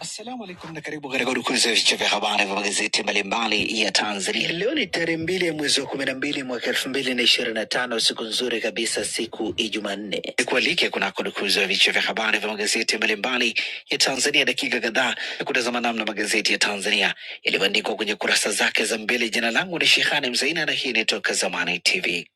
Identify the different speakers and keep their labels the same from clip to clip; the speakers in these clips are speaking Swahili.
Speaker 1: Assalamu alaikum na karibu katika udukuzi ya vichwa vya habari vya magazeti mbalimbali ya Tanzania. Leo ni tarehe mbili ya mwezi wa kumi na mbili mwaka elfu mbili na ishirini na tano siku nzuri kabisa, siku ya Jumanne. Nikualike kunako dukuzi ya vichwa vya habari vya magazeti mbalimbali ya Tanzania, dakika kadhaa ya kutazama namna magazeti ya Tanzania yalivyoandikwa kwenye kurasa zake za mbele. Jina langu ni Shehani Mzaina na hii ni Toka Zamani TV.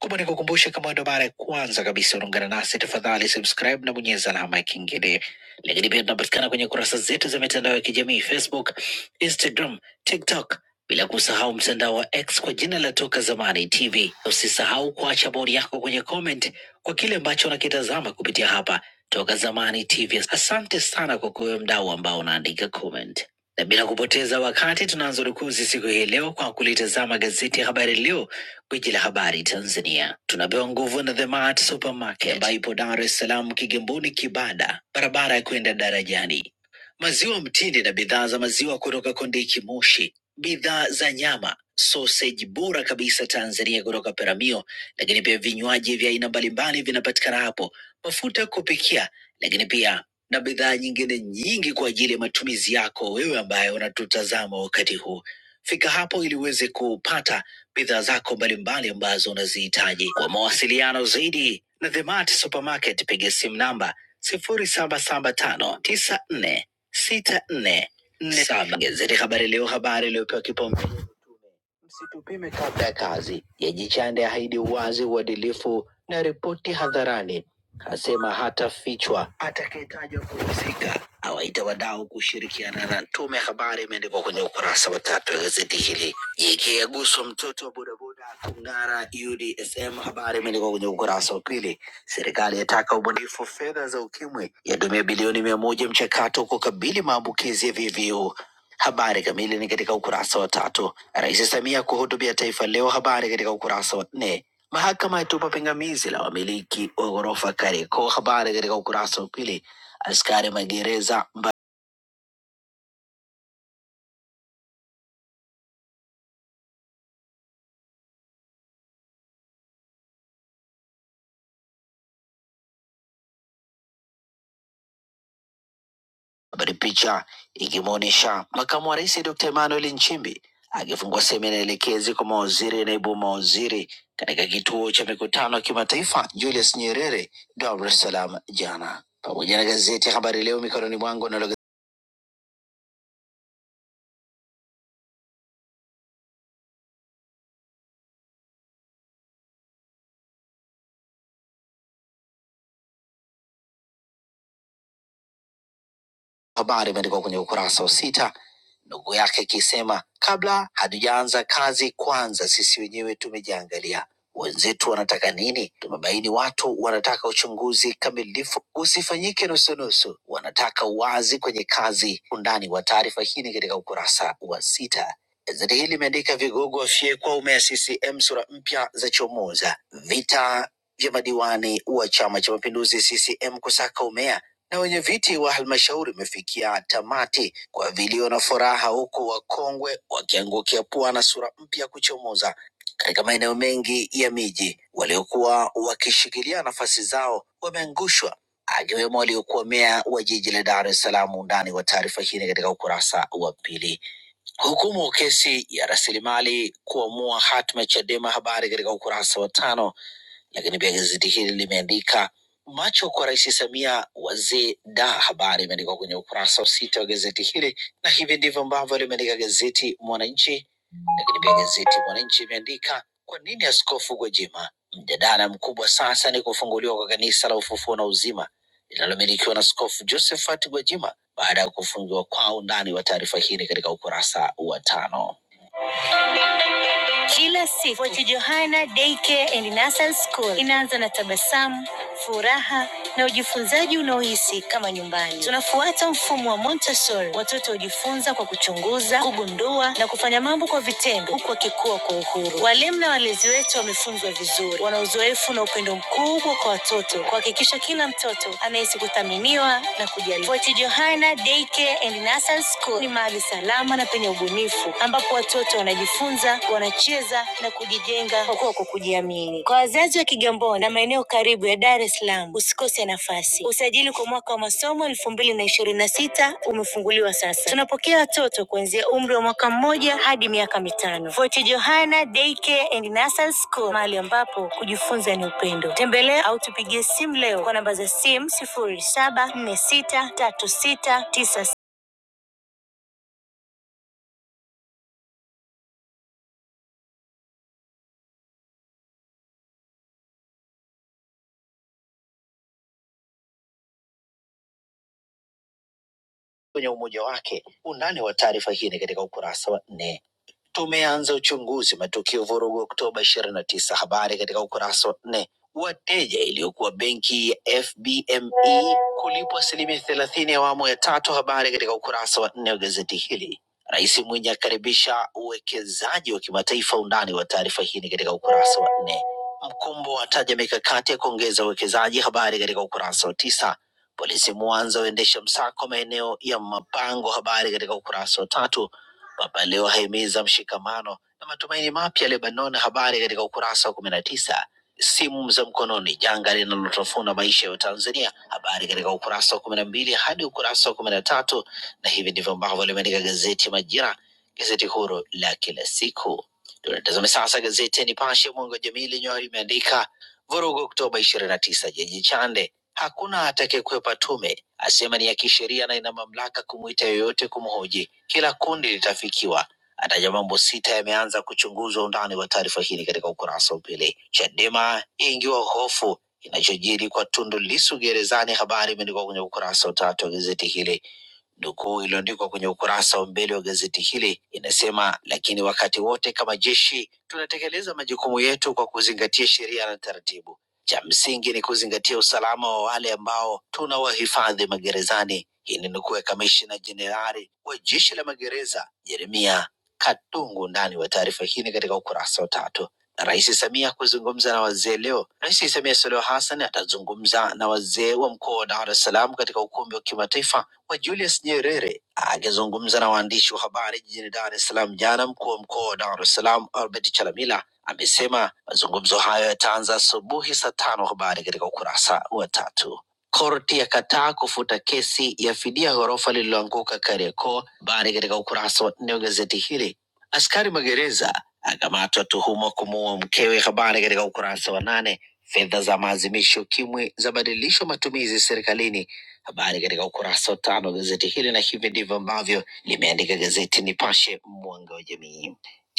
Speaker 1: Kumbe nikukumbushe, kama ndo mara ya kwanza kabisa unaungana nasi, tafadhali subscribe na bonyeza alama ya kengele lakini pia tunapatikana kwenye kurasa zetu za mitandao ya kijamii Facebook, Instagram, TikTok, bila kusahau mtandao wa X kwa jina la Toka Zamani TV. Usisahau kuacha bodi yako kwenye comment kwa kile ambacho unakitazama kupitia hapa Toka Zamani TV. Asante sana kwa kuwe mdau ambao unaandika comment na bila kupoteza wakati tunaanza rukuzi siku hii leo kwa kulitazama gazeti ya Habari Leo Gwiji la habari Tanzania tunapewa nguvu na The Mart Supermarket ambayo ipo Dar es Salaam, Kigamboni, Kibada, barabara ya kwenda darajani. Maziwa mtindi na bidhaa za maziwa kutoka Kondiki Moshi, bidhaa za nyama, soseji bora kabisa Tanzania kutoka Peramio, lakini pia vinywaji vya aina mbalimbali vinapatikana hapo, mafuta ya kupikia, lakini pia na bidhaa nyingine nyingi kwa ajili ya matumizi yako wewe ambaye unatutazama wakati huu. Fika hapo ili uweze kupata bidhaa zako mbalimbali ambazo unazihitaji. Kwa mawasiliano zaidi na The Mart Supermarket, piga simu namba sifuri saba saba tano tisa nne sita nne nne saba. Gazeti Habari Leo, habari iliyopewa kipaumbele Msitupime kabla ya kazi. Yejichande ahidi uwazi, uadilifu na ripoti hadharani, asema hatafichwa atakayetajwa kuhusika. Awaita wadau kushirikiana na tume. Habari imeandikwa kwenye ukurasa wa tatu wa gazeti hili. Jike yaguswa mtoto wa bodaboda kung'ara UDSM. Habari imeandikwa kwenye ukurasa wa pili. Serikali yataka ubunifu fedha za ukimwi, yatumia bilioni mia moja mchakato kukabili maambukizi ya VVU. Habari kamili ni katika ukurasa wa tatu. Rais Samia kuhutubia taifa leo, habari katika ukurasa wa nne. Mahakama yatupa pingamizi la wamiliki wa ghorofa Kariakoo, habari katika ukurasa wa pili. Askari magereza mba- habari, picha ikimwonyesha makamu wa rais Dr. Emmanuel Nchimbi akifungua semina elekezi kwa mawaziri, naibu mawaziri katika kituo cha mikutano ya kimataifa Julius Nyerere, Dar es Salaam jana, pamoja na gazeti ya Habari Leo mikononi mwangu nalo Habari imeandikwa kwenye ukurasa wa sita, ndugu yake ikisema, kabla hatujaanza kazi, kwanza sisi wenyewe tumejiangalia, wenzetu wanataka nini? Tumebaini watu wanataka uchunguzi kamilifu, usifanyike nusunusu, wanataka uwazi kwenye kazi. Undani wa taarifa hii ni katika ukurasa wa sita. Gazeti hili limeandika vigogo wafyekwa ume ya CCM, sura mpya za chomoza, vita vya madiwani wa Chama cha Mapinduzi CCM kusaka umea na wenye viti wa halmashauri imefikia tamati kwa vilio na furaha, huku wakongwe wakiangukia pua na sura mpya kuchomoza katika maeneo mengi ya miji. Waliokuwa wakishikilia nafasi zao wameangushwa, akiwemo aliyekuwa meya wa jiji la Dar es Salaam. Undani wa taarifa hii ni katika ukurasa wa pili. Hukumu kesi ya rasilimali kuamua hatma ya Chadema, habari katika ukurasa wa tano. Lakini pia gazeti hili limeandika macho kwa Rais Samia wazee da, habari imeandikwa kwenye ukurasa wa sita wa gazeti hili, na hivi ndivyo ambavyo limeandika gazeti Mwananchi. Lakini pia gazeti Mwananchi imeandika kwa nini Askofu Gwajima, mjadala mkubwa sasa ni kufunguliwa kwa kanisa la ufufuo na uzima linalomilikiwa na Askofu Josephat Gwajima baada ya kufungiwa kwao. Undani wa taarifa hii ni katika ukurasa wa tano. Kila siku Fort Johanna Daycare and Nursery School inaanza na tabasamu, furaha na ujifunzaji unaohisi kama nyumbani. Tunafuata mfumo wa Montessori. Watoto hujifunza kwa kuchunguza, kugundua na kufanya mambo kwa vitendo, huku wakikua kwa uhuru. Walimu na walezi wetu wamefunzwa vizuri, wana uzoefu na upendo mkubwa kwa watoto, kuhakikisha kila mtoto anahisi kuthaminiwa na kujali. Fort Johanna Daycare and Nursery School ni mahali salama na penye ubunifu, ambapo watoto wanajifunza wana cheza na kujijenga kwa kuwa kwa kujiamini. Kwa wazazi wa Kigamboni na maeneo karibu ya Dar es Salaam, usikose nafasi. Usajili kwa mwaka wa masomo elfu mbili na ishirini na sita umefunguliwa sasa. Tunapokea watoto kuanzia umri wa mwaka mmoja hadi miaka mitano. Fort Johanna Daycare and Nursery School, mahali ambapo kujifunza ni upendo. Tembelea au tupigie simu leo kwa namba za simu sifuri saba nne sita tatu sita tisa kwenye umoja wake. Undani wa taarifa hii ni katika ukurasa wa nne. Tumeanza uchunguzi matukio vurugu Oktoba ishirini na tisa. Habari katika ukurasa wa nne. Wateja iliyokuwa benki ya FBME kulipwa asilimia thelathini ya awamu ya tatu. Habari katika ukurasa wa nne wa gazeti hili. Rais Mwinyi akaribisha uwekezaji wa kimataifa. Undani wa taarifa hii ni katika ukurasa wa nne. Mkumbo ataja mikakati ya kuongeza uwekezaji. Habari katika ukurasa wa tisa. Polisi Mwanza waendesha msako maeneo ya mapango. Habari katika ukurasa wa tatu. Papa Leo ahimiza mshikamano na matumaini mapya Lebanon. Habari katika ukurasa wa kumi na tisa. Simu za mkononi, janga linalotafuna maisha ya Watanzania. Habari katika ukurasa wa kumi na mbili hadi ukurasa wa kumi na tatu, na hivi ndivyo ambavyo limeandika gazeti Majira, gazeti huru la kila siku. Tunatazame sasa gazeti ya Nipashe mwanga wa jamii lenyewe limeandika vurugu Oktoba ishirini na tisa jiji Chande, hakuna atakayekwepa tume, asema ni ya kisheria na ina mamlaka kumwita yoyote kumhoji kila kundi litafikiwa. Ataja mambo sita yameanza kuchunguzwa. Undani wa taarifa hii katika ukurasa wa pili. Chadema yaingiwa hofu inachojiri kwa Tundu Lissu gerezani. Habari imeandikwa kwenye ukurasa wa tatu wa gazeti hili. Nukuu iliyoandikwa kwenye ukurasa wa mbele wa gazeti hili inasema, lakini wakati wote kama jeshi tunatekeleza majukumu yetu kwa kuzingatia sheria na taratibu. Cha msingi ni kuzingatia usalama wa wale ambao tunawahifadhi magerezani. Hii ni nukuu ya kamishna jenerali wa jeshi la magereza Jeremia Katungu ndani wa taarifa hii ni katika ukurasa wa tatu. Na Rais Samia kuzungumza na wazee leo. Rais Samia Suluhu Hassan atazungumza na wazee wa mkoa wa Dar es Salaam katika ukumbi wa kimataifa Mheshimiwa Julius Nyerere akizungumza na waandishi wa habari jijini Dar es Salaam jana, mkuu wa mkoa wa Dar es Salaam Albert Chalamila amesema mazungumzo hayo yataanza asubuhi saa tano. Habari katika ukurasa wa tatu. Korti yakataa kufuta kesi ya fidia ghorofa lililoanguka Kariakoo. Habari katika ukurasa wa nne wa gazeti hili. Askari magereza akamatwa tuhuma kumuua mkewe. Habari katika ukurasa wa nane. Fedha za maadhimisho UKIMWI zabadilishwa matumizi serikalini Habari katika ukurasa wa tano wa gazeti hili, na hivi ndivyo ambavyo limeandika gazeti Nipashe, mwanga wa jamii.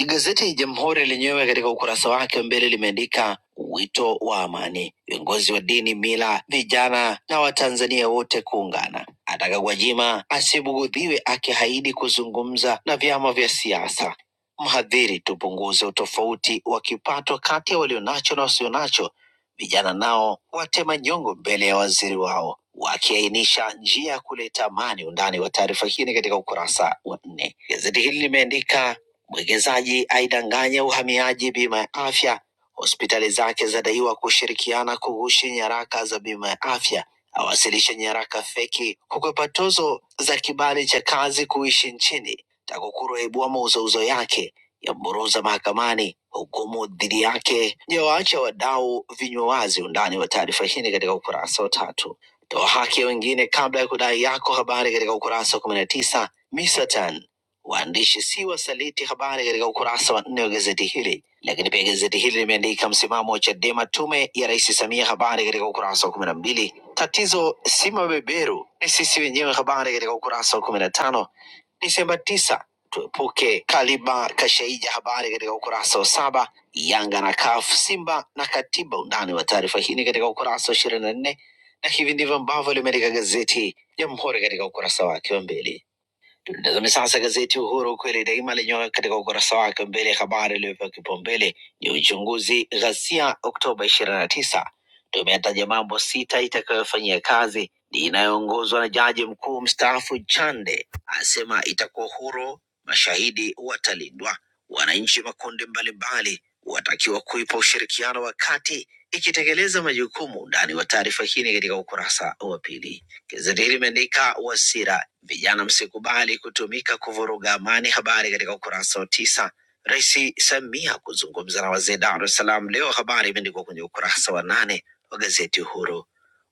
Speaker 1: Gazeti Jamhuri lenyewe katika ukurasa wake wa mbele limeandika wito wa amani, viongozi wa dini, mila, vijana na Watanzania wote kuungana. Ataka Gwajima asibugudhiwe akihaidi kuzungumza na vyama vya siasa. Mhadhiri, tupunguze utofauti wa kipato kati ya walionacho na wasionacho Vijana nao watema nyongo mbele ya waziri wao, wakiainisha njia ya kuleta amani. Undani wa taarifa hii ni katika ukurasa wa nne. Gazeti hili limeandika mwekezaji aidanganya uhamiaji bima ya afya, hospitali zake zadaiwa kushirikiana kughushi nyaraka za bima ya afya, awasilisha nyaraka feki, kukwepa tozo za kibali cha kazi kuishi nchini. TAKUKURU yaibua mauzouzo yake ya Mburuza mahakamani, hukumu dhidi yake yawaacha wadau vinywa wazi. Undani wa taarifa hii ni katika ukurasa wa tatu. Toa haki ya wengine kabla ya kudai yako, habari katika ukurasa wa kumi na tisa. Misatan waandishi si wasaliti, habari katika ukurasa wa nne wa gazeti hili. Lakini pia gazeti hili limeandika msimamo wa Chadema, tume ya Rais Samia, habari katika ukurasa wa kumi na mbili. Tatizo si mabeberu, ni sisi wenyewe, habari katika ukurasa wa kumi na tano. Disemba 9 Tuepuke kaliba kashaija. Habari katika ukurasa wa saba. Yanga na CAF, Simba na katiba. Undani wa taarifa hii ni katika ukurasa wa ishirini na nne na hivi ndivyo ambavyo limeandika gazeti Jamhuri katika ukurasa wake wa mbele. Tazame sasa gazeti Uhuru ukweli daima lenyewe katika ukurasa wake wa mbele, habari iliyopewa kipaumbele ni uchunguzi ghasia Oktoba ishirini na tisa. Tume yataja mambo sita itakayofanyia kazi, inayoongozwa na jaji mkuu mstaafu Chande asema itakuwa huru, mashahidi watalindwa, wananchi makundi mbalimbali watakiwa kuipa ushirikiano wakati ikitekeleza majukumu. Ndani wa taarifa hii ni katika ukurasa wa pili. Gazeti hili imeandika Wasira, vijana msikubali kutumika kuvuruga amani, habari katika ukurasa wa tisa. Rais Samia kuzungumza na wazee Dar es Salaam leo, habari imeandikwa kwenye ukurasa wa nane wa gazeti Uhuru.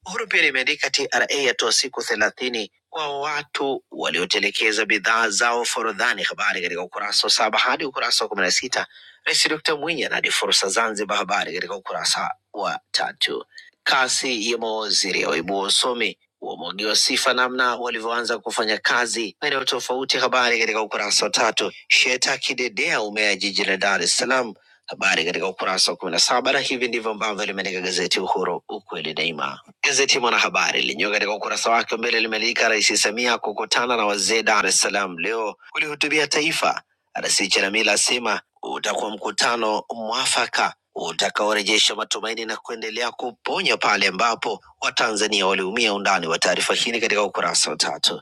Speaker 1: Uhuru pia limeandika TRA yatoa siku thelathini kwa watu waliotelekeza bidhaa zao forodhani, habari katika ukurasa wa saba hadi ukurasa wa kumi na sita. Rais Dr Mwinyi anadi fursa Zanzibar, habari katika ukurasa wa tatu. Kasi ya mawaziri yaibua usomi uameongewa sifa namna walivyoanza kufanya kazi maeneo tofauti. Habari katika ukurasa wa tatu. Sheta kidedea umea jiji la Dar es Salaam, habari katika ukurasa wa kumi na saba, na hivi ndivyo ambavyo limeandika gazeti Uhuru, ukweli daima. Gazeti Mwanahabari lenyewe katika ukurasa wake wa mbele limeandika Rais Samia kukutana na wazee Dar es Salaam leo kulihutubia taifa Rais Chalamila asema utakuwa mkutano mwafaka utakaorejesha matumaini na kuendelea kuponya pale ambapo Watanzania waliumia. Undani wa taarifa hii ni katika ukurasa wa tatu.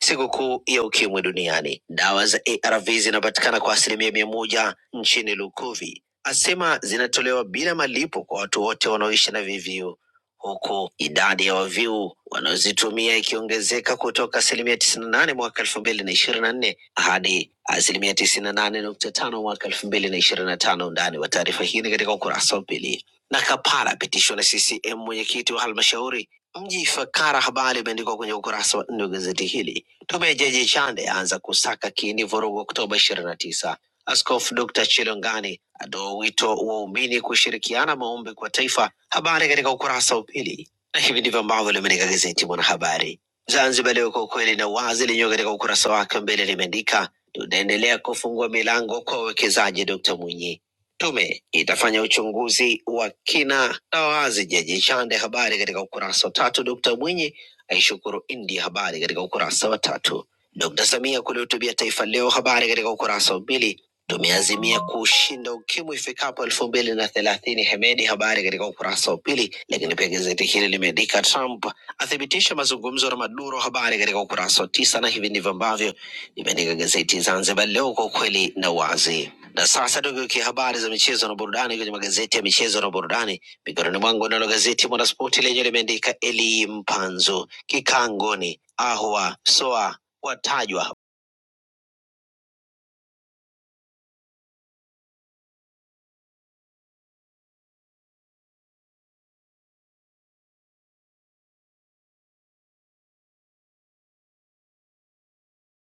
Speaker 1: Sikukuu ya ukimwi duniani. Dawa za ARV zinapatikana kwa asilimia mia moja nchini Lukuvi, asema zinatolewa bila malipo kwa watu wote wanaoishi na VVU, huku idadi ya waviu wanaozitumia ikiongezeka kutoka asilimia tisini na nane mwaka elfu mbili na ishirini na nne hadi asilimia tisini na nane nukta tano mwaka elfu mbili na ishirini na tano. Undani wa taarifa hii ni katika ukurasa wa pili. Na kapara pitishwa na CCM mwenyekiti wa halmashauri mji Ifakara. Habari imeandikwa kwenye ukurasa wa nne wa gazeti hili Tume ya Jaji Chande aanza kusaka kiini vurugu Oktoba ishirini na tisa. Askofu Dr. Chilongani atoa wito waumini kushirikiana maombi kwa taifa. Habari katika ukurasa wa pili, na hivi ndivyo ambavyo limeandika gazeti Mwanahabari. Zanzibar Leo, kwa ukweli na wazi, lenyewe katika ukurasa wake wa mbele limeandika tunaendelea kufungua milango kwa wawekezaji. Dr. Mwinyi Tume itafanya uchunguzi wa kina na wazi, Jaji Chande. Habari katika ukurasa wa tatu. Dkt Mwinyi aishukuru India. Habari katika ukurasa wa tatu. Dkt. Samia kulihutubia taifa leo. Habari katika ukurasa wa pili. Tumeazimia kushinda ukimwi ifikapo elfu mbili na thelathini. Hemedi, habari katika ukurasa wa pili. Lakini pia gazeti hili limeandika Trump athibitisha mazungumzo na Maduro, habari katika ukurasa wa tisa, na hivi ndivyo ambavyo limeandika gazeti Zanzibar Leo, kwa ukweli na uwazi. Na sasa tugeukia habari za michezo na burudani kwenye magazeti ya michezo na burudani. Mikononi mwangu nalo gazeti Mwanaspoti lenye limeandika Eli Mpanzu kikangoni, Ahwa Soa watajwa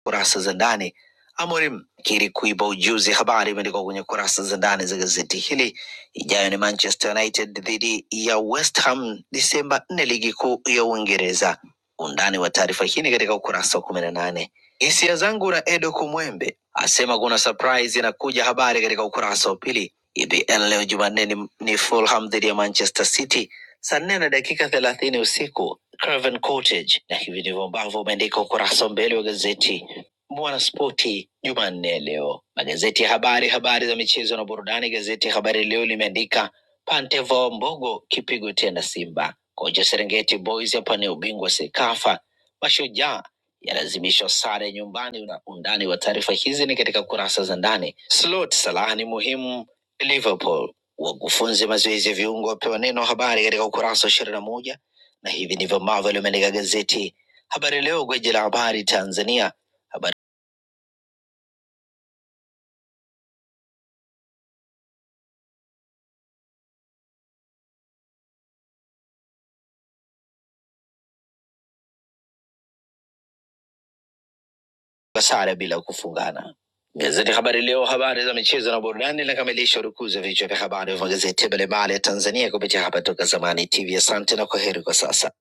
Speaker 1: kurasa za ndani. Amorim kiri kuiba ujuzi, habari imeandikwa kwenye kurasa za ndani za gazeti hili. Ijayo ni Manchester United dhidi ya West Ham Disemba nne, ligi kuu ya Uingereza. Undani wa taarifa hii ni katika ukurasa wa kumi na nane. Hisia zangu na Edo Kumwembe asema kuna surprise inakuja, habari katika ukurasa wa pili. EPL leo Jumanne ni, ni Fulham dhidi ya Manchester City saa nne na dakika thelathini usiku Craven Cottage, na hivi ndivyo ambavyo umeandika ukurasa wa mbele wa gazeti Mwanaspoti Jumanne ya leo, magazeti ya habari, habari za michezo na burudani. Gazeti ya Habari Leo limeandika Pantevo Mbogo kipigo tena Simba, kocha Serengeti Boys yapania ubingwa Sekafa, mashujaa yalazimishwa sare nyumbani. Na undani wa taarifa hizi ni katika kurasa za ndani. Slot Salah ni muhimu Liverpool, wakufunzi mazoezi ya viungo wapewa neno, habari katika ukurasa wa ishirini na moja. Na hivi ndivyo ambavyo limeandika gazeti Habari Leo, gwiji la habari Tanzania. Habari kwa sare bila kufungana. Gazeti Habari Leo, habari za michezo na burudani, linakamilisha urukuzi wa vichwa vya habari vya magazeti mbalimbali ya Tanzania kupitia hapa Toka Zamani TV. Asante na kwaheri kwa sasa.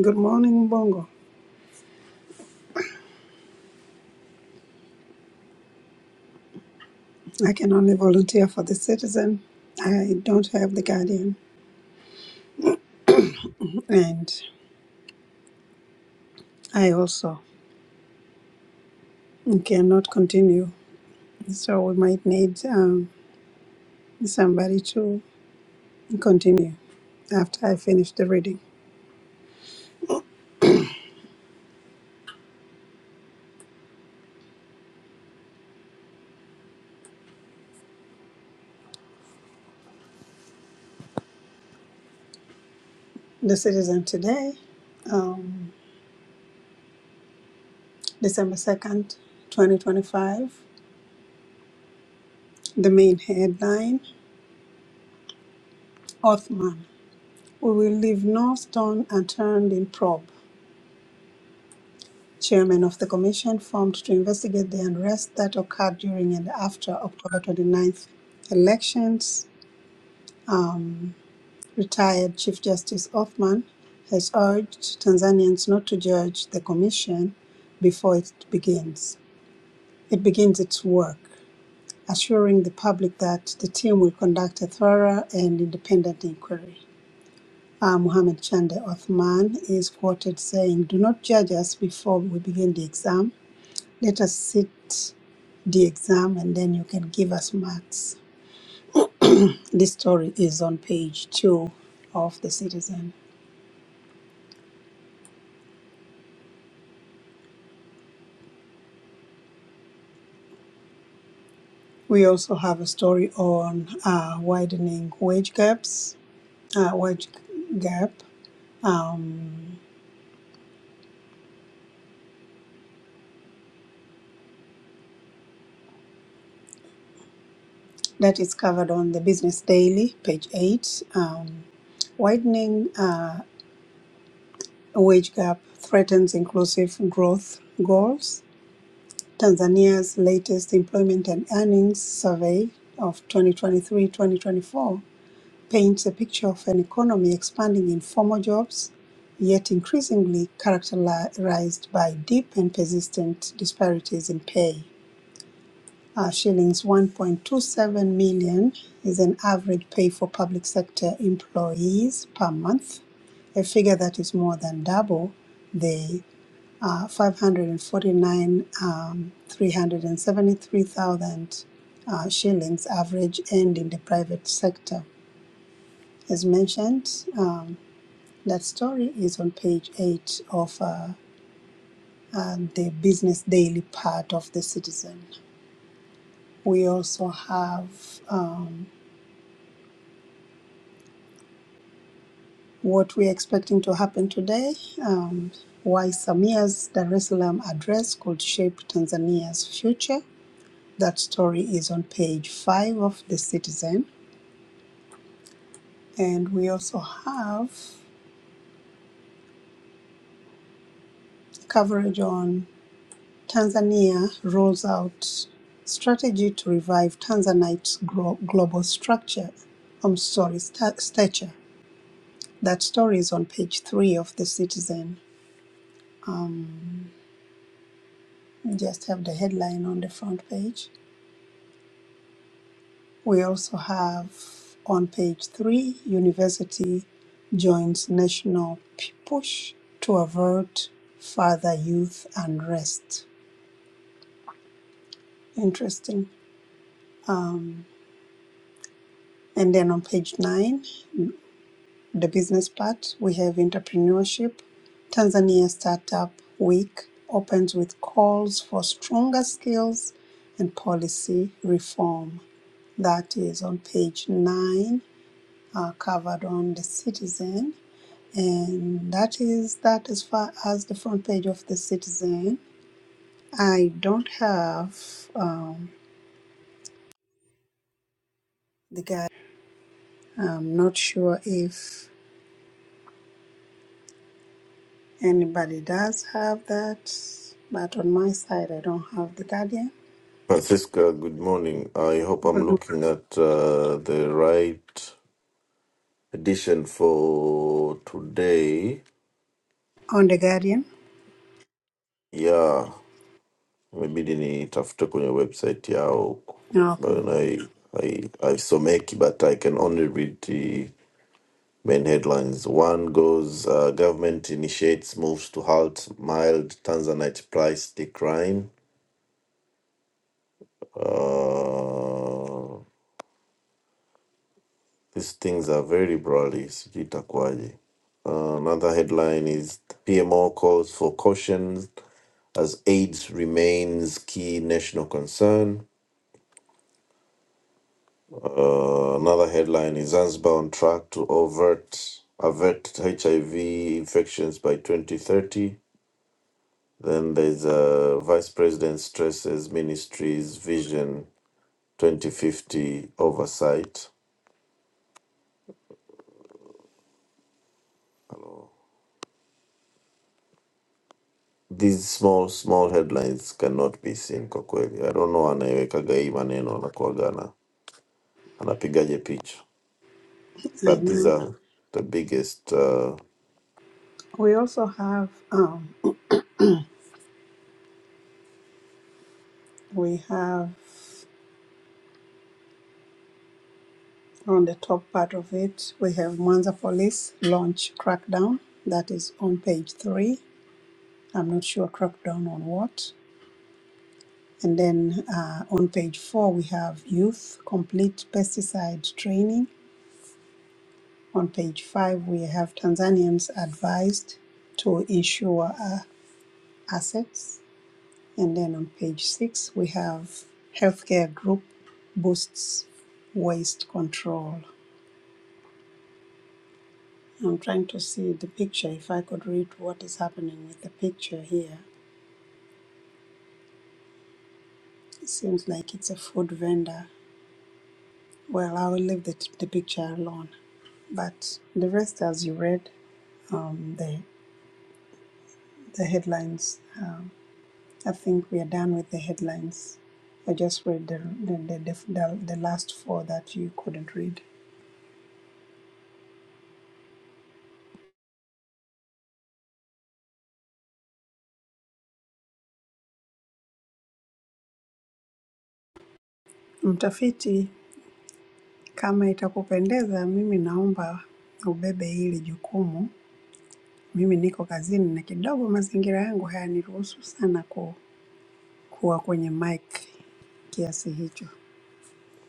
Speaker 2: Good morning, Bongo. I can only volunteer for the citizen. I don't have the guardian, and I also cannot continue. So we might need um, somebody to continue after I finish the reading. The citizen today, um, December 2nd, 2025. The main headline Othman. We will leave no stone unturned in probe. chairman of the commission formed to investigate the unrest that occurred during and after October twenty ninth elections. Um, retired Chief Justice Othman has urged Tanzanians not to judge the commission before it begins. It begins its work, assuring the public that the team will conduct a thorough and independent inquiry. Uh, Mohamed Chande Othman is quoted saying, Do not judge us before we begin the exam. Let us sit the exam and then you can give us marks. This story is on page two of The Citizen. We also have a story on uh, widening wage gaps, uh, wage gap. Um, that is covered on the Business Daily, page eight. Um, widening uh, wage gap threatens inclusive growth goals. Tanzania's latest employment and earnings survey of 2023 2024 paints a picture of an economy expanding in formal jobs, yet increasingly characterized by deep and persistent disparities in pay. Uh, shillings 1.27 million is an average pay for public sector employees per month, a figure that is more than double the uh, 549 um, 373,000 uh, shillings average earned in the private sector. As mentioned, um, that story is on page 8 of uh, uh, the Business Daily part of The Citizen. We also have um, what we're expecting to happen today, um, why Samia's Dar es Salaam address could shape Tanzania's future. That story is on page 5 of The Citizen. And we also have coverage on Tanzania rolls out strategy to revive Tanzanite's global structure. I'm sorry, sta- stature. That story is on page three of the Citizen. Um, just have the headline on the front page. We also have on page three, university joins national push to avert further youth unrest. Interesting. Um, and then on page nine. the business part, we have entrepreneurship. Tanzania Startup Week opens with calls for stronger skills and policy reform. That is on page nine, uh, covered on the Citizen. And that is that as far as the front page of the Citizen. I don't have um, the guide. I'm not sure if anybody does have that, but on my side, I don't have the Guardian.
Speaker 3: Francisca, good morning. I hope I'm looking at uh, the right edition for today.
Speaker 2: on the Guardian.
Speaker 3: Yeah, imebidi nitafute kwenye website yao
Speaker 2: Okay.
Speaker 3: but I, I, haisomeki but I can only read the main headlines. One goes uh, government initiates moves to halt mild Tanzanite price decline. Uh, These things are very broadly, sijui itakuwaje. Uh, another headline is PMO calls for caution as AIDS remains key national concern. Uh, another headline is Zanzibar on track to overt avert HIV infections by 2030. Then there's a vice president stresses ministry's vision 2050 oversight. these small small headlines cannot be seen kwa kweli i don't know anaiwekaga hii maneno anakuaga ana anapigaje picha but these
Speaker 2: And
Speaker 3: are the biggest uh,
Speaker 2: we also have um, we have on the top part of it we have Mwanza Police launch crackdown. That is on page three. I'm not sure crackdown on what. And then uh, on page four we have youth complete pesticide training. On page five we have Tanzanians advised to insure uh, assets. And then on page six, we have healthcare group boosts waste control. I'm trying to see the picture if I could read what is happening with the picture here. It seems like it's a food vendor. Well, I will leave the, the picture alone. But the rest, as you read, um, the, the headlines, I think we are done with the headlines. I just read the, the, the, the, the last four that you couldn't read. Mtafiti Kama itakupendeza, mimi naomba ubebe hili jukumu. Mimi niko kazini na kidogo mazingira yangu hayaniruhusu sana ku, kuwa kwenye mic kiasi hicho.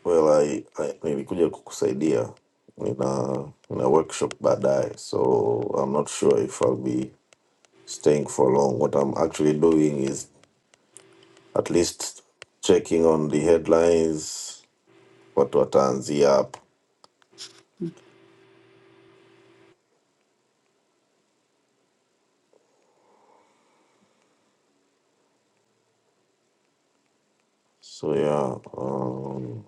Speaker 3: well I, I, nilikuja kukusaidia nina nina workshop baadaye so i'm not sure if i'll be staying for long what i'm actually doing is at least checking on the headlines watu wataanzia hapo so yeah um,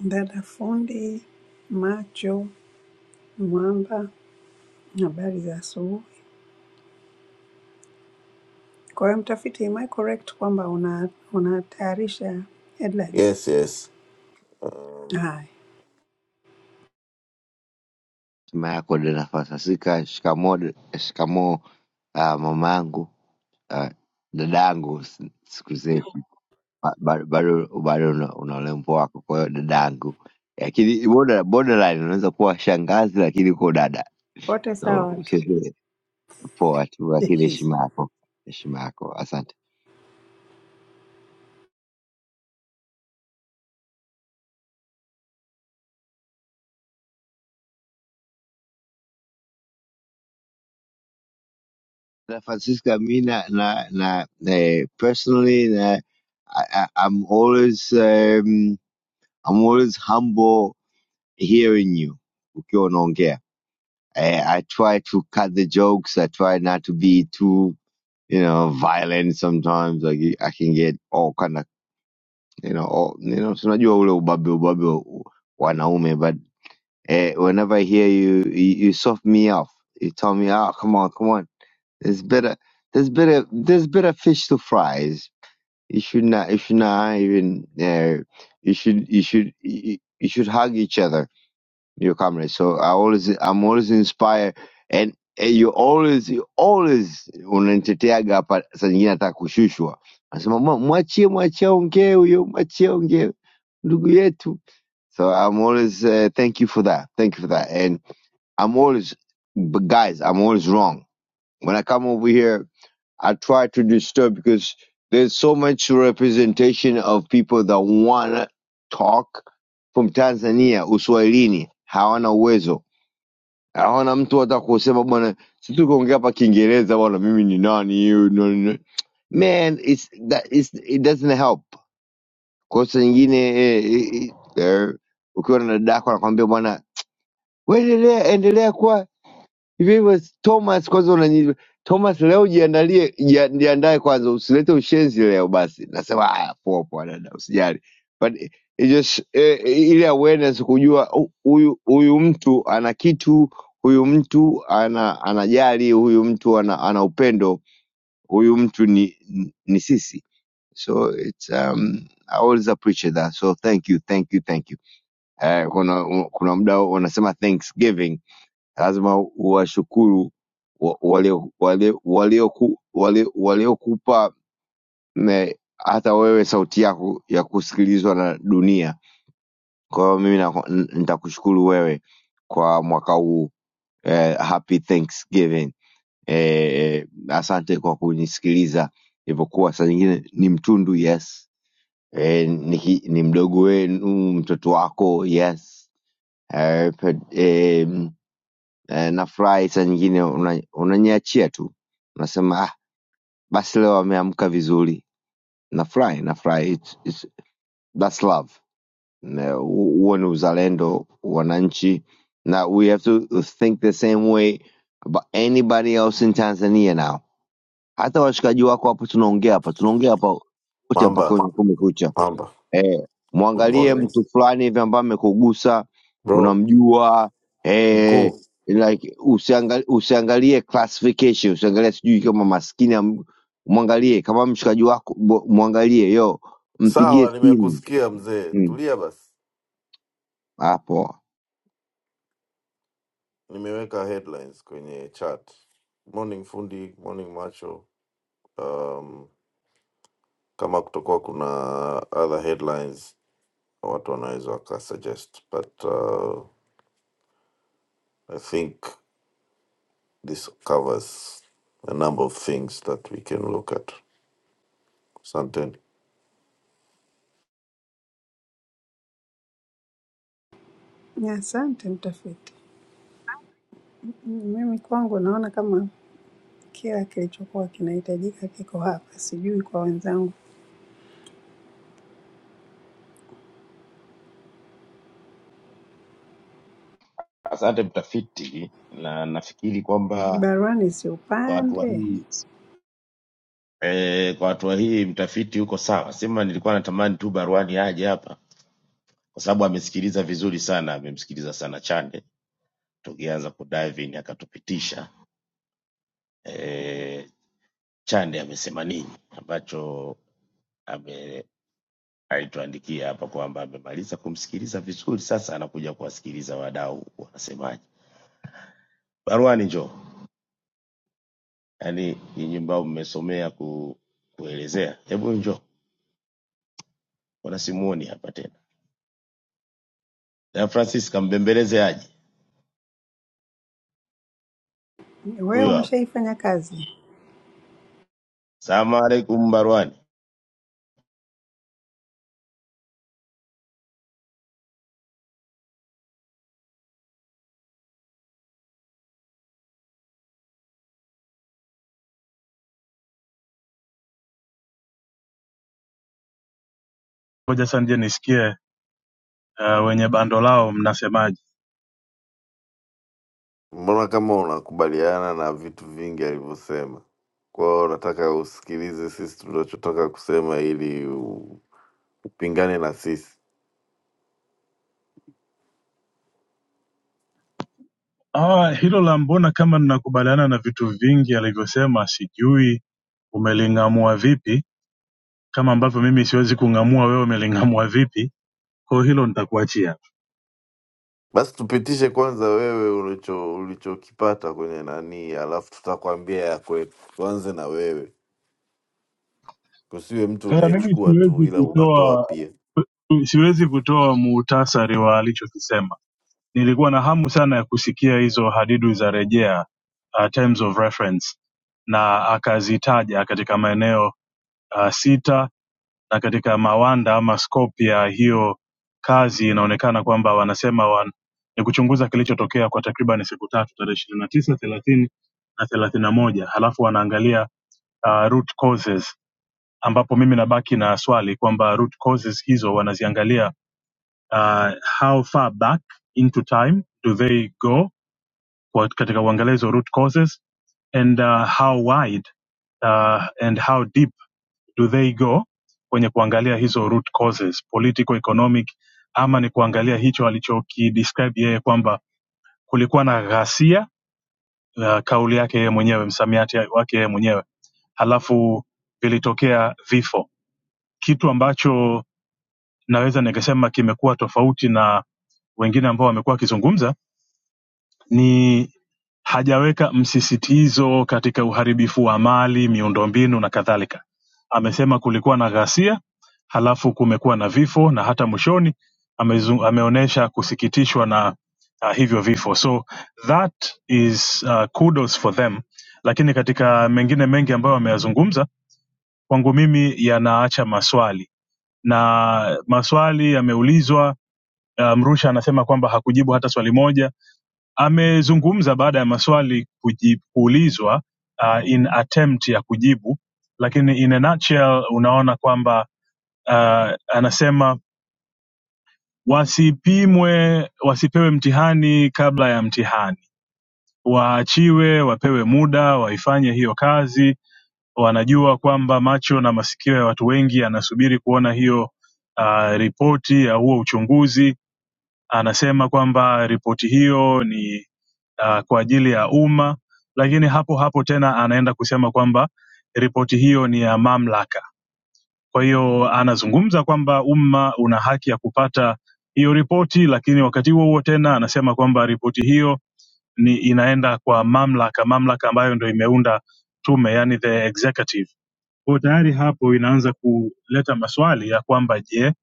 Speaker 2: Dada fundi macho mwamba, habari za asubuhi. Kwa hiyo mtafiti, am I correct kwamba una unatayarisha headlines?
Speaker 3: yes yes um,
Speaker 2: Haya,
Speaker 4: Mama yako Donathan shikamo shikamo uh, mama uh, dada s- siku zetu Ba- ba- bado bado una una urembo wako, kwa hiyo dada lakini border- borderline unaweza kuwa shangazi lakini uko dada,
Speaker 2: wote
Speaker 4: so
Speaker 2: sawa tu.
Speaker 4: ucheze poa tu, lakini heshima yako heshima yako. Asante na Francisca, mi na na, na eh, personally na I, I, I'm always um, I'm always humble hearing you ukiwa unaongea I, I try to cut the jokes. I try not to be too, you know, violent sometimes. Like I can get all kind of, you know, all, you know, so not you all ubabe ubabe wa- wanaume, but eh, whenever I hear you, you, you soft me off. You tell me, oh, come on, come on. There's better, there's better, there's better fish to fries. You should not, you should not even, uh, you should, you should, you you should hug each other your comrade. So I always, I'm always inspired, and, and you always, you always unaniteteaga hapa. Saa nyingine nataka kushushwa, nasema "Mwa- mwachie, mwachie aongee huyo, mwachie aongee ndugu yetu. So I'm always uh, thank you for that, thank you for that, and I'm always, but guys, I'm always wrong when I come over here. I try to disturb because there's so much representation of people that wanna talk from Tanzania Uswahilini hawana uwezo, hawana mtu hata kusema bwana, si tu kuongea hapa Kiingereza bwana, mimi ni nani you know, no- no. man, it's, that, it's, it doesn't help. Kosa nyingine eh, eh, eh, eh, ukiwa na dada yako anakwambia bwana, wewe endelea endelea kuwa Hivyo Thomas, kwanza unani Thomas leo jiandalie, jia- jiandae kwanza, usilete ushenzi leo. Basi nasema haya, poa poa dada, usijali, but it just eh, ile awareness kujua hu- huyu huyu mtu ana kitu, huyu mtu ana anajali, huyu mtu ana, ana upendo, huyu mtu ni ni sisi, so it's um, I always appreciate that, so thank you, thank you, thank you. Eh, kuna kuna muda wanasema Thanksgiving lazima uwashukuru wa- wale wale wale wale waliokupa ne- hata wewe sauti yako ya kusikilizwa na dunia. Kwa hiyo mimi nako- n- nitakushukuru wewe kwa mwaka huu eh, happy Thanksgiving. Eh, asante kwa kunisikiliza ilivyokuwa, saa nyingine ni mtundu yes, eh, ni, ni mdogo wenu, mtoto wako yes, eh, eh eh, nafurahi saa nyingine una- unaniachia tu unasema ah, basi leo ameamka vizuri nafurahi nafurahi it's, it's, that's love Na hu- huo ni uzalendo wananchi na we have to think the same way about anybody else in tanzania now hata washikaji wako hapo tunaongea hapa tunaongea hapa wote hapa
Speaker 3: mamba
Speaker 4: kwenye kumekucha
Speaker 3: Amba,
Speaker 4: eh,
Speaker 3: good
Speaker 4: mwangalie
Speaker 3: morning
Speaker 4: mtu fulani hivi ambaye amekugusa
Speaker 3: bro.
Speaker 4: unamjua eh,
Speaker 3: Mkuu,
Speaker 4: like usiangalie, usiangalie classification usiangalie sijui kama maskini am- mwangalie kama mshikaji wako bo- mwangalie yo mpigie
Speaker 3: sawa,
Speaker 4: simu
Speaker 3: nimekusikia mzee.
Speaker 4: Mm,
Speaker 3: Tulia basi,
Speaker 4: hapo
Speaker 3: nimeweka headlines kwenye chat. Morning fundi, morning macho. Um, kama kutokuwa kuna other headlines watu wanaweza wakasuggest, but uh, I think this covers a number of things that we can look at. Asante.
Speaker 2: Asante mtafiti. Mimi kwangu naona kama Kila kilichokuwa kinahitajika kiko hapa, sijui kwa wenzangu.
Speaker 5: Asante mtafiti, na nafikiri kwamba
Speaker 2: Baruani si
Speaker 5: kwa hatua
Speaker 2: upande,
Speaker 5: hii eh, kwa hatua hii mtafiti yuko sawa. Sema nilikuwa natamani tu baruani aje hapa, kwa sababu amesikiliza vizuri sana, amemsikiliza sana Chande tukianza kudive in, akatupitisha eh, Chande amesema nini ambacho ame alituandikia hapa kwamba amemaliza kumsikiliza vizuri, sasa anakuja kuwasikiliza wadau wanasemaje. Baruani, njoo. yaani nyinyi ambao mmesomea ku, kuelezea, hebu njoo, mbona simuoni hapa tena? Na Francis kambembeleze aje,
Speaker 2: wewe
Speaker 5: huyo hapo.
Speaker 2: umeshaifanya kazi.
Speaker 5: Salamu alaikum Barwani.
Speaker 6: ngoja sasa nje nisikie uh, wenye bando lao mnasemaje
Speaker 3: Mbona kama unakubaliana na vitu vingi alivyosema? Kwa hiyo unataka usikilize sisi tunachotaka kusema ili u- upingane na sisi?
Speaker 6: ah, hilo la mbona kama ninakubaliana na vitu vingi alivyosema sijui umeling'amua vipi kama ambavyo mimi siwezi kung'amua wewe umeling'amua vipi kwa hiyo hilo nitakuachia
Speaker 3: Basi tupitishe kwanza wewe ulicho ulichokipata kwenye nani, alafu tutakwambia ya kwetu. Tuanze na wewe, kusiwe mtu
Speaker 6: sasa mimi
Speaker 3: unayechukua tu,
Speaker 6: siwezi
Speaker 3: ila unatoa
Speaker 6: kutoa
Speaker 3: pia.
Speaker 6: siwezi kutoa muhtasari wa alichokisema nilikuwa na hamu sana ya kusikia hizo hadidu za rejea uh, terms of reference na akazitaja katika maeneo uh, sita na katika mawanda ama scope ya hiyo kazi inaonekana kwamba wanasema wan, ni kuchunguza kilichotokea kwa takriban siku tatu tarehe ishirini na tisa thelathini na thelathini na moja halafu wanaangalia uh, root causes ambapo mimi nabaki na swali kwamba root causes hizo wanaziangalia uh, how far back into time do they go kwa- katika uangalizi wa root causes and uh, how wide uh, and how deep do they go kwenye kuangalia hizo root causes political economic ama ni kuangalia hicho alichokidescribe yeye kwamba kulikuwa na ghasia uh, kauli yake yeye mwenyewe msamiati wake yeye mwenyewe halafu vilitokea vifo kitu ambacho naweza nikasema kimekuwa tofauti na wengine ambao wamekuwa wakizungumza ni hajaweka msisitizo katika uharibifu wa mali, miundombinu na kadhalika. Amesema kulikuwa na ghasia, halafu kumekuwa na vifo na hata mwishoni amezu- ameonyesha kusikitishwa na uh, hivyo vifo. So that is uh, kudos for them, lakini katika mengine mengi ambayo ameyazungumza kwangu mimi yanaacha maswali na maswali yameulizwa. Uh, Mrusha anasema kwamba hakujibu hata swali moja Amezungumza baada ya maswali kuji- kuulizwa uh, in attempt ya kujibu, lakini in a nutshell unaona kwamba uh, anasema wasipimwe, wasipewe mtihani kabla ya mtihani, waachiwe, wapewe muda, waifanye hiyo kazi. Wanajua kwamba macho na masikio ya watu wengi yanasubiri kuona hiyo uh, ripoti ya huo uchunguzi. Anasema kwamba ripoti hiyo ni uh, kwa ajili ya umma, lakini hapo hapo tena anaenda kusema kwamba ripoti hiyo ni ya mamlaka. Kwa hiyo anazungumza kwamba umma una haki ya kupata hiyo ripoti, lakini wakati huo huo tena anasema kwamba ripoti hiyo ni inaenda kwa mamlaka, mamlaka ambayo ndio imeunda tume, yani the executive. Kwa hiyo tayari hapo inaanza kuleta maswali ya kwamba je,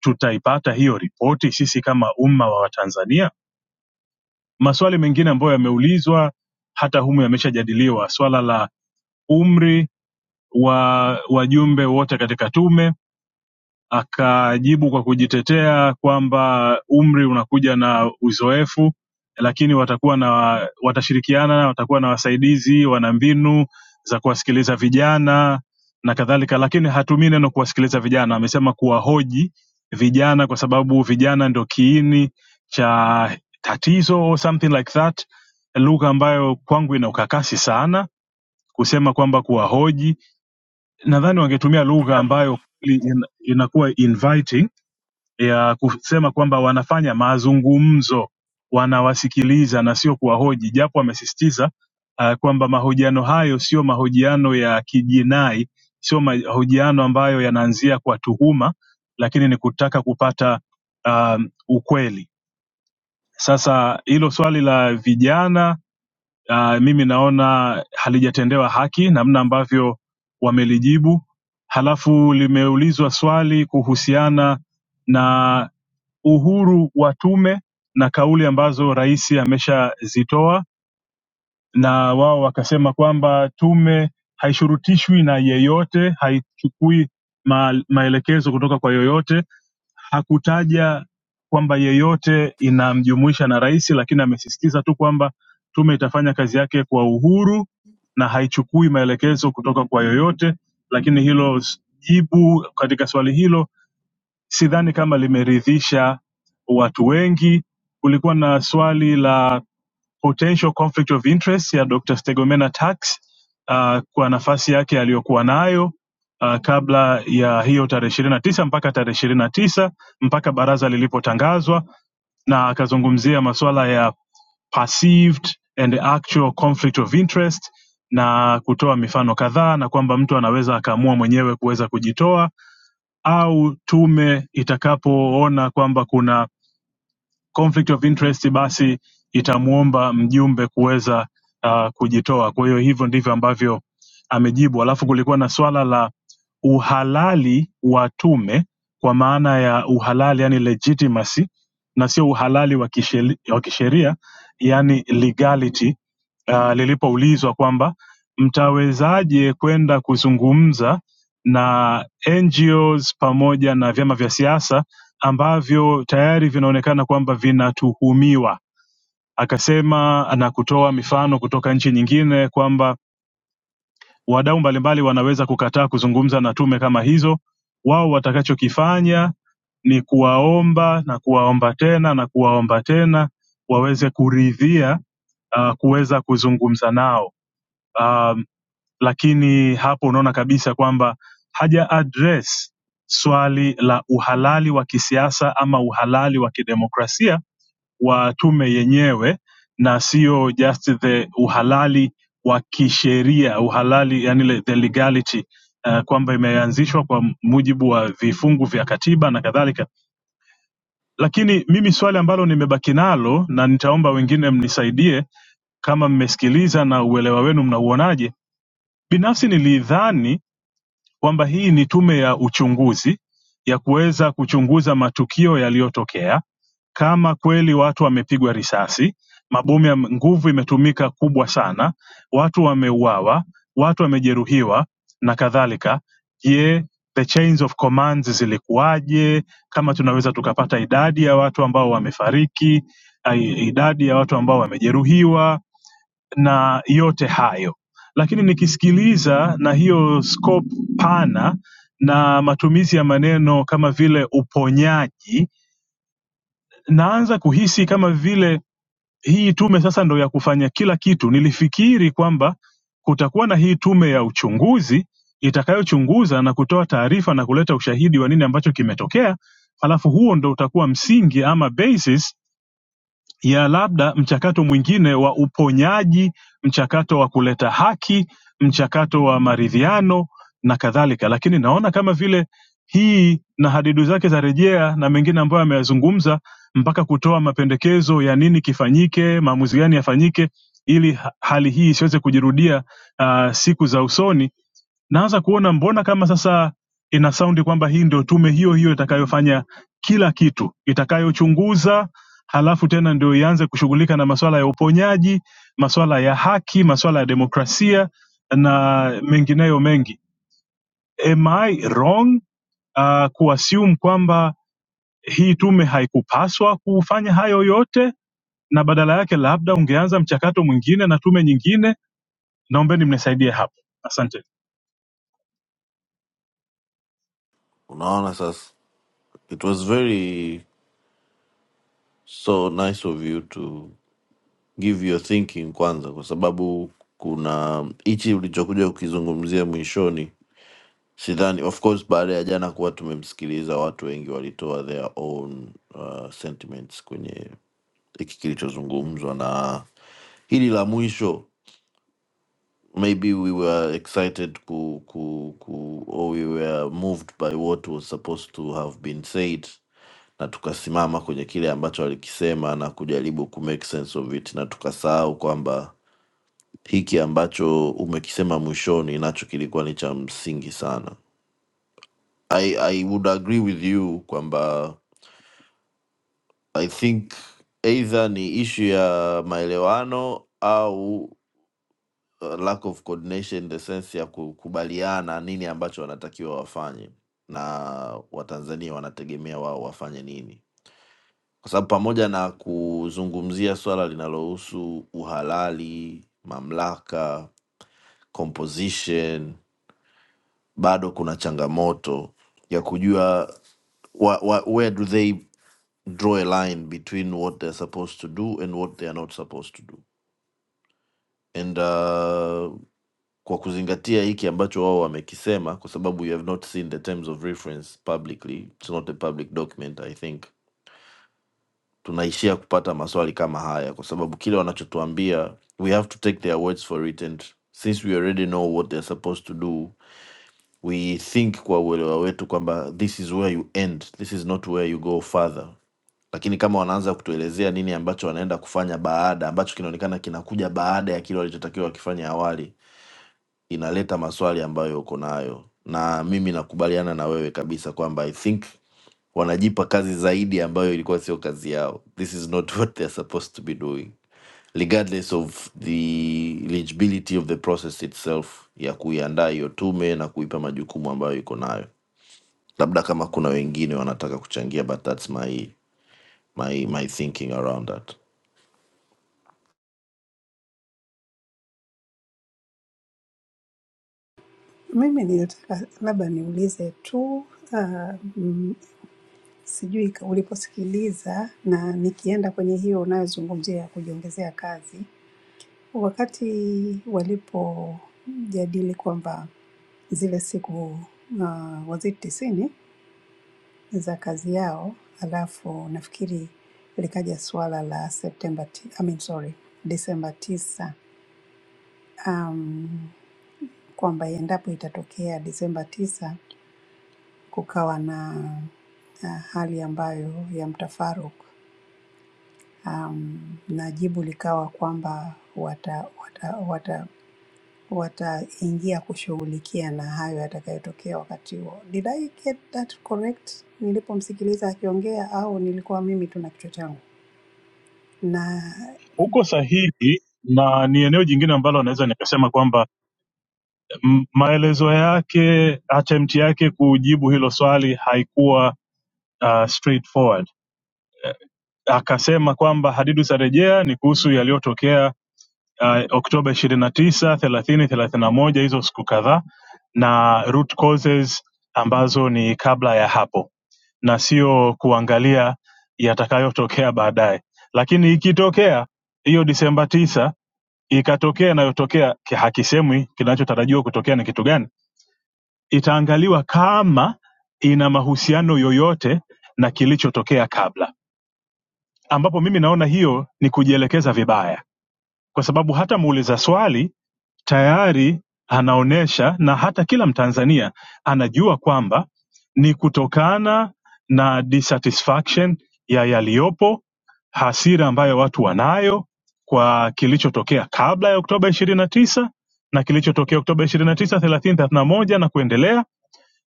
Speaker 6: tutaipata hiyo ripoti sisi kama umma wa Watanzania? maswali mengine ambayo yameulizwa hata humu yameshajadiliwa swala la umri wa wajumbe wote katika tume Akajibu kwa kujitetea kwamba umri unakuja na uzoefu, lakini watakuwa na watashirikiana, watakuwa na wasaidizi, wana mbinu za kuwasikiliza vijana na kadhalika, lakini hatumii neno kuwasikiliza vijana, amesema kuwahoji vijana, kwa sababu vijana ndio kiini cha tatizo or something like that, lugha ambayo kwangu ina ukakasi sana kusema kwamba kuwahoji. Nadhani wangetumia lugha ambayo kweli ina- inakuwa inviting ya kusema kwamba wanafanya mazungumzo, wanawasikiliza na sio kuwahoji, japo wamesisitiza uh, kwamba mahojiano hayo sio mahojiano ya kijinai, sio mahojiano ambayo yanaanzia kwa tuhuma, lakini ni kutaka kupata um, ukweli. Sasa hilo swali la vijana uh, mimi naona halijatendewa haki namna ambavyo wamelijibu. Halafu limeulizwa swali kuhusiana na uhuru wa tume na kauli ambazo rais ameshazitoa, na wao wakasema kwamba tume haishurutishwi na yeyote, haichukui ma maelekezo kutoka kwa yoyote. Hakutaja kwamba yeyote inamjumuisha na rais, lakini amesisitiza tu kwamba tume itafanya kazi yake kwa uhuru na haichukui maelekezo kutoka kwa yoyote, lakini hilo s- jibu katika swali hilo sidhani kama limeridhisha watu wengi. Kulikuwa na swali la potential conflict of interest ya Dr. Stegomena Tax uh, kwa nafasi yake aliyokuwa nayo uh, kabla ya hiyo tarehe ishirini na tisa mpaka tarehe ishirini na tisa mpaka baraza lilipotangazwa, na akazungumzia masuala ya perceived and actual conflict of interest na kutoa mifano kadhaa na kwamba mtu anaweza akaamua mwenyewe kuweza kujitoa au tume itakapoona kwamba kuna conflict of interest basi itamuomba mjumbe kuweza uh, kujitoa kwa hiyo hivyo ndivyo ambavyo amejibu alafu kulikuwa na swala la uhalali wa tume kwa maana ya uhalali yani legitimacy na sio uhalali wa kisheri- wa kisheria yani legality uh, lilipoulizwa kwamba mtawezaje kwenda kuzungumza na NGOs pamoja na vyama vya siasa ambavyo tayari vinaonekana kwamba vinatuhumiwa. Akasema na kutoa mifano kutoka nchi nyingine kwamba wadau mbalimbali wanaweza kukataa kuzungumza na tume kama hizo. Wao watakachokifanya ni kuwaomba na kuwaomba tena na kuwaomba tena waweze kuridhia uh, kuweza kuzungumza nao. Um, lakini hapo unaona kabisa kwamba haja address swali la uhalali wa kisiasa ama uhalali wa kidemokrasia wa tume yenyewe na sio just the uhalali wa kisheria uhalali yani le- the legality uh, kwamba imeanzishwa kwa mujibu wa vifungu vya katiba na kadhalika lakini mimi swali ambalo nimebaki nalo na nitaomba wengine mnisaidie kama mmesikiliza na uelewa wenu mnauonaje binafsi nilidhani kwamba hii ni tume ya uchunguzi ya kuweza kuchunguza matukio yaliyotokea kama kweli watu wamepigwa risasi, mabomu ya nguvu imetumika kubwa sana, watu wameuawa, watu wamejeruhiwa na kadhalika. Je, the chains of commands zilikuwaje? Kama tunaweza tukapata idadi ya watu ambao wamefariki, ai- idadi ya watu ambao wamejeruhiwa, na yote hayo lakini nikisikiliza na hiyo scope pana na matumizi ya maneno kama vile uponyaji naanza kuhisi kama vile hii tume sasa ndo ya kufanya kila kitu nilifikiri kwamba kutakuwa na hii tume ya uchunguzi itakayochunguza na kutoa taarifa na kuleta ushahidi wa nini ambacho kimetokea halafu huo ndo utakuwa msingi ama basis ya labda mchakato mwingine wa uponyaji mchakato wa kuleta haki mchakato wa maridhiano na kadhalika lakini naona kama vile hii na hadidu zake za rejea na mengine ambayo ameyazungumza mpaka kutoa mapendekezo ya nini kifanyike maamuzi gani yafanyike ili ha- hali hii isiweze kujirudia uh, siku za usoni naanza kuona mbona kama sasa ina saundi kwamba hii ndio tume hiyo hiyo itakayofanya kila kitu itakayochunguza halafu tena ndio ianze kushughulika na masuala ya uponyaji, masuala ya haki, masuala ya demokrasia na mengineyo mengi. Am I wrong uh, kuassume kwamba hii tume haikupaswa kufanya hayo yote na badala yake labda ungeanza mchakato mwingine na tume nyingine? Naombeni mnisaidie hapo, asante.
Speaker 3: Unaona sasa, it was very so nice of you to give your thinking kwanza, kwa sababu kuna hichi ulichokuja kukizungumzia mwishoni sidhani of course baada ya jana kuwa tumemsikiliza watu wengi walitoa their own uh, sentiments kwenye hiki kilichozungumzwa na hili la mwisho maybe we were excited ku, ku, ku, or we were moved by what was supposed to have been said na tukasimama kwenye kile ambacho alikisema na kujaribu ku make sense of it na tukasahau kwamba hiki ambacho umekisema mwishoni nacho kilikuwa ni cha msingi sana I, I would agree with you kwamba I think either ni issue ya maelewano au uh, lack of coordination in the sense ya kukubaliana nini ambacho wanatakiwa wafanye na Watanzania wanategemea wao wafanye nini, kwa sababu pamoja na kuzungumzia swala linalohusu uhalali, mamlaka, composition bado kuna changamoto ya kujua wa, wa, where do they draw a line between what they're supposed to do and what they are not supposed to do and uh, kwa kuzingatia hiki ambacho wao wamekisema kwa sababu you have not seen the terms of reference publicly it's not a public document i think tunaishia kupata maswali kama haya kwa sababu kile wanachotuambia we have to take their words for it and since we already know what they're supposed to do we think kwa uelewa wetu kwamba this is where you end this is not where you go further lakini kama wanaanza kutuelezea nini ambacho wanaenda kufanya baada ambacho kinaonekana kinakuja baada ya kile walichotakiwa wakifanya awali inaleta maswali ambayo uko nayo na mimi nakubaliana na wewe kabisa kwamba i think wanajipa kazi zaidi ambayo ilikuwa sio kazi yao this is not what they're supposed to be doing regardless of the eligibility of the process itself ya kuiandaa hiyo tume na kuipa majukumu ambayo iko nayo labda kama kuna wengine wanataka kuchangia but thats my, my, my thinking around that
Speaker 2: Mimi nilitaka labda niulize tu ah, mm, sijui ka- uliposikiliza, na nikienda kwenye hiyo unayozungumzia ya kujiongezea kazi, wakati walipojadili kwamba zile siku uh, was it tisini za kazi yao, alafu nafikiri likaja suala la September ti, I mean sorry, December tisa um, kwamba endapo itatokea December tisa kukawa na uh, hali ambayo ya mtafaruku um, na jibu likawa kwamba wata wata wata wataingia kushughulikia na hayo yatakayotokea wakati huo. Did I get that correct nilipomsikiliza akiongea au nilikuwa mimi tu na kichwa changu? nine
Speaker 6: Uko sahihi na ni eneo jingine ambalo naweza nikasema kwamba m- maelezo yake attempt yake kujibu hilo swali haikuwa uh, straightforward akasema kwamba hadidu za rejea ni kuhusu yaliyotokea uh, Oktoba ishirini na tisa, thelathini, thelathini na moja, hizo siku kadhaa na root causes ambazo ni kabla ya hapo na sio kuangalia yatakayotokea baadaye. Lakini ikitokea hiyo Disemba tisa ikatokea inayotokea, ki- hakisemwi kinachotarajiwa kutokea ni kitu gani, itaangaliwa kama ina mahusiano yoyote na kilichotokea kabla ambapo mimi naona hiyo ni kujielekeza vibaya, kwa sababu hata muuliza swali tayari anaonyesha na hata kila Mtanzania anajua kwamba ni kutokana na dissatisfaction ya yaliyopo, hasira ambayo watu wanayo kwa kilichotokea kabla ya Oktoba ishirini na tisa na kilichotokea Oktoba ishirini na tisa, thelathini, thelathini na moja na kuendelea.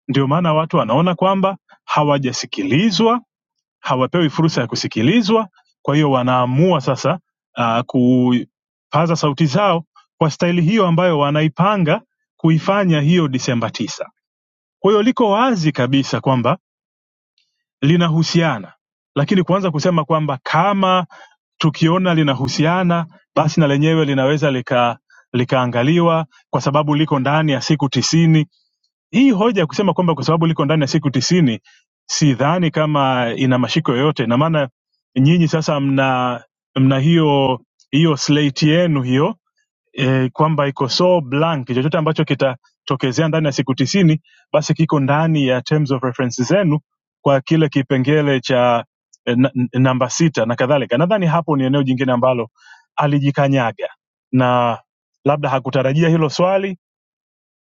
Speaker 6: Ndio maana watu wanaona kwamba hawajasikilizwa hawapewi fursa ya kusikilizwa. Kwa hiyo wanaamua sasa uh, kupaza sauti zao kwa staili hiyo ambayo wanaipanga kuifanya hiyo Disemba tisa. Kwa hiyo liko wazi kabisa kwamba linahusiana, lakini kuanza kusema kwamba kama tukiona linahusiana basi na lenyewe linaweza lika likaangaliwa kwa sababu liko ndani ya siku tisini hii hoja ya kusema kwamba kwa sababu liko ndani ya siku tisini sidhani kama ina mashiko yoyote na maana nyinyi sasa mna mna hiyo hiyo slate yenu hiyo e, kwamba iko so blank chochote ambacho kitatokezea ndani ya siku tisini basi kiko ndani ya terms of reference zenu kwa kile kipengele cha e, na- n- namba sita na kadhalika nadhani hapo ni eneo jingine ambalo alijikanyaga na labda hakutarajia hilo swali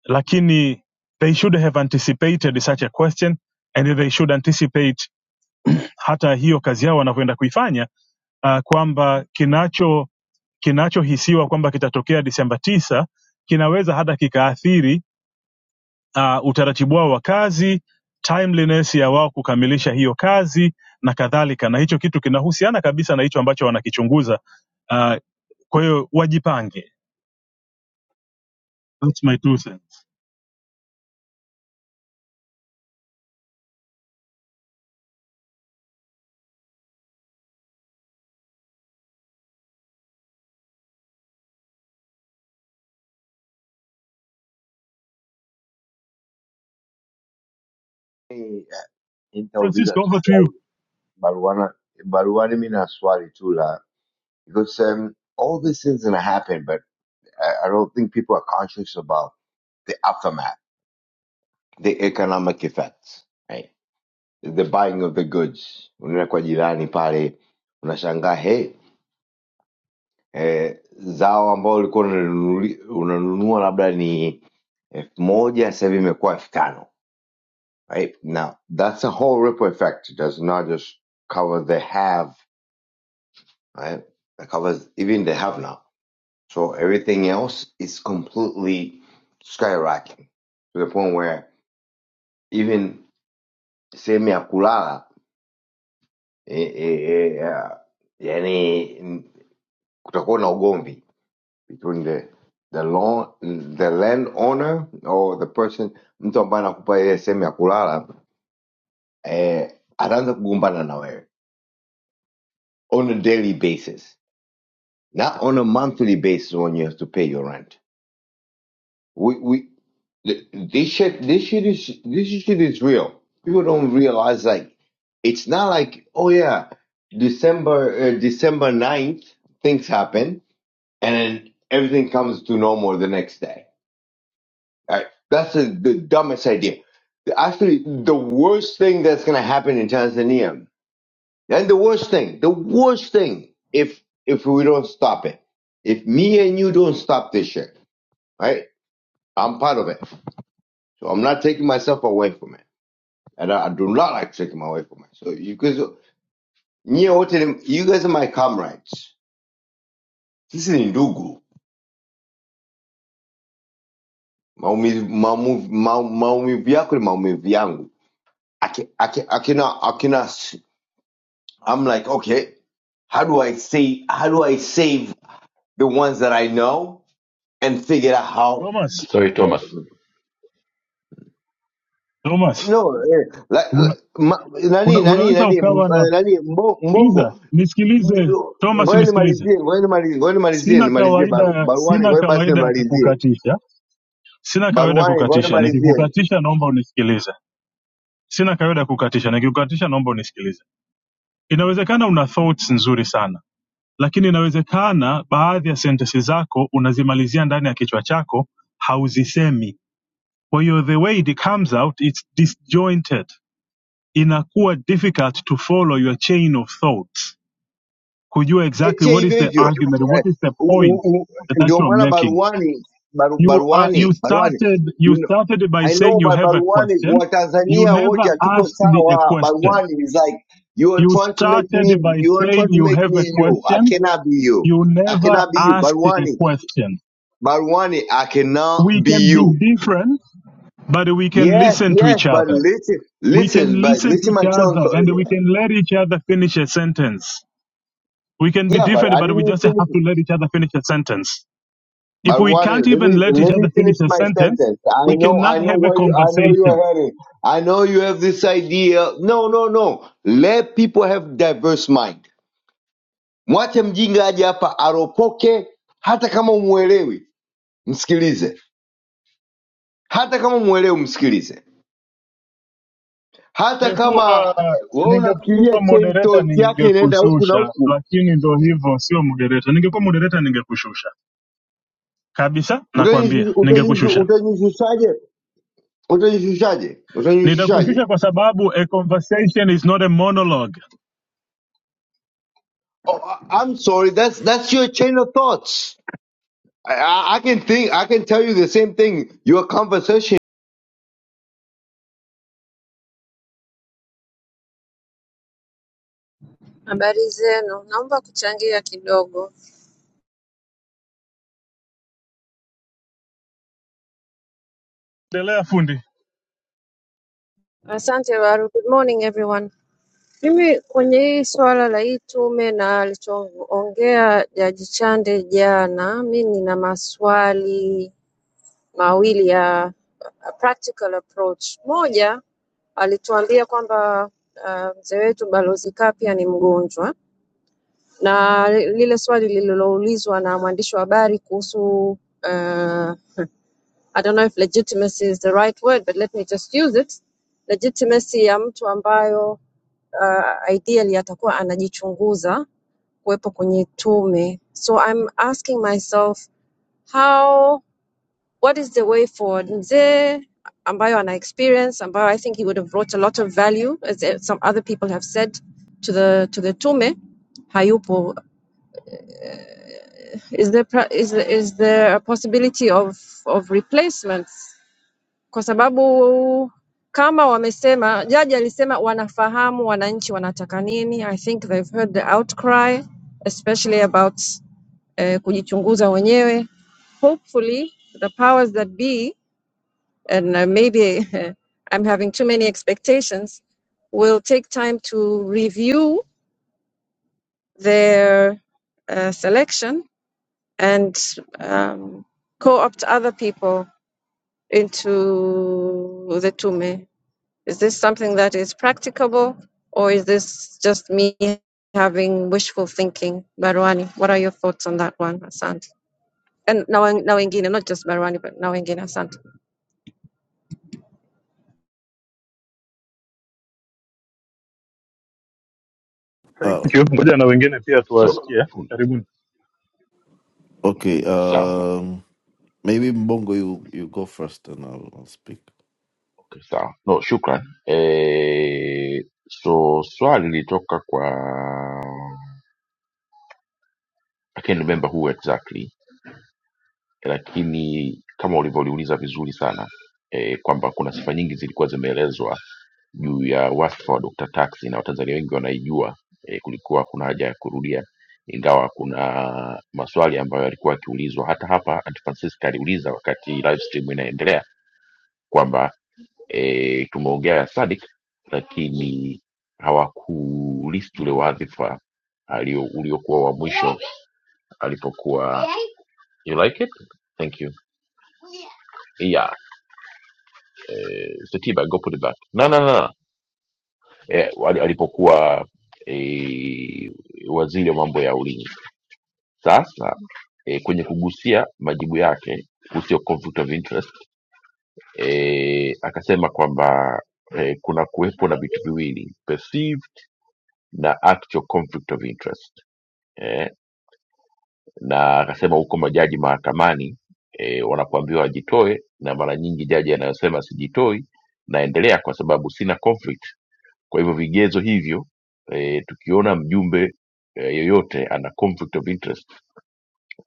Speaker 6: lakini they should have anticipated such a question and they should anticipate hata hiyo kazi yao wanavyoenda kuifanya uh, kwamba kinacho kinachohisiwa kwamba kitatokea Disemba tisa kinaweza hata kikaathiri uh, utaratibu wao wa kazi, timeliness ya wao kukamilisha hiyo kazi na kadhalika, na hicho kitu kinahusiana kabisa na hicho ambacho wanakichunguza. Uh, kwa hiyo wajipange. That's my two cents.
Speaker 4: Eh, Nitauliza
Speaker 6: Francisco,
Speaker 4: tu
Speaker 6: over to you.
Speaker 4: swali baruana baruani. Mi na swali tu la because um, all these things gonna happen, but I, I don't think people are conscious about the aftermath, the economic effects. right? the buying of the goods unaenda kwa jirani pale unashangaa he eh, zao ambao ulikuwa unanunuli- unanunua labda ni elfu moja sasa hivi imekuwa elfu tano right now that's a whole ripple effect it does not just cover the have right it covers even the have now so everything else is completely skyrocketing to the point where even sehemu ya kulala eh, eh, eh, ah, yani kutakuwa na ugomvi between the the law, the landowner or the person mtu ambaye anakupa ile sehemu ya kulala eh, ataanza kugombana na wewe on a daily basis not on a monthly basis when you have to pay your rent we, we th- this shit this shit is this shit is real people don't realize like it's not like oh yeah december uh, december 9th things happen and then everything comes to normal the next day Right? That's the, the dumbest idea. The- Actually, the worst thing that's going to happen in Tanzania, and the worst thing, the worst thing, if if we don't stop it, if me and you don't stop this shit, right? I'm part of it, so I'm not taking myself away from it, and I, I do not like taking my away from it. So you guys, nyie wote ni- you guys are my comrades. This is ndugu. Maumivu maumivu- mau- maumivu yako ni maumivu yangu. I can, I can, I cannot, I cannot. I'm like, okay, how do I save? How do I save the ones that I know and figure out how?
Speaker 6: Thomas,
Speaker 1: Sorry Thomas.
Speaker 6: Thomas
Speaker 4: No, eh, like, like, ma- nani
Speaker 6: una,
Speaker 4: nani
Speaker 6: unaweza
Speaker 4: nani eh,
Speaker 6: ukawa na
Speaker 4: nani mbo-
Speaker 6: sikiliza
Speaker 4: mbongo.
Speaker 6: nisikilize thomas
Speaker 4: Ngoja
Speaker 6: nisikilize
Speaker 4: nimalizie, ngoja nimalizie, ngoja nimalizie,
Speaker 6: sina
Speaker 4: nimalizie baru,
Speaker 6: kawaida
Speaker 4: baruani,
Speaker 6: sina
Speaker 4: ngoja basi
Speaker 6: kawaida ya
Speaker 4: nimalizie
Speaker 6: kukukatisha sina kawaida ya
Speaker 4: baruani, ngoja
Speaker 6: kukatisha
Speaker 4: nimalizie.
Speaker 6: nikikukatisha naomba unisikilize sina kawaida ya kukatisha nikikukatisha naomba unisikilize inawezekana una thoughts nzuri sana lakini inawezekana baadhi ya sentensi zako unazimalizia ndani ya kichwa chako hauzisemi kwa hiyo the way it comes out it's disjointed inakuwa difficult to follow your chain of thoughts could you exactly
Speaker 4: Eche
Speaker 6: what is
Speaker 4: hivyo
Speaker 6: the
Speaker 4: hivyo
Speaker 6: argument what
Speaker 4: eh,
Speaker 6: is the
Speaker 4: u- u-
Speaker 6: point
Speaker 4: u-
Speaker 6: that, that
Speaker 4: ndio
Speaker 6: you're
Speaker 4: maana
Speaker 6: making
Speaker 4: baruani, baru,
Speaker 6: you are you
Speaker 4: baruani, baruani
Speaker 6: started you started by
Speaker 4: I
Speaker 6: saying
Speaker 4: know
Speaker 6: you
Speaker 4: but
Speaker 6: have a
Speaker 4: Barwani,
Speaker 6: question you
Speaker 4: Watanzania wote
Speaker 6: never
Speaker 4: hatuko
Speaker 6: asked the, a
Speaker 4: sawa.
Speaker 6: question
Speaker 4: Barwani is like you are
Speaker 6: you
Speaker 4: trying to make me,
Speaker 6: started by
Speaker 4: you are
Speaker 6: saying
Speaker 4: trying to
Speaker 6: you
Speaker 4: make
Speaker 6: have a
Speaker 4: me you. I
Speaker 6: question
Speaker 4: cannot be you.
Speaker 6: you
Speaker 4: I
Speaker 6: never
Speaker 4: cannot be you.
Speaker 6: asked a
Speaker 4: Barwani,
Speaker 6: question
Speaker 4: Barwani, I cannot
Speaker 6: we
Speaker 4: be
Speaker 6: can be
Speaker 4: you.
Speaker 6: different but we can
Speaker 4: Yes,
Speaker 6: listen to
Speaker 4: yes,
Speaker 6: each
Speaker 4: but
Speaker 6: other
Speaker 4: listen,
Speaker 6: we
Speaker 4: listen,
Speaker 6: can
Speaker 4: but
Speaker 6: listen to
Speaker 4: listen,
Speaker 6: each
Speaker 4: my chance.
Speaker 6: other and we
Speaker 4: Yeah,
Speaker 6: can let each other finish a sentence we can be
Speaker 4: yeah, but
Speaker 6: different
Speaker 4: I
Speaker 6: but we
Speaker 4: didn't
Speaker 6: just have
Speaker 4: finish.
Speaker 6: to let each other finish a sentence If we
Speaker 4: Barwani,
Speaker 6: can't
Speaker 4: let
Speaker 6: even
Speaker 4: me
Speaker 6: let each
Speaker 4: let me
Speaker 6: other
Speaker 4: finish
Speaker 6: finish a
Speaker 4: my
Speaker 6: sentence,
Speaker 4: sentence. I
Speaker 6: we
Speaker 4: know,
Speaker 6: cannot
Speaker 4: I know
Speaker 6: have a
Speaker 4: where you, I know you
Speaker 6: conversation.
Speaker 4: are heading. I know you have this idea. No, no, no. Let people have diverse mind Mwache mjinga aje hapa aropoke, hata kama umuelewi msikilize, hata kama umuelewi msikilize, hata
Speaker 6: Ningekuwa
Speaker 4: kama wewe unafikiria
Speaker 6: ningekuwa
Speaker 4: chain
Speaker 6: moderator
Speaker 4: thought yake inaenda huku na
Speaker 6: ningekushusha,
Speaker 4: huku,
Speaker 6: lakini ndo hivyo, sio moderator. Ningekuwa moderator ningekushusha kabisa, nakwambia, ningekushusha.
Speaker 4: utajishushaje? Utajishushaje?
Speaker 6: Nitakushusha
Speaker 4: Utajishushaje?
Speaker 6: kwa sababu a conversation is not a monologue.
Speaker 4: Oh, I- I'm sorry, that's that's your chain of thoughts. I, I, I can think, I can tell you the same thing. Your conversation
Speaker 7: Habari zenu, naomba kuchangia kidogo.
Speaker 6: Endelea fundi.
Speaker 7: Asante Waru. Good morning everyone. Mimi kwenye hii swala la hii tume na alichoongea Jaji Chande jana, mi nina maswali mawili ya a practical approach. Moja, alituambia kwamba uh, mzee wetu Balozi Kapia ni mgonjwa, na lile swali lililoulizwa na mwandishi wa habari kuhusu uh, I don't know if legitimacy is the right word, but let me just use it. Legitimacy ya mtu ambayo uh, ideally atakuwa anajichunguza kuwepo kwenye tume. So I'm asking myself how, what is the way forward? Mzee ambayo ana experience ambayo I think he would have brought a lot of value as eh, some other people have said to the to the tume hayupo. Is there pra- is there, is there a possibility of of replacements? kwa sababu kama wamesema, jaji alisema wanafahamu wananchi wanataka nini. I think they've heard the outcry especially about eh, kujichunguza wenyewe. Hopefully the powers that be and uh, maybe I'm having too many expectations will take time to review their uh, selection and um, co-opt other people into the tume Is this something that is practicable, or is this just me having wishful thinking? Barwani, what are your thoughts on that one, Asante? And now, now Engina, not just Barwani, but now Engina, Asante.
Speaker 3: uh,
Speaker 6: Thank you. Ngoja na wengine pia
Speaker 1: So,
Speaker 6: tuwasikie. Karibuni.
Speaker 3: okay
Speaker 1: sawa.
Speaker 3: um, maybe mbongo you, you go first and I'll, I'll speak
Speaker 1: Okay, sawa. No, shukran. Eh, so swali lilitoka kwa I can't remember who exactly. lakini kama ulivyoliuliza vizuri sana e, kwamba kuna sifa nyingi zilikuwa zimeelezwa juu ya wadhifa wa Dr. Tax na Watanzania wengi wanaijua e, kulikuwa kuna haja ya kurudia, ingawa kuna maswali ambayo yalikuwa yakiulizwa hata hapa. Aunt Francisca aliuliza wakati live stream inaendelea kwamba e, tumeongea ya Sadik lakini hawakulist ule wadhifa alio- uliokuwa wa mwisho alipokuwa you like it thank you Yeah, eh, Setiba Gopo the Black. Na na na eh, ali- alipokuwa eh, waziri wa mambo ya ulinzi. Sasa eh, kwenye kugusia majibu yake kuhusu conflict of interest eh, akasema kwamba eh, kuna kuwepo na vitu viwili perceived na actual conflict of interest Eh, na akasema huko majaji mahakamani e, wanapoambiwa wajitoe na mara nyingi jaji anayosema sijitoi naendelea kwa sababu sina conflict kwa hivyo vigezo hivyo e, tukiona mjumbe e, yoyote ana conflict of interest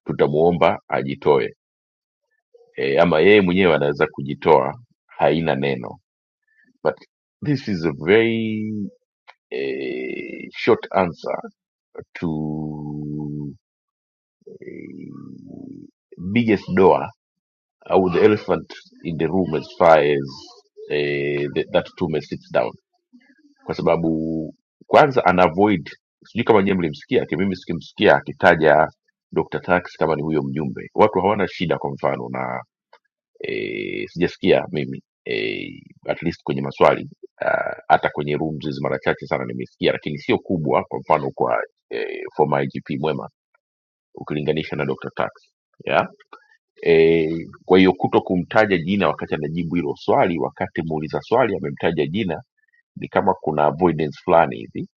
Speaker 1: tutamuomba ajitoe e, ama yeye mwenyewe anaweza kujitoa haina neno but this is a very eh, short answer to eh, biggest door au the elephant in the room as far as eh, the, that tume sits down kwa sababu kwanza ana avoid sijui kama nyewe mlimsikia aki- mimi sikimsikia akitaja Dr. Tax kama ni huyo mjumbe watu hawana shida kwa mfano na eh, sijasikia mimi eh, at least kwenye maswali ah, hata kwenye rooms hizi mara chache sana nimesikia lakini sio kubwa kwa mfano kwa eh, former IGP Mwema ukilinganisha na Dr. Tax yeah e, kwa hiyo kuto kumtaja jina wakati anajibu hilo swali, wakati muuliza swali amemtaja jina, ni kama kuna avoidance fulani hivi,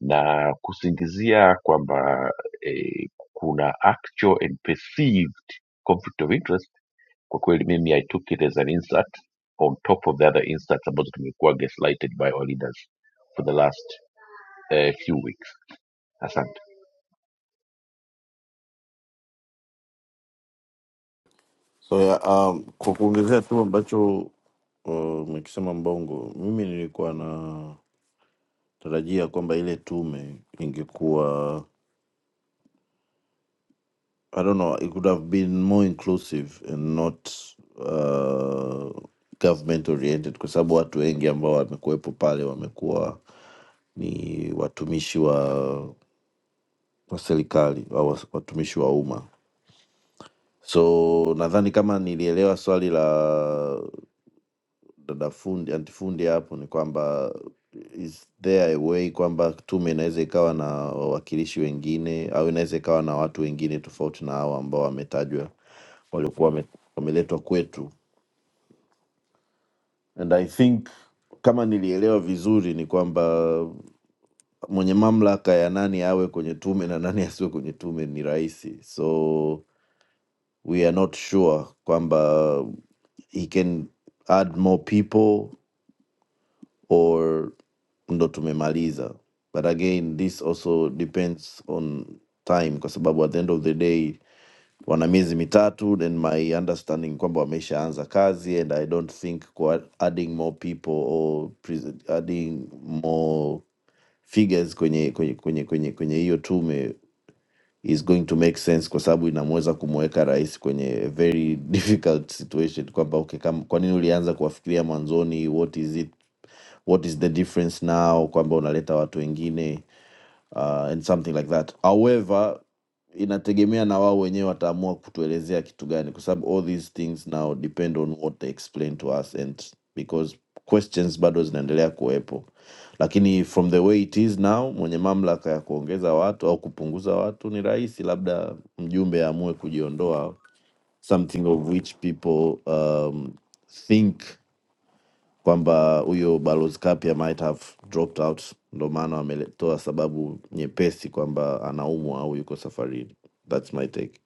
Speaker 1: na kusingizia kwamba e, kuna actual and perceived conflict of interest. Kwa kweli mimi I took it as an insult on top of the other insults ambazo tumekuwa gaslighted by our leaders for the last uh, few weeks. Asante.
Speaker 3: so yeah, um, kwa kuongezea tu ambacho umekisema mbongo mimi nilikuwa na tarajia kwamba ile tume ingekuwa I don't know. It could have been more inclusive and not uh, government oriented, kwa sababu watu wengi ambao wamekuwepo pale wamekuwa ni watumishi wa, wa serikali au watumishi wa umma. So nadhani kama nilielewa swali la dada fundi antifundi hapo ni kwamba is there a way kwamba tume inaweza ikawa na wawakilishi wengine au inaweza ikawa na watu wengine tofauti na hao ambao wametajwa waliokuwa wame- wameletwa kwetu and i think kama nilielewa vizuri ni kwamba mwenye mamlaka ya nani awe kwenye tume na nani asiwe kwenye tume ni rahisi so we are not sure kwamba he can add more people or ndo tumemaliza but again this also depends on time kwa sababu at the end of the day wana miezi mitatu then my understanding kwamba wameshaanza kazi and i don't think kwa adding more people or pres- adding more figures kwenye kwenye kwenye kwenye kwenye hiyo tume is going to make sense kwa sababu inamweza kumweka rais kwenye a very difficult situation kwamba okay, kam- kwa nini ulianza kuwafikiria mwanzoni what is it what is the difference now kwamba unaleta watu wengine uh, and something like that however inategemea na wao wenyewe wataamua kutuelezea kitu gani kwa sababu all these things now depend on what they explain to us and because questions bado zinaendelea kuwepo lakini from the way it is now mwenye mamlaka ya kuongeza watu au kupunguza watu ni rahisi labda mjumbe aamue kujiondoa something of which people um, think kwamba huyo balozi Kapia might have dropped out, ndo maana wametoa sababu nyepesi kwamba anaumwa au yuko safarini. That's my take.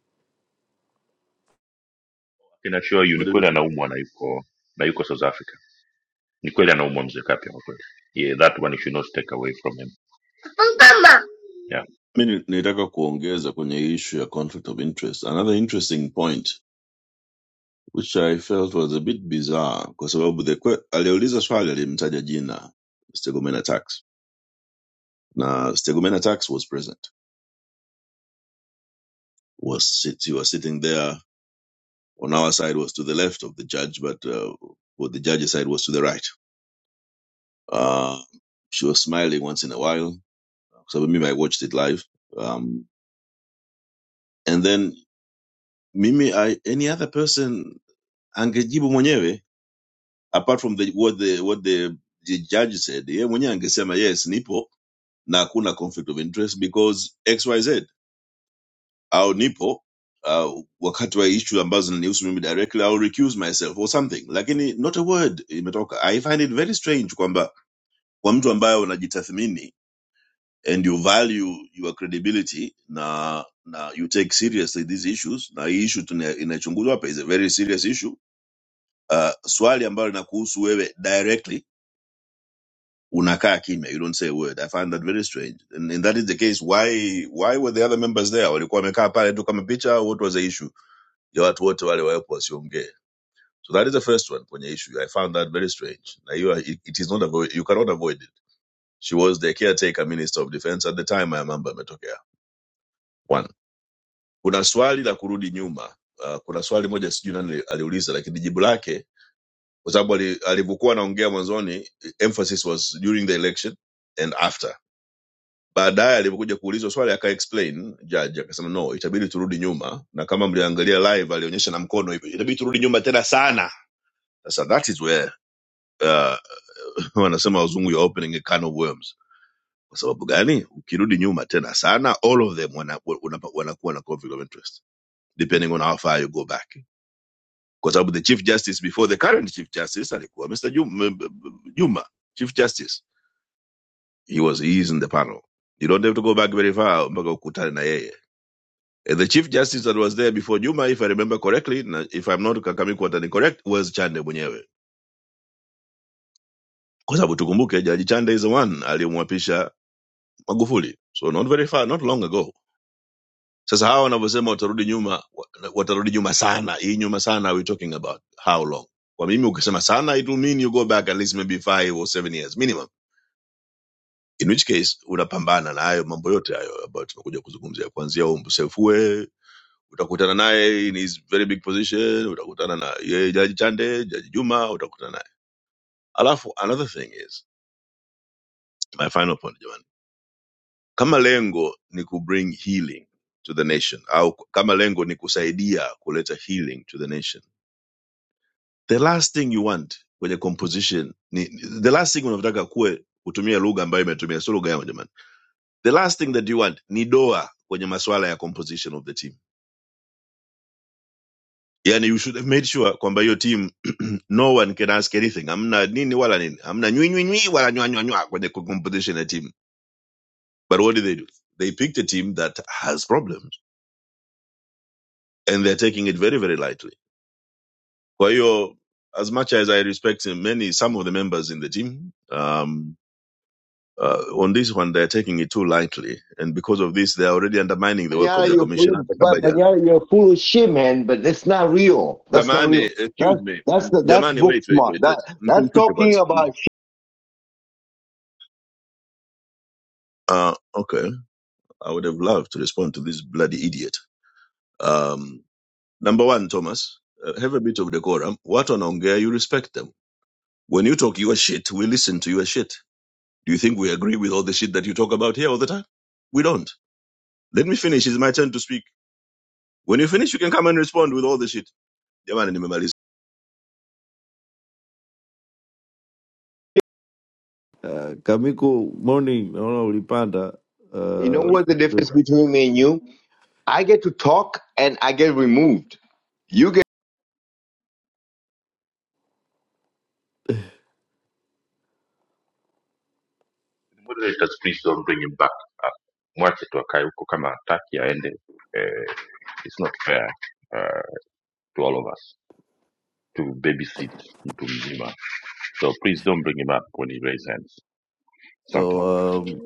Speaker 1: Lakini actually hiyo ni
Speaker 8: But
Speaker 1: kweli
Speaker 8: if-
Speaker 1: anaumwa na yuko na yuko South Africa. Ni kweli anaumwa mzee Kapia kwa kweli. Yeah, that one you should not take away from him. Mama. Yeah.
Speaker 8: mimi nitaka kuongeza kwenye issue ya conflict of interest another interesting point which i felt was a bit bizarre kwa sababu the que- aliuliza swali alimtaja jina stegomena tax na stegomena tax was present was sit, he was sitting there on our side was to the left of the judge but uh, for the judge's side was to the right uh, she was smiling once in a while kwa sababu mimi i watched it live um, and then mimi I, any other person angejibu mwenyewe apart from the, what the what the, the judge said yeye mwenyewe angesema yes nipo na hakuna conflict of interest because xyz au nipo uh, wakati wa issue ambazo zinanihusu mimi directly I'll recuse myself or something lakini not a word imetoka i find it very strange kwamba kwa mtu ambaye unajitathmini and you value your credibility na na you take seriously these issues na hii issue tuna- inachunguzwa hapa is a very serious issue uh, swali ambalo linakuhusu wewe directly unakaa kimya you don't say a word i find that very strange and, and that is the case why why were the other members there walikuwa wamekaa pale tu kama picha what was the issue ya watu wote wale wawepo wasiongee so that is the first one kwenye issue i found that very strange na hiyo it, it is not avoid, you cannot avoid it she was the caretaker minister of defense at the time haya mambo yametokea one kuna swali la kurudi nyuma uh, kuna swali moja sijui nani aliuliza lakini jibu lake kwa sababu ali- alivyokuwa anaongea mwanzoni eh, emphasis was during the election and after baadaye alipokuja kuulizwa swali aka explain judge akasema no itabidi turudi nyuma na kama mliangalia live alionyesha na mkono hivyo itabidi turudi nyuma tena sana sasa that is where uh, wanasema wazungu you're opening a can of worms kwa sababu gani ukirudi nyuma tena sana all of them wana- wana- wanakuwa na conflict of interest depending on how far you go back kwa sababu the chief justice before the current chief justice alikuwa mr juma, juma chief justice he was he is in the panel you don't have to go back very far mpaka ukutane na yeye Uh, The chief justice that was there before Juma, if I remember correctly, na if I'm not Kakamikwa correct, was Chande mwenyewe, kwa sababu tukumbuke Jaji Chande is the one aliyemwapisha Magufuli, so not very far, not long ago. Sasa hawa wanavyosema watarudi nyuma, wa- watarudi nyuma sana, hii nyuma sana, are we talking about how long? Kwa mimi ukisema sana, it will mean you go back at least maybe five or seven years minimum, in which case unapambana na hayo mambo yote hayo ambayo tumekuja kuzungumzia, kuanzia umsefue utakutana naye in his very big position utakutana na yeye jaji chande jaji juma utakutana naye alafu another thing is my final point jamani kama lengo ni ku bring healing to the nation au kama lengo ni kusaidia kuleta healing to the nation the last thing you want kwenye composition ni, the last thing unavyotaka kuwe kutumia lugha ambayo imetumia sio lugha yao jamani the last thing that you want ni doa kwenye masuala ya composition of the team yani you should have made sure kwamba hiyo team no one can ask anything hamna nini wala nini hamna nywinywinywi wala nywanywanywa kwenye competition ya team but what did they do they picked a team that has problems and they're taking it very very lightly kwa hiyo as much as i respect many some of the members in the team um, uh, on this one they're taking it too lightly and because of this they're already undermining the work of
Speaker 4: Panyara,
Speaker 8: the
Speaker 4: you're
Speaker 8: commission
Speaker 4: full,
Speaker 8: hata
Speaker 4: but
Speaker 8: kama jana
Speaker 4: Panyara, you're full of shit, man. But that's not real. That's not
Speaker 8: samani
Speaker 4: real.
Speaker 8: excuse
Speaker 4: That's
Speaker 8: me
Speaker 4: that's the, that's
Speaker 8: jamani
Speaker 4: book
Speaker 8: wait wait
Speaker 4: smart.
Speaker 8: wait wait
Speaker 4: That that's
Speaker 8: msimshushe
Speaker 4: talking
Speaker 8: kwanza
Speaker 4: about. Shit.
Speaker 8: uh, okay I would have loved to respond to this bloody idiot. Um, number one, Thomas, uh, have a bit of decorum. What on ongea you respect them? When you talk your shit, we listen to your shit. Do you think we agree with all the shit that you talk about here all the time? We don't. Let me finish. It's my turn to speak. When you finish, you can come and respond with all the shit. Jamani, nimemaliza.
Speaker 3: Uh, Kamiko, morning, naona ulipanda
Speaker 4: You know
Speaker 3: uh,
Speaker 4: what the difference between me and you? I get to talk and I get removed. You get.
Speaker 1: Moderators please don't bring him back. Ah, Mwache tu akae huko kama hataki aende. Eh, it's not fair uh, to all of us to babysit mtu mzima. So please don't bring him up when he raises hands.
Speaker 3: so
Speaker 1: Something.
Speaker 3: um,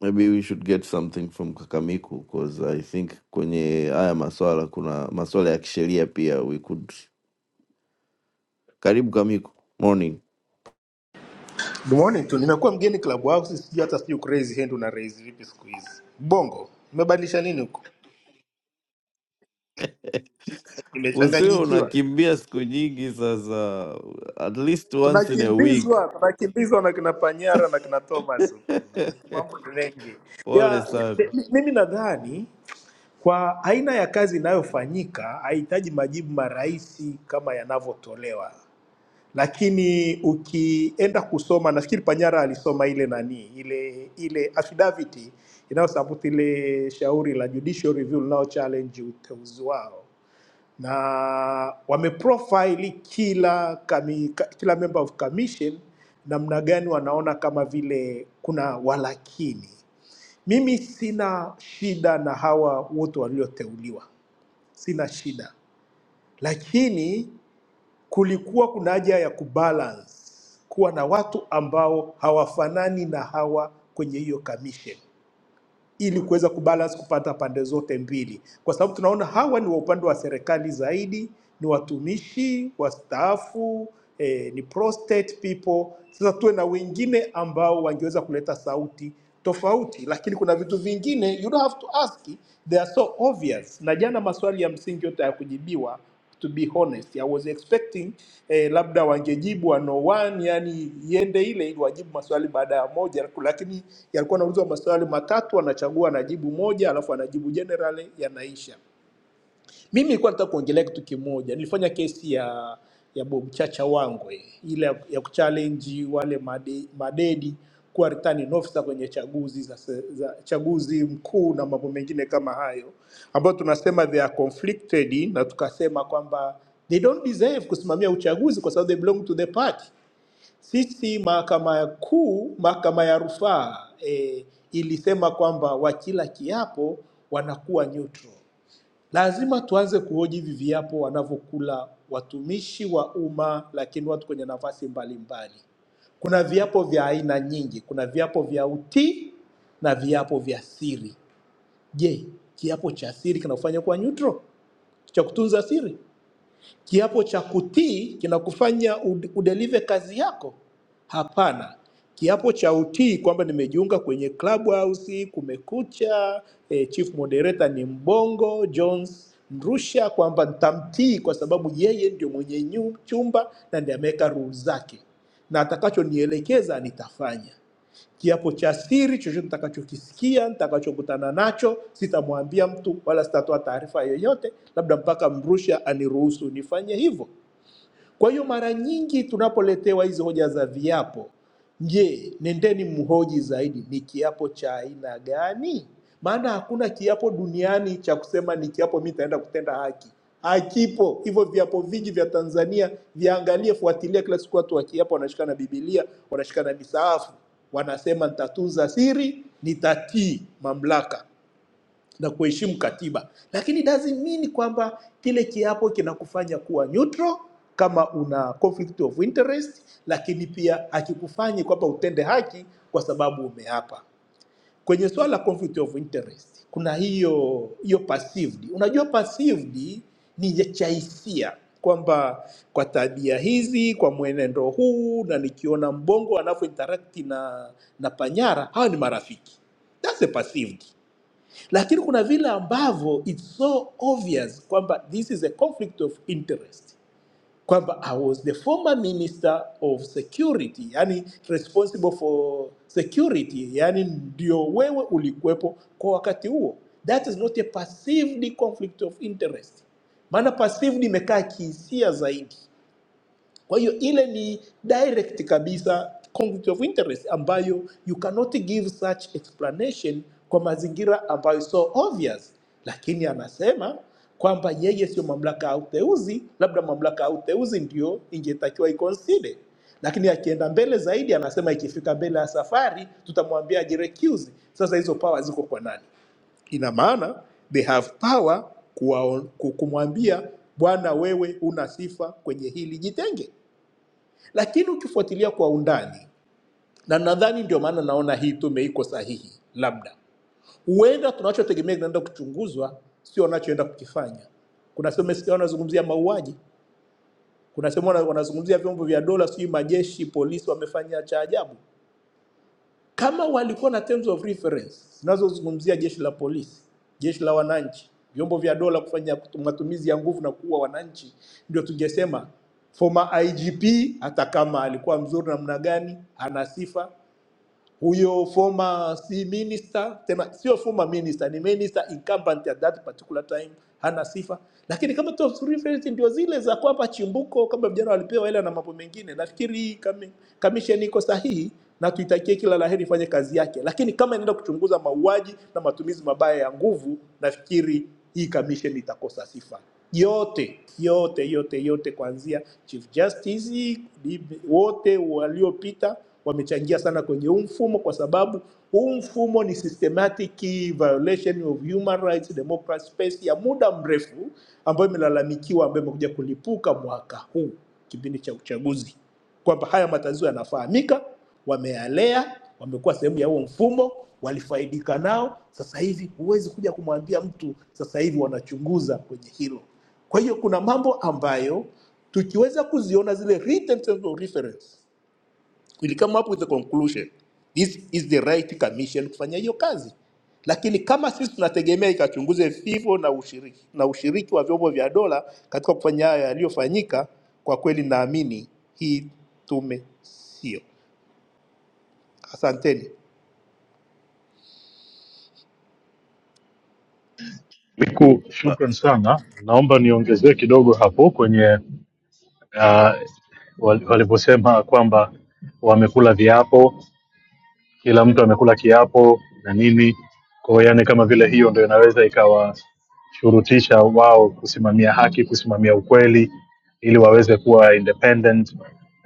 Speaker 3: maybe we should get something from Kakamiku because I think kwenye haya maswala kuna maswala ya kisheria pia we could. Karibu Kamiko, morning.
Speaker 9: Good morning tu, nimekuwa mgeni club house, sijui hata sijui crazy hand una raise vipi siku hizi. Bongo mmebadilisha nini huko?
Speaker 3: Usiwe
Speaker 9: Nimechanganyikiwa,
Speaker 3: unakimbia siku nyingi sasa, at least once in a week.
Speaker 9: tunakimbizwa tunakimbizwa na kina Panyara na kina Thomas huko, mambo ni mengi
Speaker 3: Pole
Speaker 9: ya
Speaker 3: sana.
Speaker 9: mi- mimi nadhani kwa aina ya kazi inayofanyika haihitaji majibu marahisi kama yanavyotolewa. lakini ukienda kusoma nafikiri Panyara alisoma ile nani ile ile affidavit inayosabuti ile shauri la judicial review linalo challenge uteuzi wao, na wameprofile kila kami, ka- kila member of commission namna gani wanaona kama vile kuna walakini. Mimi sina shida na hawa wote walioteuliwa, sina shida, lakini kulikuwa kuna haja ya kubalance, kuwa na watu ambao hawafanani na hawa kwenye hiyo commission ili kuweza kubalance kupata pande zote mbili, kwa sababu tunaona hawa ni wa upande wa serikali zaidi, ni watumishi wastaafu, eh, ni prostate people. Sasa tuwe na wengine ambao wangeweza kuleta sauti tofauti, lakini kuna vitu vingine you don't have to ask, they are so obvious. Na jana maswali ya msingi yote hayakujibiwa to be honest i was expecting eh, labda wangejibu one on one yani iende ile ili wajibu maswali baada ya moja lakini yalikuwa anaulizwa maswali matatu anachagua anajibu moja alafu anajibu generally yanaisha mimi nilikuwa nataka kuongelea kitu kimoja. Nilifanya kesi ya ya Bob Chacha Wangwe ile ya ya kuchallenge wale made, madedi kuwa returning officer kwenye chaguzi za, se- za chaguzi mkuu na mambo mengine kama hayo, ambayo tunasema they are conflicted, na tukasema kwamba they don't deserve kusimamia uchaguzi kwa sababu they belong to the party. Sisi mahakama ya kuu, mahakama ya rufaa eh, ilisema kwamba wakila kiapo wanakuwa neutral Lazima tuanze kuhoji hivi viapo wanavyokula watumishi wa umma, lakini watu kwenye nafasi mbalimbali. Kuna viapo vya aina nyingi, kuna viapo vya utii na viapo vya siri. Je, kiapo cha siri kinakufanya kuwa neutral, cha kutunza siri? Kiapo cha kutii kinakufanya ud- udelive kazi yako? Hapana. Kiapo cha utii kwamba nimejiunga kwenye Clubhouse, Kumekucha, eh, chief moderator ni Mbongo Jones Mrusha, kwamba nitamtii kwa sababu yeye ndio mwenye nyu- chumba na ndiye ameweka rules zake na atakachonielekeza nitafanya kiapo cha siri chochote nitakachokisikia, nitakachokutana nacho, sitamwambia mtu wala sitatoa taarifa yoyote, labda mpaka mrusha aniruhusu nifanye hivyo. Kwa hiyo mara nyingi tunapoletewa hizi hoja za viapo, je, nendeni mhoji zaidi, ni kiapo cha aina gani? Maana hakuna kiapo duniani cha kusema ni kiapo mimi nitaenda kutenda haki, hakipo hivyo. Viapo vingi vya Tanzania viangalie, fuatilia, kila siku watu wakiapo wanashika na Biblia, wanashika na misaafu, wanasema nitatunza siri, nitatii mamlaka na kuheshimu katiba, lakini doesn't mean kwamba kile kiapo kinakufanya kuwa neutral kama una conflict of interest, lakini pia hakikufanyi kwamba utende haki kwa sababu umeapa. Kwenye swala la conflict of interest kuna hiyo hiyo perceived. Unajua perceived ni ya cha hisia kwamba kwa tabia hizi, kwa mwenendo huu, na nikiona mbongo anavyo interact na na panyara, hawa ni marafiki. That's a perceived lakini kuna vile ambavyo it's so obvious kwamba this is a conflict of interest kwamba I was the former minister of security, yani responsible for security, yani ndio wewe ulikuwepo kwa wakati huo. That is not a perceived conflict of interest, maana perceived imekaa kihisia zaidi. Kwa hiyo ile ni direct kabisa conflict of interest ambayo you cannot give such explanation kwa mazingira ambayo so obvious, lakini anasema kwamba yeye sio mamlaka ya uteuzi, labda mamlaka ya uteuzi ndio ingetakiwa iconsider. Lakini akienda mbele zaidi, anasema ikifika mbele ya safari tutamwambia ajirecuse. Sasa hizo power ziko kwa nani? Ina maana they have power kuwa, ku- kumwambia bwana, wewe una sifa kwenye hili, jitenge lakini ukifuatilia kwa undani, na nadhani ndio maana naona hii tume iko sahihi, labda huenda tunachotegemea kinaenda kuchunguzwa sio wanachoenda kukifanya. Kuna sehemu umesikia wanazungumzia mauaji, kuna sehemu wana- wanazungumzia vyombo vya dola, sijui majeshi, polisi wamefanya cha ajabu. Kama walikuwa na terms of reference zinazozungumzia jeshi la polisi, jeshi la wananchi, vyombo vya dola kufanya kutu- matumizi ya nguvu na kuua wananchi, ndio tungesema former IGP, hata kama alikuwa mzuri namna gani, ana sifa, huyo former si minister tena, sio former minister, ni minister incumbent at that particular time, hana sifa. Lakini kama top three favorite ndio zile za kwapa chimbuko, kama vijana walipewa hela na mambo mengine. Nafikiri hii kami- commission iko sahihi na tuitakie kila laheri ifanye kazi yake, lakini kama inaenda kuchunguza mauaji na matumizi mabaya ya nguvu, nafikiri hii commission itakosa sifa yote yote yote yote, kuanzia Chief Justice DB, wote waliopita wamechangia sana kwenye huu mfumo, kwa sababu huu mfumo ni systematic violation of human rights democracy space ya muda mrefu ambayo imelalamikiwa, ambayo imekuja kulipuka mwaka huu kipindi cha uchaguzi kwamba haya matatizo yanafahamika, wameyalea, wamekuwa sehemu ya huo mfumo, walifaidika nao. Sasa hivi huwezi kuja kumwambia mtu sasa hivi wanachunguza kwenye hilo. Kwa hiyo kuna mambo ambayo tukiweza kuziona zile written terms of reference We'll come up with a conclusion. This is the right commission kufanya hiyo kazi, lakini kama sisi tunategemea ikachunguze vifo na ushiriki, na ushiriki wa vyombo vya dola katika kufanya hayo yaliyofanyika, kwa kweli naamini hii tume sio. Asanteni.
Speaker 8: Cool.
Speaker 6: Miku,
Speaker 8: Uh,
Speaker 6: shukran sana. Naomba niongezee kidogo hapo kwenye uh, waliposema kwamba wamekula viapo, kila mtu amekula kiapo na nini. Kwa hiyo yani, kama vile hiyo ndio inaweza ikawashurutisha wao kusimamia haki, kusimamia ukweli, ili waweze kuwa independent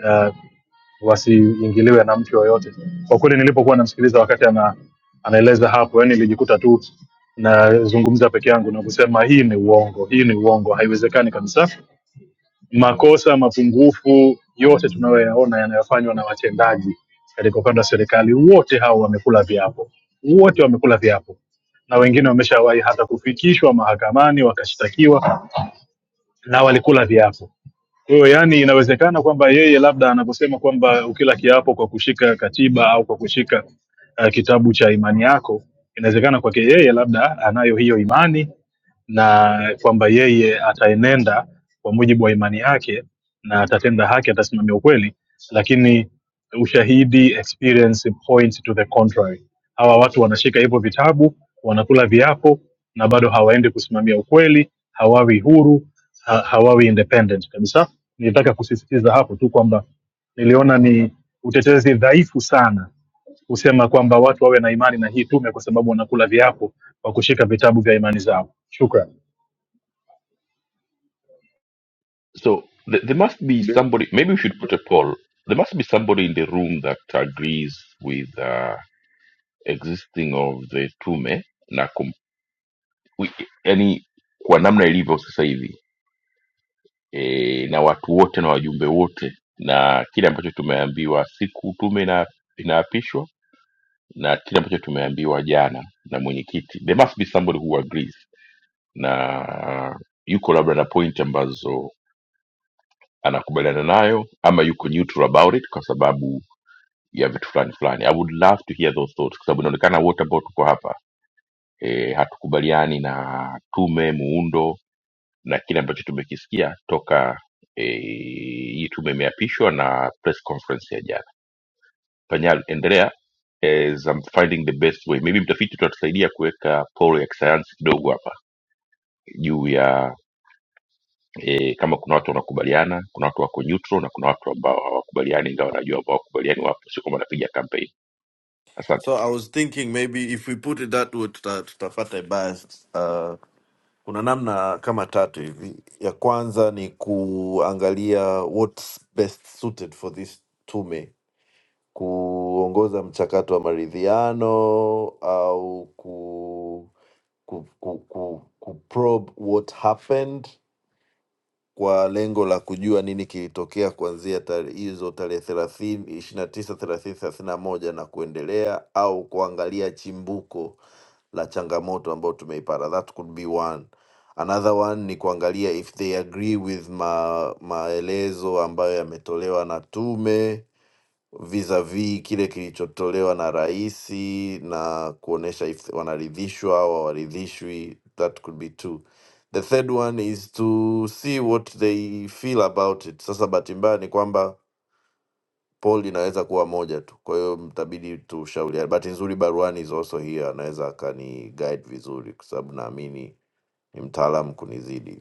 Speaker 6: uh, wasiingiliwe na mtu yoyote. Kwa kweli nilipokuwa namsikiliza wakati ana, anaeleza hapo, yani nilijikuta tu nazungumza peke yangu na kusema hii ni uongo, hii ni uongo, haiwezekani kabisa makosa, mapungufu yote tunayoyaona yanayofanywa na watendaji katika upande wa serikali, wote hao wamekula viapo, wote wamekula viapo, na wengine wameshawahi hata kufikishwa mahakamani wakashtakiwa na walikula viapo. Kwa hiyo yani, inawezekana kwamba yeye labda anaposema kwamba ukila kiapo kwa kushika katiba au kwa kushika uh, kitabu cha imani yako, inawezekana kwake yeye labda anayo hiyo imani na kwamba yeye ataenenda kwa mujibu wa imani yake na atatenda haki, atasimamia ukweli, lakini ushahidi experience points to the contrary. Hawa watu wanashika hivyo vitabu, wanakula viapo na bado hawaendi kusimamia ukweli, hawawi huru, ha hawawi independent kabisa Nilitaka kusisitiza hapo tu kwamba niliona ni utetezi dhaifu sana kusema kwamba watu wawe na imani na hii tume kwa sababu wanakula viapo kwa kushika vitabu vya imani zao. Shukran.
Speaker 1: So th- there must be
Speaker 8: then,
Speaker 1: somebody. Maybe we should put a poll. There must be somebody in the room that agrees with. uh, existing of the tume na kum, wi- yani kwa namna ilivyo sasa hivi e, na watu wote na wajumbe wote na kile ambacho tumeambiwa siku tume ina, inaapishwa na kile ambacho tumeambiwa jana na mwenyekiti there must be somebody who agrees na yuko labda na point ambazo anakubaliana nayo ama yuko neutral about it kwa sababu ya vitu fulani fulani i would love to hear those thoughts kwa sababu inaonekana wote ambao tuko hapa e, hatukubaliani na tume muundo na kile ambacho tumekisikia toka e, hii tume imeapishwa na press conference ya jana panyal endelea as I'm finding the best way maybe mtafiti tunatusaidia kuweka polo ya kisayansi kidogo hapa juu ya e, kama kuna watu wanakubaliana kuna watu wako neutral na kuna watu ambao hawakubaliani ingawa najua ambao hawakubaliani wapo sio kwamba napiga campaign asante
Speaker 3: So I was thinking maybe if we put it that way tuta, tutapata ibaya. Uh, kuna namna kama tatu hivi. Ya kwanza ni kuangalia what's best suited for this tume kuongoza mchakato wa maridhiano au ku, ku, ku, ku, ku probe what happened kwa lengo la kujua nini kilitokea kuanzia tare- hizo tarehe thelathini ishirini na tisa thelathini thelathini na moja na kuendelea, au kuangalia chimbuko la changamoto ambayo tumeipata. That could be one. Another one ni kuangalia if they agree with ma, maelezo ambayo yametolewa na tume vis-a-vis kile kilichotolewa na rais na kuonesha if wanaridhishwa au hawaridhishwi that could be two the third one is to see what they feel about it sasa bahati mbaya ni kwamba poll inaweza kuwa moja tu kwa hiyo mtabidi tushauriane bahati nzuri baruani is also here anaweza akani guide vizuri kwa sababu naamini ni mtaalamu kunizidi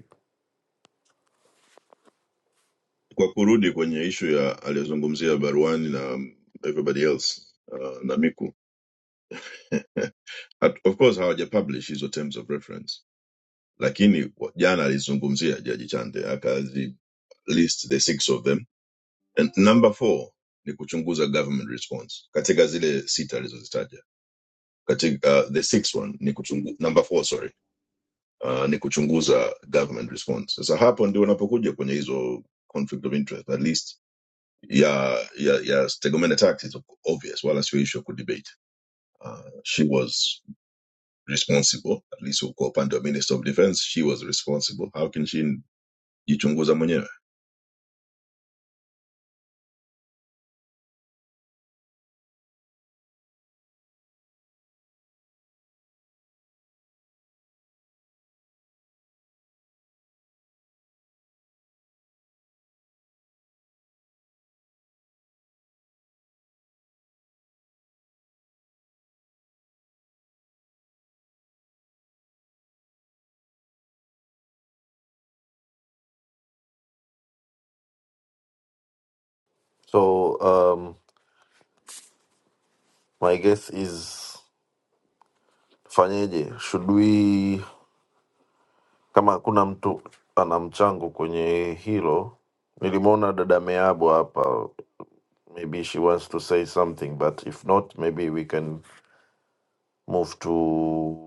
Speaker 8: kwa kurudi kwenye issue ya aliyozungumzia Barwani na um, everybody else uh, na Miku. At- of course how they publish is hizo terms of reference lakini wa- jana alizungumzia jaji chande akazi list the six of them and number four ni kuchunguza government response katika zile sita alizozitaja katika uh, the sixth one ni kuchungu, number four sorry uh, ni kuchunguza government response sasa hapo ndio unapokuja kwenye hizo conflict of interest at least ya ya ya stegomena tax is obvious wala sio issue ya kudebate uh, she was responsible at least kwa upande wa minister of defense she was responsible how can she jichunguza mwenyewe
Speaker 3: so um, my guess is fanyeje should we kama kuna mtu ana mchango kwenye hilo. Nilimwona dada Meabu hapa, maybe she wants to say something but if not maybe we can move to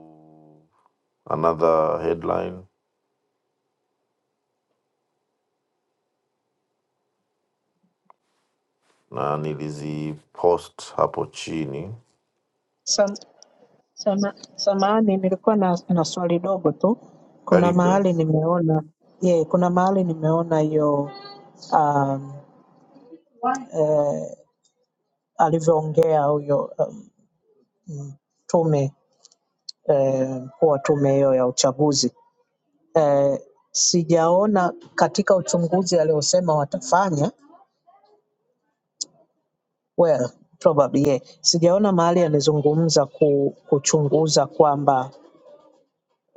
Speaker 3: another headline, na nilizipost hapo chini.
Speaker 10: Sam- sama- Samahani, nilikuwa na, na swali dogo tu. Kuna
Speaker 3: Karibu dada.
Speaker 10: mahali nimeona yeah, kuna mahali nimeona hiyo um, eh, alivyoongea huyo um, mm, tume eh, mkuu wa tume hiyo ya uchaguzi eh, sijaona katika uchunguzi aliosema watafanya well probably yeah. Sijaona mahali amezungumza ku, kuchunguza kwamba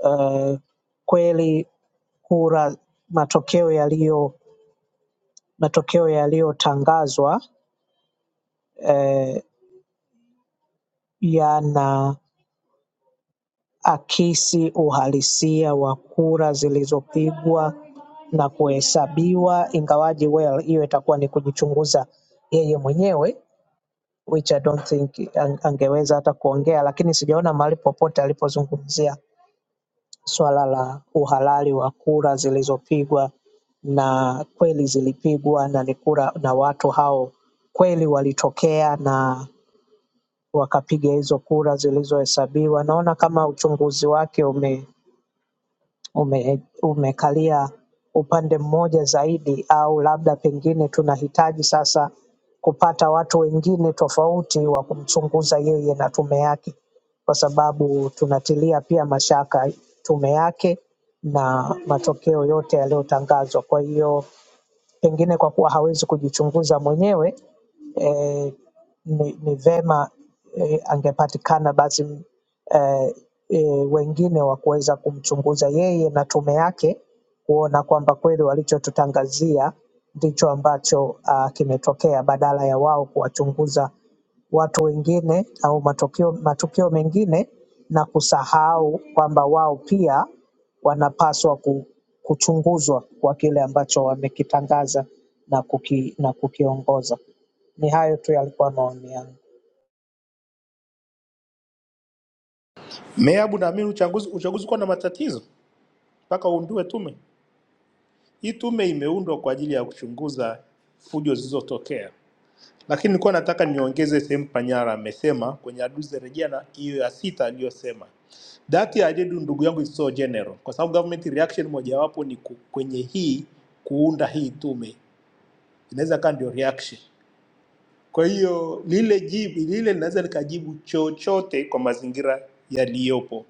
Speaker 10: uh, kweli kura matokeo yaliyo matokeo yaliyotangazwa eh, yanaakisi uhalisia wa kura zilizopigwa na kuhesabiwa, ingawaje well, hiyo itakuwa ni kujichunguza yeye mwenyewe which I don't think ang- angeweza hata kuongea, lakini sijaona mahali popote alipozungumzia swala la uhalali wa kura zilizopigwa na kweli zilipigwa na ni kura na watu hao kweli walitokea na wakapiga hizo kura zilizohesabiwa. Naona kama uchunguzi wake ume ume- umekalia upande mmoja zaidi, au labda pengine tunahitaji sasa kupata watu wengine tofauti wa kumchunguza yeye na tume yake, kwa sababu tunatilia pia mashaka tume yake na matokeo yote yaliyotangazwa. Kwa hiyo Pengine kwa kuwa hawezi kujichunguza mwenyewe eh, ni, ni vema eh, angepatikana basi eh, eh, wengine wa kuweza kumchunguza yeye na tume yake kuona kwamba kweli walichotutangazia ndicho ambacho uh, kimetokea badala ya wao kuwachunguza watu wengine au matokeo, matukio mengine na kusahau kwamba wao pia wanapaswa kuchunguzwa kwa kile ambacho wamekitangaza na kuki, na kukiongoza. Ni hayo tu yalikuwa maoni yangu.
Speaker 9: Meabu, naamini uchaguzi uchaguzi kuwa na matatizo mpaka uundue tume. Hii tume imeundwa kwa ajili ya kuchunguza fujo zilizotokea. Lakini nilikuwa nataka niongeze sehemu Panyara amesema kwenye aduze rejea na hiyo ya sita aliyosema. That I did ndugu yangu is so general, kwa sababu government reaction mojawapo ni ku- kwenye hii kuunda hii tume, inaweza kaa ndio reaction. Kwa hiyo lile jibu lile linaweza likajibu chochote kwa mazingira yaliyopo.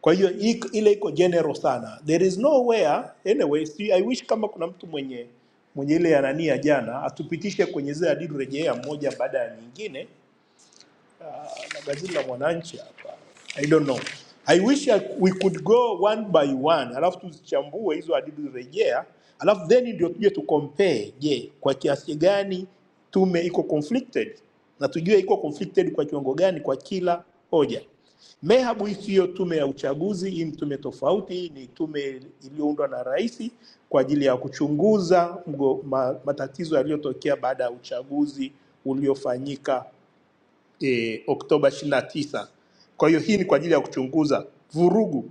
Speaker 9: Kwa hiyo ik- ile iko general sana, there is nowhere anyway. Si, I wish kama kuna mtu mwenye mwenye ile ya nani ya jana atupitishe kwenye zile adidu rejea moja baada ya nyingine uh, na gazeti la Mwananchi hapa. I don't know. I wish I, we could go one by one, alafu tuzichambue hizo hadithi rejea, alafu then ndio tuje tu compare, je, kwa kiasi gani tume iko conflicted na tujue iko conflicted kwa kiwango gani kwa kila hoja. Mehabu hii siyo tume ya uchaguzi, hii ni tume tofauti. Hii ni tume iliyoundwa na rais kwa ajili ya kuchunguza mgo, ma, matatizo yaliyotokea baada ya uchaguzi uliofanyika e, Oktoba 29. Kwa hiyo hii ni kwa ajili ya kuchunguza vurugu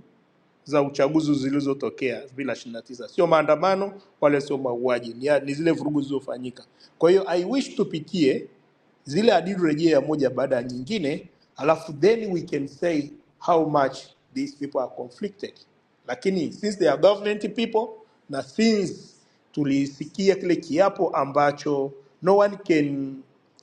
Speaker 9: za uchaguzi zilizotokea 2029, sio maandamano wala sio mauaji, ni, ni zile vurugu zilizofanyika. Kwa hiyo I wish tupitie zile hadidu rejea moja baada ya nyingine, alafu then we can say how much these people are conflicted. Lakini since they are government people na since tulisikia kile kiapo ambacho no one can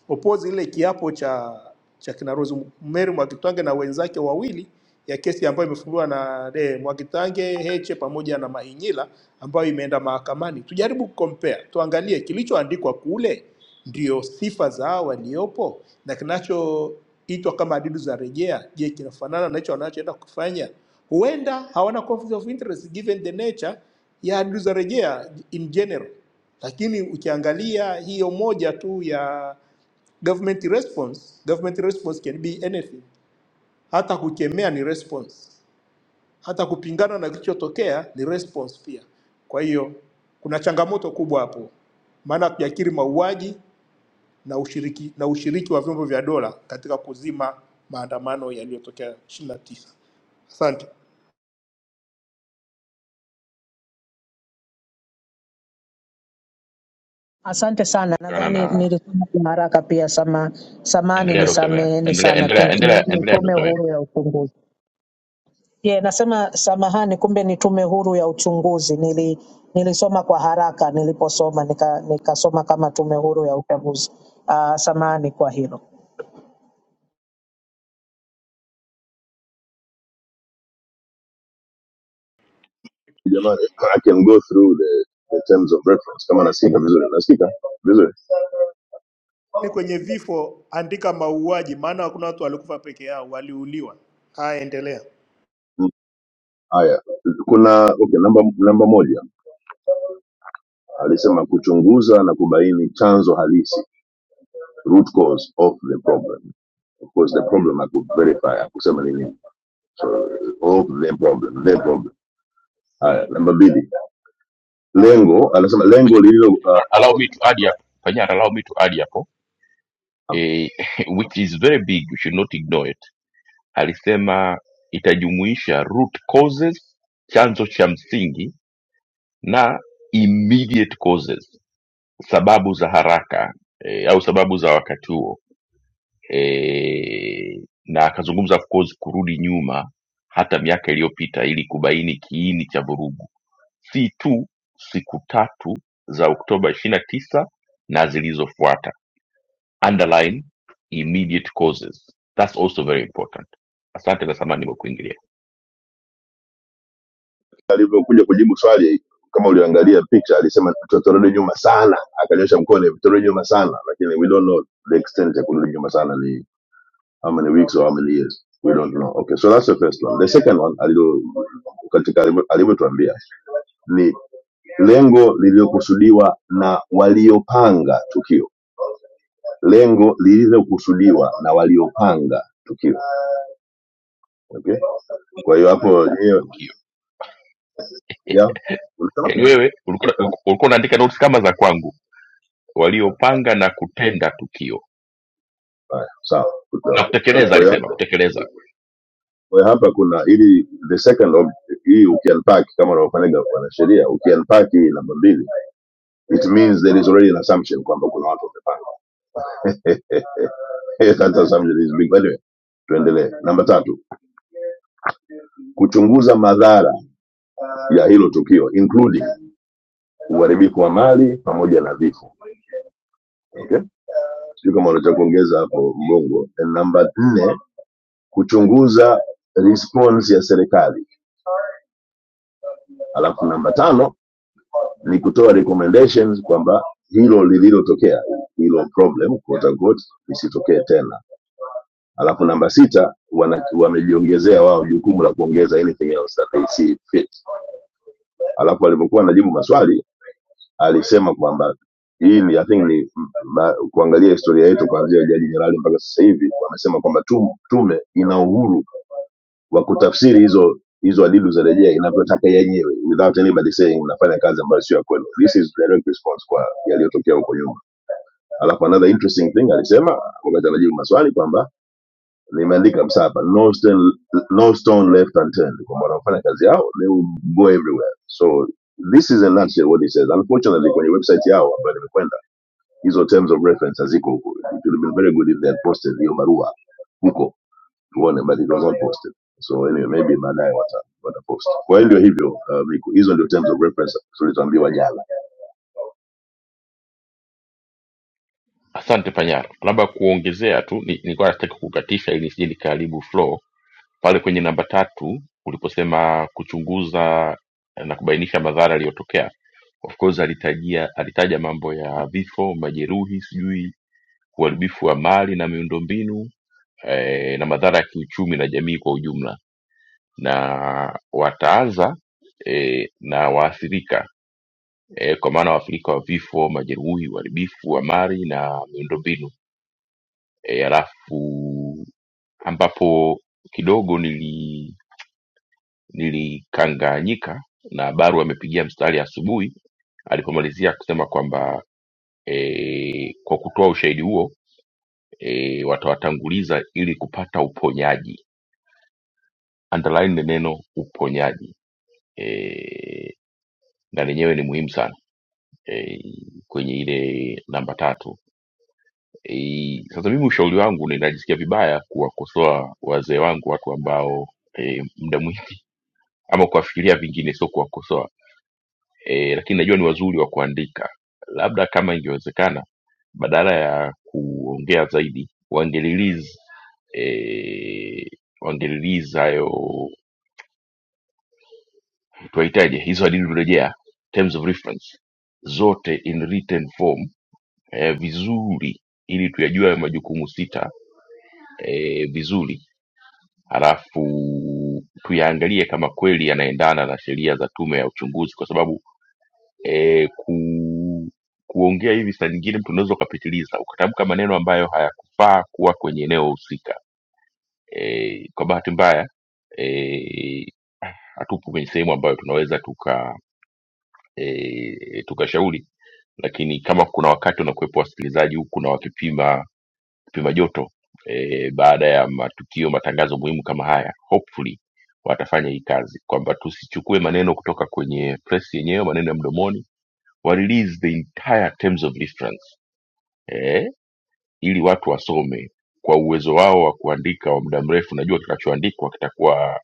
Speaker 9: oppose ile kiapo cha cha kina Rose Mary Mwakitange na wenzake wawili ya kesi ambayo imefunguliwa na eh, Mwakitange Heche pamoja na Mahinyila ambayo imeenda mahakamani. Tujaribu kucompare, tuangalie kilichoandikwa kule ndio sifa za hao waliopo na kinachoitwa kama adidu za rejea, je, kinafanana na hicho wanachoenda kufanya? Huenda hawana conflict of interest given the nature ya adidu za rejea in general, lakini ukiangalia hiyo moja tu ya Government response, government response can be anything. Hata kukemea ni response, hata kupingana na kilichotokea ni response pia. Kwa hiyo kuna changamoto kubwa hapo, maana hatujakiri mauaji na ushiriki, na ushiriki wa vyombo vya dola katika kuzima maandamano yaliyotokea 29. Asante.
Speaker 10: Asante sana,
Speaker 1: ungana
Speaker 10: nadhani
Speaker 1: na
Speaker 10: nilisema kwa haraka pia. Sama, samani
Speaker 1: endelea dr Mera.
Speaker 10: nisameheni
Speaker 1: endelea
Speaker 10: sana,
Speaker 1: endelea
Speaker 10: kumbe ni,
Speaker 1: endelea
Speaker 10: ni
Speaker 1: endelea
Speaker 10: tume
Speaker 1: dr Mera.
Speaker 10: huru ya uchunguzi. Ye, nasema samahani, kumbe ni tume huru ya uchunguzi. Nili, nilisoma kwa haraka niliposoma nika, nikasoma kama tume huru ya uchaguzi. Uh, samahani kwa hilo.
Speaker 8: Jamani, I can go through the, the terms of reference kama nasikika vizuri. Nasikika vizuri
Speaker 9: Ni kwenye vifo, andika mauaji, maana hakuna watu walikufa peke yao, waliuliwa. Haya, endelea.
Speaker 8: Mm, haya. Kuna okay, namba namba moja alisema kuchunguza na kubaini chanzo halisi, root cause of the problem. Of course the problem I could verify, hakusema ni nini. So of the problem, the problem. Haya, namba mbili, lengo anasema lengo lililo
Speaker 1: Panyara,
Speaker 8: uh,
Speaker 1: allow me to add hapo. Panyara, allow me to add hapo. Eh, which is very big, you should not ignore it. Alisema itajumuisha root causes, chanzo cha msingi na immediate causes, sababu za haraka eh, au sababu za wakati huo eh, na akazungumza of course kurudi nyuma hata miaka iliyopita ili kubaini kiini cha vurugu, si tu siku tatu za Oktoba 29 na tisa na zilizofuata underline immediate causes that's also very important asante na samani nimekuingilia
Speaker 8: alivyokuja kujibu swali kama uliangalia picha alisema tutarudi nyuma sana akanyosha mkono tutarudi nyuma sana lakini we don't know the extent ya kurudi nyuma sana ni how many weeks or how many years we don't know okay so that's the first one the second one alilo katika alivyo- alivyotuambia ni lengo lililokusudiwa na waliopanga tukio lengo lililokusudiwa na waliopanga tukio okay? kwa hiyo hapo
Speaker 1: Tenda
Speaker 8: yeye-
Speaker 1: tukio
Speaker 8: yeah, ulisema?
Speaker 1: yaani wewe ulikuwa ulikuwa unaandika notes kama za kwangu
Speaker 8: Yeah,
Speaker 1: waliopanga na kutenda tukio
Speaker 8: haya, sawa
Speaker 1: na
Speaker 8: okay. So,
Speaker 1: kutekeleza
Speaker 8: kwa hiyo
Speaker 1: alisema kutekeleza
Speaker 8: Kwa hiyo hapa kuna ili the second of hii ukiunpack kama unaofanyika kwa sheria ukiunpack hii namba mbili it means there is already an assumption kwamba kuna watu wamepanga. That assumption is big. But Anyway, tuendelee. Namba tatu, kuchunguza madhara ya hilo tukio including uharibifu wa mali pamoja na vifo. Okay? Sio kama unataka kuongeza hapo mbongo. And namba nne, kuchunguza response ya serikali. Alafu namba tano ni kutoa recommendations kwamba hilo lililotokea hilo problem quote unquote lisitokee tena alafu namba sita wana- wamejiongezea wao jukumu la kuongeza anything else that they see fit alafu alipokuwa anajibu maswali alisema kwamba hii ni, I think ni m- ma, kuangalia historia yetu kuanzia jaji jenerali mpaka sasa hivi wamesema kwamba tume ina uhuru wa kutafsiri hizo hizo adidu za rejea inavyotaka yenyewe without anybody saying unafanya kazi ambayo sio ya this is direct response kwa yaliyotokea huko nyuma alafu another interesting thing alisema wakati anajibu maswali kwamba nimeandika msapa no stone, no stone left unturned kwamba wanafanya kazi yao they will go everywhere so this is a nutshell what he says unfortunately kwenye website yao ambayo nimekwenda hizo terms of reference haziko huko it would have been very good if they had posted hiyo barua huko tuone but it was not posted so anyway maybe baadaye wata watapost kwa hiyo ndio hivyo uh, Miku. hizo ndio terms of reference tulizoambiwa jana
Speaker 1: Asante Panyara, labda kuongezea tu, ni- nilikuwa nataka kukatisha ili nisije nikaharibu flow pale kwenye namba tatu uliposema kuchunguza eh, na kubainisha madhara yaliyotokea. Of course alitajia, alitaja mambo ya vifo, majeruhi, sijui uharibifu wa mali na miundombinu eh, na madhara ya kiuchumi na jamii kwa ujumla, na wataanza eh, na waathirika eh, kwa maana waathirika wa vifo, majeruhi, uharibifu wa mali na miundombinu e, alafu ambapo kidogo nili nilikanganyika na Baru amepigia mstari asubuhi alipomalizia kusema kwamba e, kwa kutoa ushahidi huo e, watawatanguliza ili kupata uponyaji. Underline ni neno uponyaji e, na lenyewe ni muhimu sana e, kwenye ile namba tatu E, sasa mimi ushauri wangu ninajisikia vibaya kuwakosoa wazee wangu, watu ambao e, muda mwingi ama kuwafikiria vingine, sio kuwakosoa e, lakini najua ni wazuri wa kuandika. Labda kama ingewezekana, badala ya kuongea zaidi wangerelease e, wangerelease hayo tunahitaji hizo hadithi kurejea terms of reference zote in written form eh, vizuri ili tuyajue hayo majukumu sita eh, vizuri halafu tuyaangalie kama kweli yanaendana na sheria za tume ya uchunguzi kwa sababu eh, ku, kuongea hivi saa nyingine mtu unaweza ukapitiliza ukatamka maneno ambayo hayakufaa kuwa kwenye eneo husika e, kwa bahati mbaya e, hatupo kwenye sehemu ambayo tunaweza tuka e, tukashauri lakini kama kuna wakati wanakuwepo wasikilizaji huku na wakipima kipima joto e, baada ya matukio matangazo muhimu kama haya hopefully watafanya hii kazi kwamba tusichukue maneno kutoka kwenye press yenyewe maneno ya mdomoni wa release the entire terms of reference eh, ili watu wasome kwa uwezo wao wa kuandika wa muda mrefu najua kinachoandikwa kitakuwa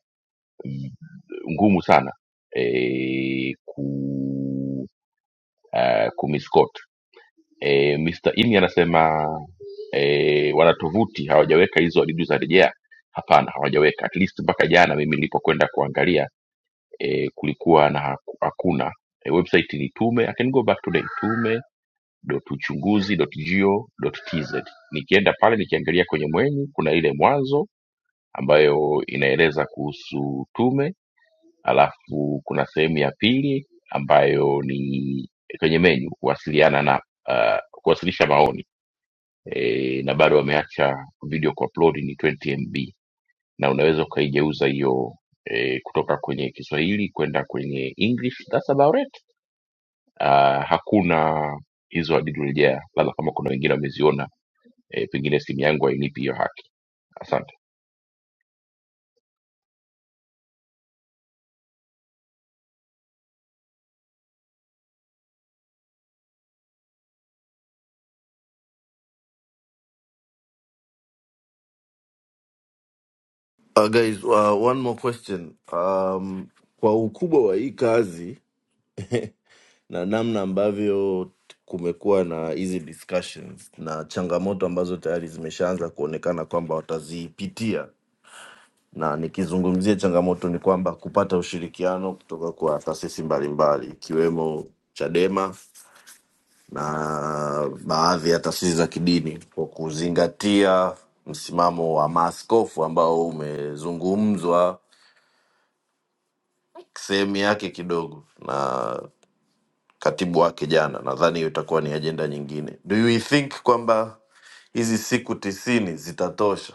Speaker 1: mm, ngumu sana e, ku uh, kumiscot e, Mr. Imi anasema e, wanatovuti hawajaweka hizo hadidu za rejea hapana hawajaweka at least mpaka jana mimi nilipokwenda kuangalia e, kulikuwa na haku- hakuna Eh, website ni tume i can go back today tume dot uchunguzi dot go dot tz nikienda pale nikiangalia kwenye mwenyu kuna ile mwanzo ambayo inaeleza kuhusu tume alafu kuna sehemu ya pili ambayo ni kwenye menyu kuwasiliana na uh, kuwasilisha maoni e, na bado wameacha video kuupload ni 20 mb na unaweza ukaigeuza hiyo e, kutoka kwenye kiswahili kwenda kwenye english thats about it uh, hakuna hizo hadithi rejea labda kama kuna wengine wameziona e, pengine simu yangu hainipi hiyo haki asante
Speaker 3: Uh, guys, uh, one more question. Um, kwa ukubwa wa hii kazi na namna ambavyo kumekuwa na hizi discussions na changamoto ambazo tayari zimeshaanza kuonekana kwamba watazipitia, na nikizungumzia changamoto ni kwamba kupata ushirikiano kutoka kwa taasisi mbalimbali ikiwemo Chadema na baadhi ya taasisi za kidini kwa kuzingatia msimamo wa maaskofu ambao umezungumzwa sehemu yake kidogo na katibu wake jana. Nadhani hiyo itakuwa ni ajenda nyingine. Do you think kwamba hizi siku tisini zitatosha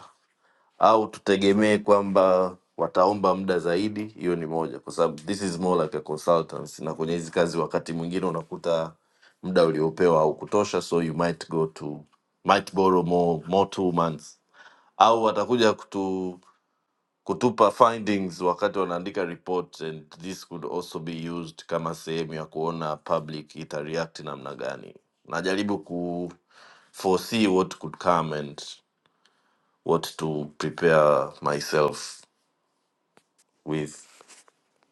Speaker 3: au tutegemee kwamba wataomba muda zaidi? Hiyo ni moja, kwa sababu this is more like a consultancy, na kwenye hizi kazi wakati mwingine unakuta muda uliopewa au kutosha, so you might go to might borrow more, more two months au watakuja kutu kutupa findings wakati wanaandika report and this could also be used kama sehemu ya kuona public itareact namna gani najaribu ku foresee what could come and what to prepare myself with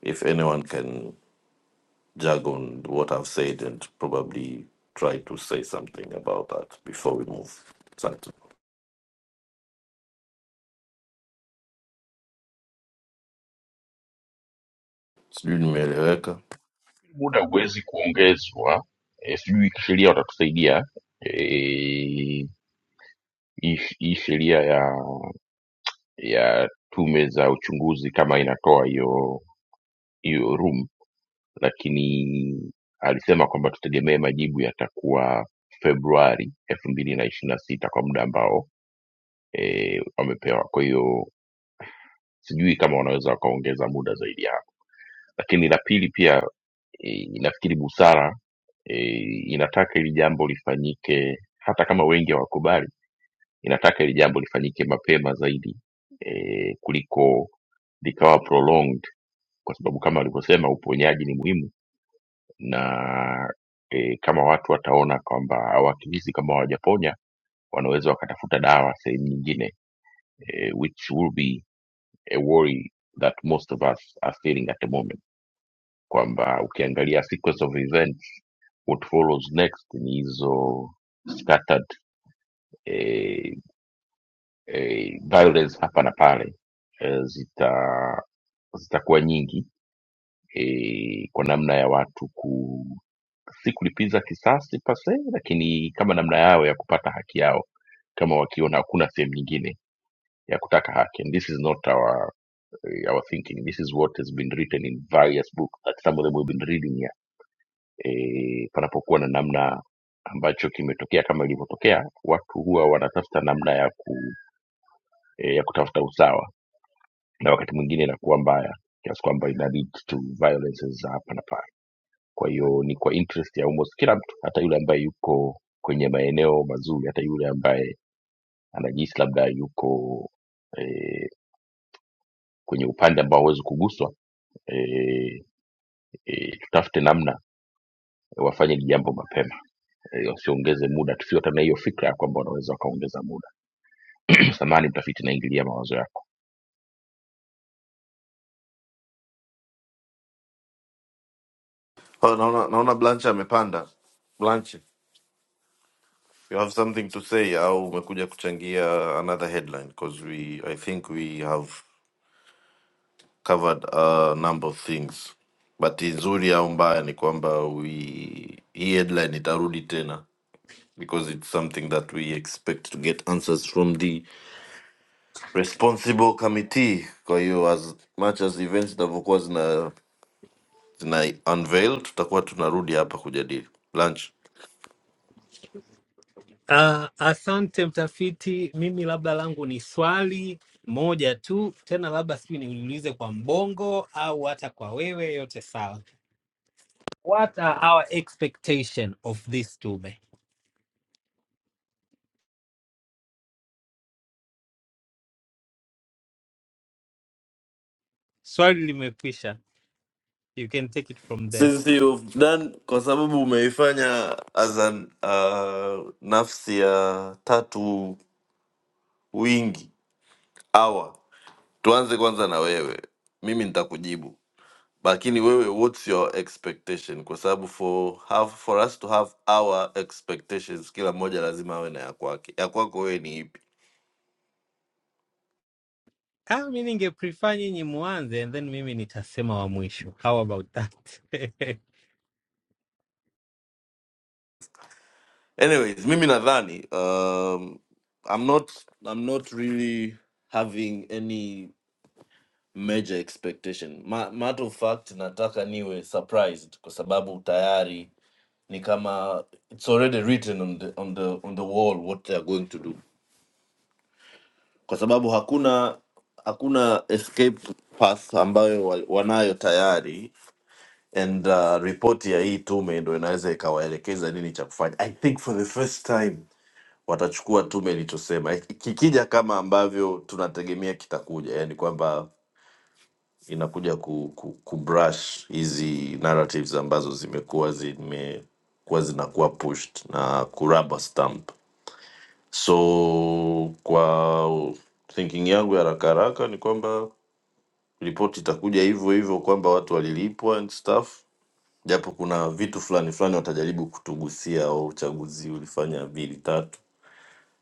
Speaker 3: if anyone can jug on what i've said and probably try to say something about that before we move asante sijui nimeeleweka
Speaker 1: muda huwezi kuongezwa e, sijui sheria watatusaidia eh, hii hii sheria ya ya tume za uchunguzi kama inatoa hiyo hiyo room lakini alisema kwamba tutegemee majibu yatakuwa februari elfu mbili na ishiri na sita kwa muda ambao e, wamepewa kwa hiyo sijui kama wanaweza wakaongeza muda zaidi ya hapo lakini la pili pia eh, nafikiri busara eh, inataka hili jambo lifanyike hata kama wengi hawakubali inataka hili jambo lifanyike mapema zaidi eh, kuliko likawa prolonged kwa sababu kama alivyosema uponyaji ni muhimu na eh, kama watu wataona kwamba au akihisi kama hawajaponya wanaweza wakatafuta dawa sehemu nyingine eh, which will be a worry that most of us are feeling at the moment kwamba ukiangalia sequence of events what follows next ni hizo scattered eh, eh, violence hapa na pale eh, zita zitakuwa nyingi eh, kwa namna ya watu ku si kulipiza kisasi pase, lakini kama namna yao ya kupata haki yao, kama wakiona hakuna sehemu nyingine ya kutaka haki. And this is not our eh, our thinking. This is what has been written in various books that some of them we've been reading here. E, panapokuwa na namna ambacho kimetokea kama ilivyotokea, watu huwa wanatafuta namna ya ku, e, ya kutafuta usawa, na wakati mwingine inakuwa mbaya kiasi kwamba ina lead to violences za hapa na pale. Kwa hiyo ni kwa interest ya almost kila mtu, hata yule ambaye yuko kwenye maeneo mazuri, hata yule ambaye anajihisi labda yuko eh, kwenye upande ambao hauwezi kuguswa e, e, tutafute namna wafanye hili jambo mapema e, wasiongeze muda tusiwe hata na hiyo fikra ya kwamba wanaweza wakaongeza muda samani mtafiti naingilia mawazo yako
Speaker 3: Oh, naona naona blanche amepanda blanche You have something to say au umekuja kuchangia another headline because we I think we have covered a number of things. But nzuri au mbaya ni kwamba we hii headline itarudi tena because it's something that we expect to get answers from the responsible committee. Kwa hiyo as much as events zitavyokuwa zina zina unveil tutakuwa tunarudi hapa kujadili. Lunch.
Speaker 11: Uh, asante mtafiti. Mimi labda langu ni swali moja tu tena, labda sijui niulize kwa mbongo au hata kwa wewe, yote sawa. What are our expectation of this tume? Swali limekwisha, you can take it from there.
Speaker 3: since you've done kwa sababu umeifanya as an, uh, nafsi ya tatu wingi awa tuanze kwanza na wewe mimi nitakujibu lakini wewe what's your expectation kwa sababu for have, for us to have our expectations kila mmoja lazima awe na ya kwake ya kwako wewe ni ipi
Speaker 11: Ah, mi ninge prefer nyinyi muanze and then mimi nitasema wa mwisho. How about that?
Speaker 3: anyways mimi nadhani um, i'm not i'm not really having any major expectation. Ma, matter of fact nataka niwe surprised kwa sababu tayari ni kama it's already written on the, on the, on the wall what they are going to do, kwa sababu hakuna hakuna escape path ambayo wa- wanayo tayari and uh, ripoti ya hii tume ndo inaweza ikawaelekeza nini cha kufanya. I think for the first time watachukua tume ilichosema, kikija kama ambavyo tunategemea kitakuja, yani kwamba inakuja ku, ku, ku brush hizi narratives ambazo zimekuwa zimekuwa zinakuwa pushed na kuraba stamp so kwa thinking yangu ya haraka haraka ni kwamba ripoti itakuja hivyo hivyo kwamba watu walilipwa and stuff japo kuna vitu fulani fulani watajaribu kutugusia au uchaguzi ulifanya mbili tatu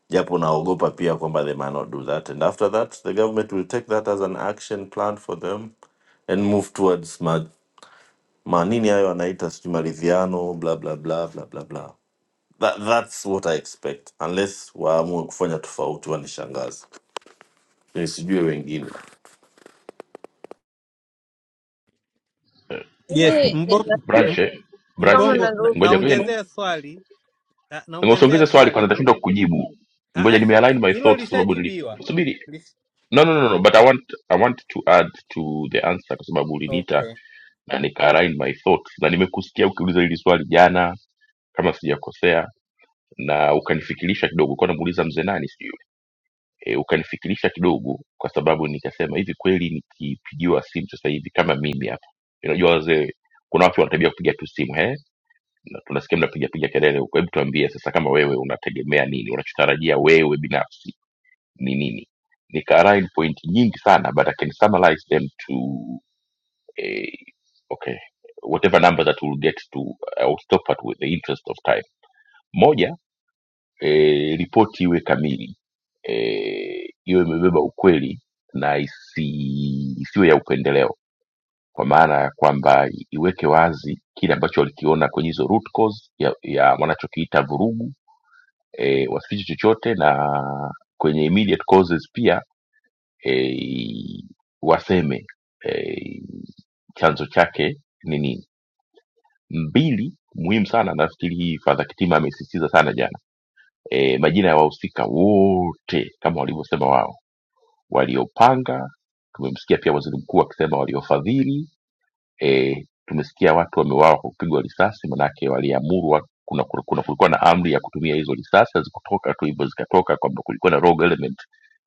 Speaker 3: japo naogopa pia kwamba they might not do that and after that the government will take that as an action plan for them and move towards ma- manini hayo anaita sijui maridhiano bla bla bla bla bla bla That, that's what I expect unless waamue kufanya tofauti wanishangaze nisijue wengine
Speaker 11: Yes,
Speaker 7: Mimi
Speaker 11: mbongo,
Speaker 7: ninasoma
Speaker 11: m-
Speaker 1: branche branche
Speaker 7: na
Speaker 11: mbongo na,
Speaker 7: ndugu
Speaker 1: ngoja ngoja ni-
Speaker 11: naongezea swali na,
Speaker 1: ngoja
Speaker 11: naongezea
Speaker 1: usiongeze swali kwanza
Speaker 11: swali.
Speaker 1: nitashinda kukujibu
Speaker 11: Ah,
Speaker 1: ngoja
Speaker 11: ah, si-
Speaker 1: nimealign my
Speaker 11: hilo
Speaker 1: thoughts kwa sababu
Speaker 11: lishajibiwa
Speaker 1: nilisubiri no, no, no, no, but I want I want to add to the answer kwa sababu uliniita
Speaker 11: Okay.
Speaker 1: na nika align my thoughts na nimekusikia ukiuliza hili swali jana kama sijakosea na ukanifikirisha kidogo, ulikuwa unamuuliza mzee nani sijui e, ukanifikirisha kidogo kwa sababu nikasema hivi kweli nikipigiwa simu sasa hivi kama mimi hapa unajua wazee kuna watu wanatabia kupiga tu simu he na tunasikia mnapiga piga kelele huko hebu tuambie sasa kama wewe unategemea nini unachotarajia wewe binafsi ni nini nikaalign point nyingi sana but i can summarize them to eh, okay whatever number that we'll get to I'll stop at with the interest of time moja e, ripoti iwe kamili e, iwe imebeba ukweli na isi, isiwe ya upendeleo kwa maana ya kwamba iweke wazi kile ambacho walikiona kwenye hizo root cause ya, ya wanachokiita vurugu e, wasifiche chochote na kwenye immediate causes pia e, waseme e, chanzo chake ni nini mbili muhimu sana nafikiri hii fadha kitima amesisitiza sana jana e, majina ya wahusika wote kama walivyosema wao waliopanga tumemsikia pia waziri mkuu akisema waliofadhili e, tumesikia watu wameuawa kwa kupigwa risasi manake waliamuru wa, kuna, kuna, kuna kulikuwa na amri ya kutumia hizo risasi hazikutoka tu hivyo zikatoka kwamba kulikuwa na rogue element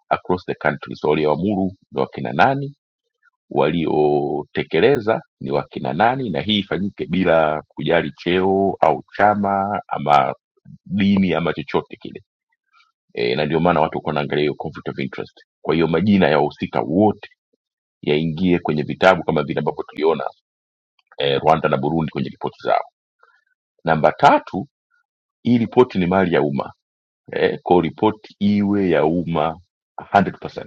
Speaker 1: across the country so walioamuru ni wakina nani waliotekeleza ni wakina nani na hii ifanyike bila kujali cheo au chama ama dini ama chochote kile e, na ndio maana watu walikuwa wanaangalia hiyo conflict of interest. Kwa hiyo majina ya wahusika wote yaingie kwenye vitabu kama vile ambavyo tuliona e, Rwanda na Burundi kwenye ripoti zao. Namba tatu, hii ripoti ni mali ya umma e, kwa ripoti iwe ya umma 100%.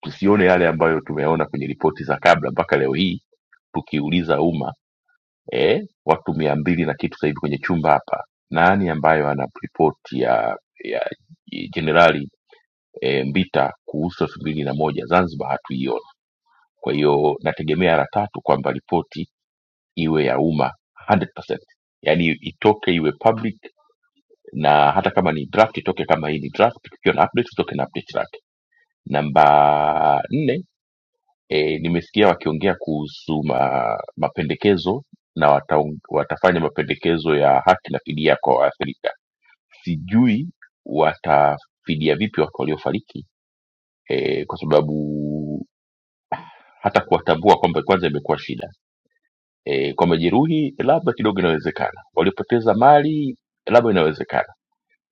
Speaker 1: Tusione yale ambayo tumeona kwenye ripoti za kabla mpaka leo hii tukiuliza umma e, watu mia mbili na kitu sasa hivi kwenye chumba hapa, nani ambayo ana ripoti ya ya jenerali e, Mbita kuhusu elfu mbili na moja Zanzibar? hatuiona. Kwa hiyo nategemea la tatu kwamba ripoti iwe ya umma 100%, yaani itoke iwe public, na hata kama ni draft itoke kama hii ni draft, tukiwa na update tutoke na update lake. Namba nne, e, nimesikia wakiongea kuhusu ma, mapendekezo na wataong, watafanya mapendekezo ya haki na fidia kwa waathirika. Sijui watafidia vipi watu waliofariki e, kwa sababu hata kuwatambua kwamba kwanza imekuwa shida e, kwa majeruhi labda kidogo inawezekana, waliopoteza mali labda inawezekana,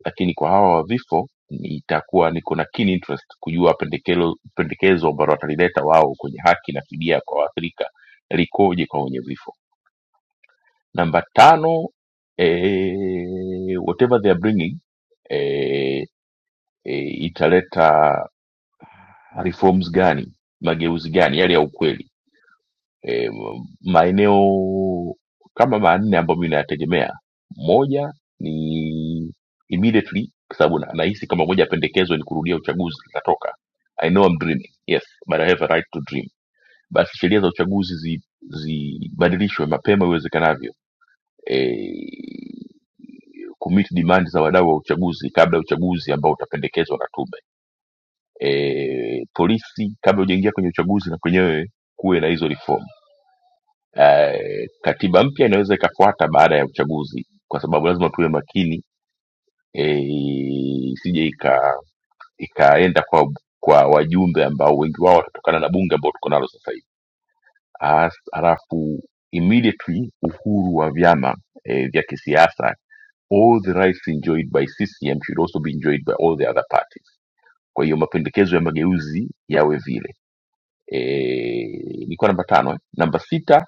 Speaker 1: lakini kwa hawa wa vifo itakuwa niko na keen interest kujua pendekelo, pendekezo ambalo watalileta wao kwenye haki na fidia kwa waathirika likoje kwa wenye vifo. Namba tano, e, whatever they are bringing e, e, italeta reforms gani, mageuzi gani yale ya ukweli e, maeneo kama manne ambayo mi nayategemea moja ni immediately kwa sababu na- nahisi kama moja ya pendekezo ni kurudia uchaguzi linatoka i know I'm dreaming yes but i have a right to dream basi sheria za uchaguzi zi- zibadilishwe mapema iwezekanavyo e, kumiti demand za wadau wa uchaguzi kabla ya uchaguzi ambao utapendekezwa na tume e, polisi kabla hujaingia kwenye uchaguzi na kwenyewe kuwe na hizo reform eh, katiba mpya inaweza ikafuata baada ya uchaguzi kwa sababu lazima tuwe makini eh, isije ika ikaenda kwa kwa wajumbe ambao wengi wao watatokana na bunge ambao tuko nalo sasa hivi As- halafu immediately uhuru wa vyama eh, vya kisiasa all the rights enjoyed by CCM should also be enjoyed by all the other parties. Kwa hiyo mapendekezo ya mageuzi yawe vile. E, nilikuwa namba tano eh? Namba sita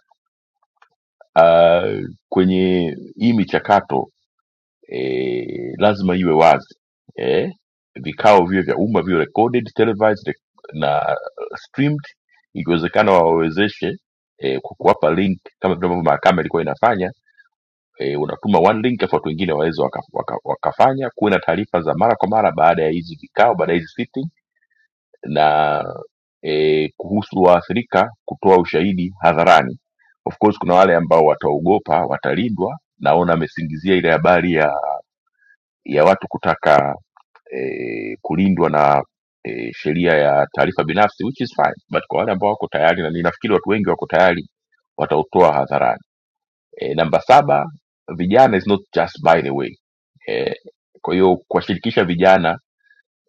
Speaker 1: uh, kwenye hii michakato eh, lazima iwe wazi eh, vikao viwe vya umma viwe recorded televised rec- na streamed ikiwezekana wawawezeshe eh, kwa kuwapa link kama vile ambavyo mahakama ilikuwa inafanya eh, unatuma one link afu watu wengine waweze waka, waka, wakafanya kuwe na taarifa za mara kwa mara baada ya hizi vikao baada ya hizi sit na e, kuhusu waathirika kutoa ushahidi hadharani. Of course kuna wale ambao wataogopa, watalindwa. Naona amesingizia ile habari ya, ya watu kutaka eh, kulindwa na eh, sheria ya taarifa binafsi which is fine but kwa wale ambao wako tayari na ninafikiri watu wengi wako tayari watautoa hadharani e, namba saba vijana is not just by the way e, kwa hiyo kuwashirikisha vijana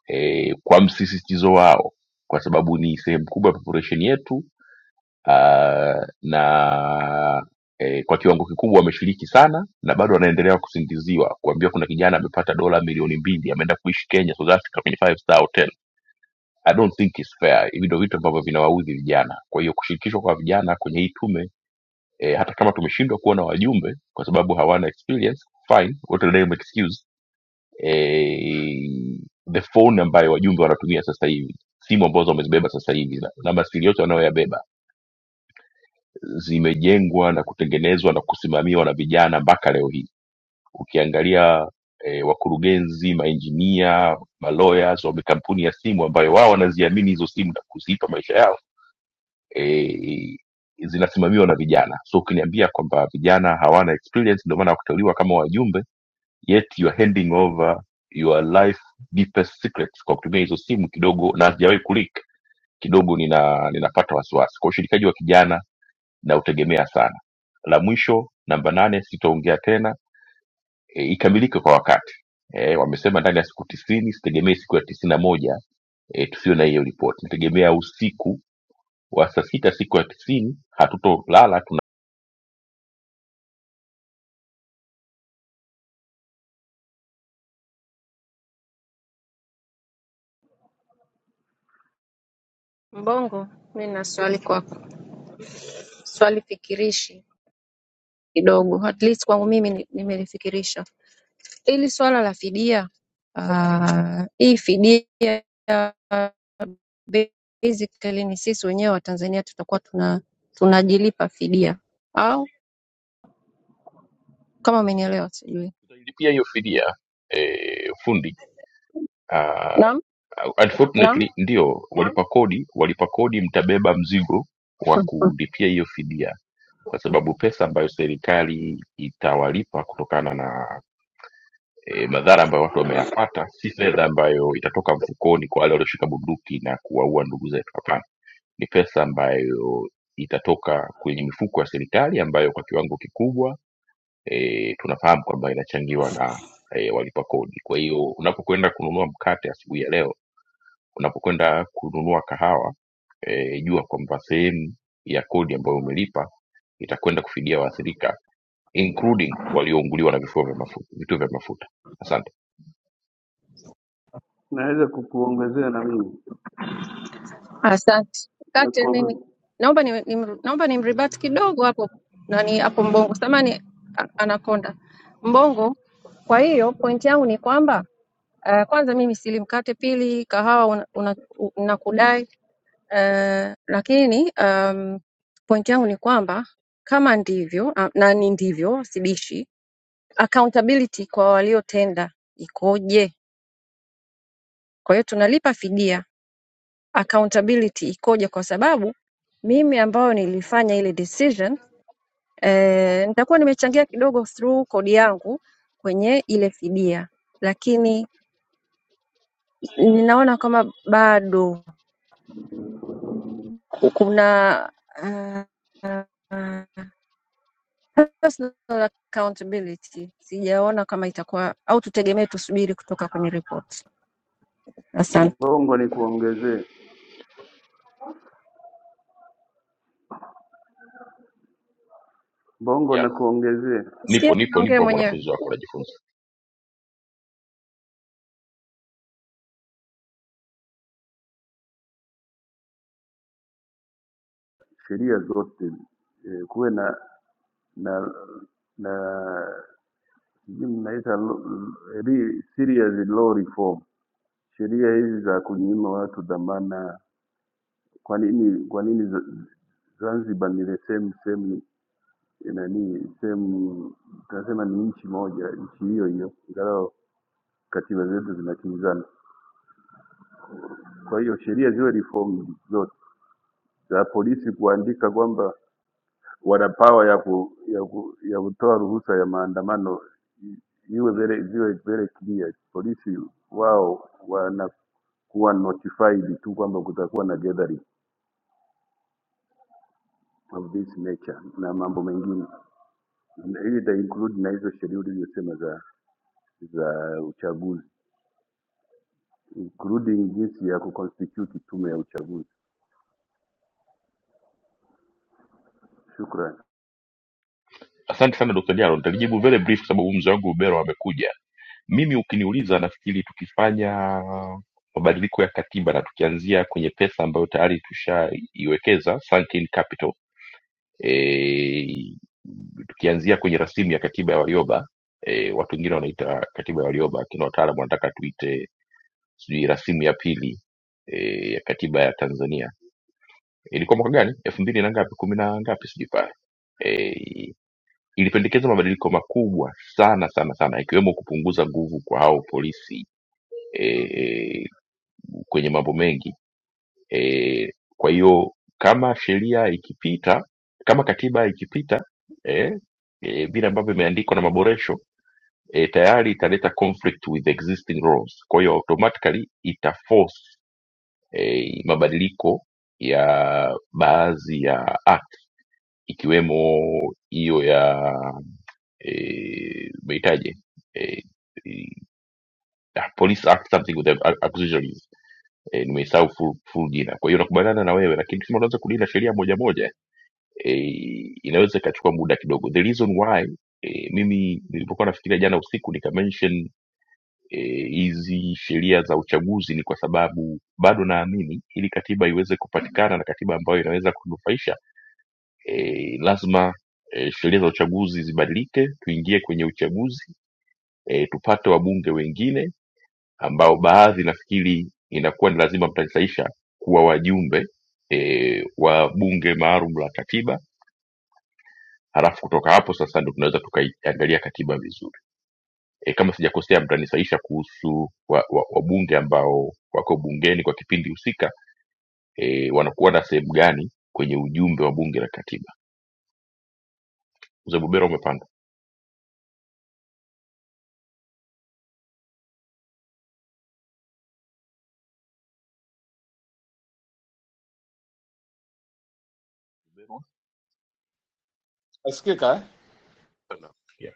Speaker 1: e, kwa msisitizo wao kwa sababu ni sehemu kubwa ya population yetu uh, na eh, kwa kiwango kikubwa wameshiriki sana na bado wanaendelea kusingiziwa kuambiwa kuna kijana amepata dola milioni mbili ameenda kuishi kenya south africa kwenye five star hotel i don't think it's fair hivi ndio vitu ambavyo vinawaudhi vijana kwa hiyo kushirikishwa kwa vijana kwenye hii tume eh, hata kama tumeshindwa kuwa na wajumbe kwa sababu hawana experience fine what a lame excuse eh, the phone ambayo wajumbe wanatumia sasa hivi simu ambazo wamezibeba sasa hivi na na masilahi yote wanayoyabeba zimejengwa na kutengenezwa na kusimamiwa na vijana mpaka leo hii ukiangalia eh, wakurugenzi mainjinia malawyers wa makampuni ya simu ambayo wao wanaziamini hizo simu na kuzipa maisha yao eh, zinasimamiwa na vijana so ukiniambia kwamba vijana hawana experience ndio maana wakuteuliwa kama wajumbe yet you are handing over your life deepest secrets kwa kutumia hizo simu kidogo na hazijawahi kulik kidogo nina ninapata wasiwasi kwa ushirikaji wa kijana na utegemea sana la mwisho namba nane sitaongea tena e, ikamilike kwa wakati e, wamesema ndani ya siku tisini sitegemee siku ya tisini na moja e, tusio na hiyo ripoti nategemea usiku wa saa sita siku ya tisini hatutolala tuna
Speaker 7: Mbongo, mi na swali kwako, swali fikirishi kidogo, at least kwangu mimi ni- nimelifikirisha. Hili swala la fidia, ah, hii fidia basically ni sisi wenyewe Watanzania tutakuwa tuna tunajilipa fidia, au kama umenielewa sijui.
Speaker 1: tutailipia hiyo fidia e, fundi uh,
Speaker 7: Naam, naam.
Speaker 1: unfortunately ndio walipa kodi walipa kodi mtabeba mzigo wa kulipia hiyo fidia kwa sababu pesa ambayo serikali itawalipa kutokana na e, madhara ambayo watu wameyapata si fedha ambayo itatoka mfukoni kwa wale walioshika bunduki na kuwaua ndugu zetu hapana ni pesa ambayo itatoka kwenye mifuko ya serikali ambayo kwa kiwango kikubwa e, tunafahamu kwamba inachangiwa na e, walipa kodi kwa hiyo unapokwenda kununua mkate asubuhi ya leo unapokwenda kununua kahawa e, jua kwamba sehemu ya kodi ambayo umelipa itakwenda kufidia waathirika including waliounguliwa na vifua vya mafuta, vituo vya mafuta asante
Speaker 12: Naweza kukuongezea na mimi
Speaker 7: Asante.
Speaker 12: Ya
Speaker 7: Kate mimi
Speaker 12: kuonge-
Speaker 7: naomba ni, ni, naomba nimribati kidogo hapo nani hapo Mbongo. Samani anakonda. Mbongo. Kwa hiyo point yangu ni kwamba uh, kwanza mimi silimkate, pili kahawa unakudai una, una unakudai. Eh, lakini um, point yangu ni kwamba kama ndivyo ah, na ni ndivyo, sibishi, accountability kwa waliotenda ikoje? Kwa hiyo tunalipa fidia, accountability ikoje? Kwa sababu mimi ambayo nilifanya ile decision eh, nitakuwa nimechangia kidogo through kodi yangu kwenye ile fidia, lakini ninaona kama bado kuna uh, Personal accountability sijaona kama itakuwa au tutegemee tusubiri kutoka kwenye ripoti. Asante.
Speaker 12: Mbongo ni kuongezee Mbongo
Speaker 1: Jalo.
Speaker 12: na kuongezee
Speaker 7: Sikia,
Speaker 1: nipo nipo
Speaker 7: naongea
Speaker 1: nipo
Speaker 7: mwenyewe.
Speaker 1: mwanafunzi wako najifunza
Speaker 12: sheria zote e, kuwe na na na sijui mnaita lo- re- serious law reform, sheria hizi za kunyima watu dhamana. Kwa nini kwa nini za- Zanzibar ni the same same eh, nani same, tunasema ni nchi moja, nchi hiyo hiyo, ingawa katiba zetu zinakinzana. Kwa hiyo sheria ziwe reformed zote za polisi kuandika kwamba wana power ya, ku, ya, ku, ya kutoa ruhusa ya maandamano i- iwe very, ziwe very clear. Polisi wao wanakuwa notified tu kwamba kutakuwa na gathering of this nature na mambo mengine. Na Hii ita include na hizo sheria ulizosema za za uchaguzi including jinsi ya kuconstitute tume ya uchaguzi. Shukran.
Speaker 1: asante sana dr jaro nitalijibu very brief kwa sababu huyu mzee wangu ubero amekuja mimi ukiniuliza nafikiri tukifanya mabadiliko ya katiba na tukianzia kwenye pesa ambayo tayari tushaiwekeza sunk in capital e, tukianzia kwenye rasimu ya katiba ya Warioba e, watu wengine wanaita katiba ya Warioba, lakini wataalam wanataka tuite sijui rasimu ya pili e, ya katiba ya Tanzania ilikuwa mwaka gani elfu mbili na ngapi kumi na ngapi sijui pale eh, ilipendekeza mabadiliko makubwa sana sana sana ikiwemo kupunguza nguvu kwa hao polisi e, kwenye mambo mengi e, kwa hiyo kama sheria ikipita kama katiba ikipita e, e, vile ambavyo imeandikwa na maboresho e, tayari italeta conflict with existing laws kwa hiyo automatically itaforce e, mabadiliko ya baadhi ya act ikiwemo hiyo ya eh, meitaje eh, eh, ah, police act something with the acquisition is eh, nimeisahau full, full jina kwa hiyo nakubaliana na wewe lakini kama unaweza kulinda sheria moja moja eh, inaweza ikachukua muda kidogo the reason why eh, mimi nilipokuwa nafikiria jana usiku nikamention eh, hizi sheria za uchaguzi ni kwa sababu bado naamini ili katiba iweze kupatikana na katiba ambayo inaweza kunufaisha e, lazima e, sheria za uchaguzi zibadilike, tuingie kwenye uchaguzi e, tupate wabunge wengine ambao baadhi nafikiri inakuwa ni lazima mtasaisha kuwa wajumbe e, wa bunge maalum la katiba, halafu kutoka hapo sasa ndo tunaweza tukaiangalia katiba vizuri. E, kama sijakosea, mtanisaisha kuhusu wabunge wa, wa wabunge ambao wako bungeni kwa kipindi husika e, wanakuwa na sehemu gani kwenye ujumbe wa bunge la katiba. Mzee Bubero umepanda Bubero?
Speaker 13: Nasikika eh?
Speaker 1: Sana. Yeah.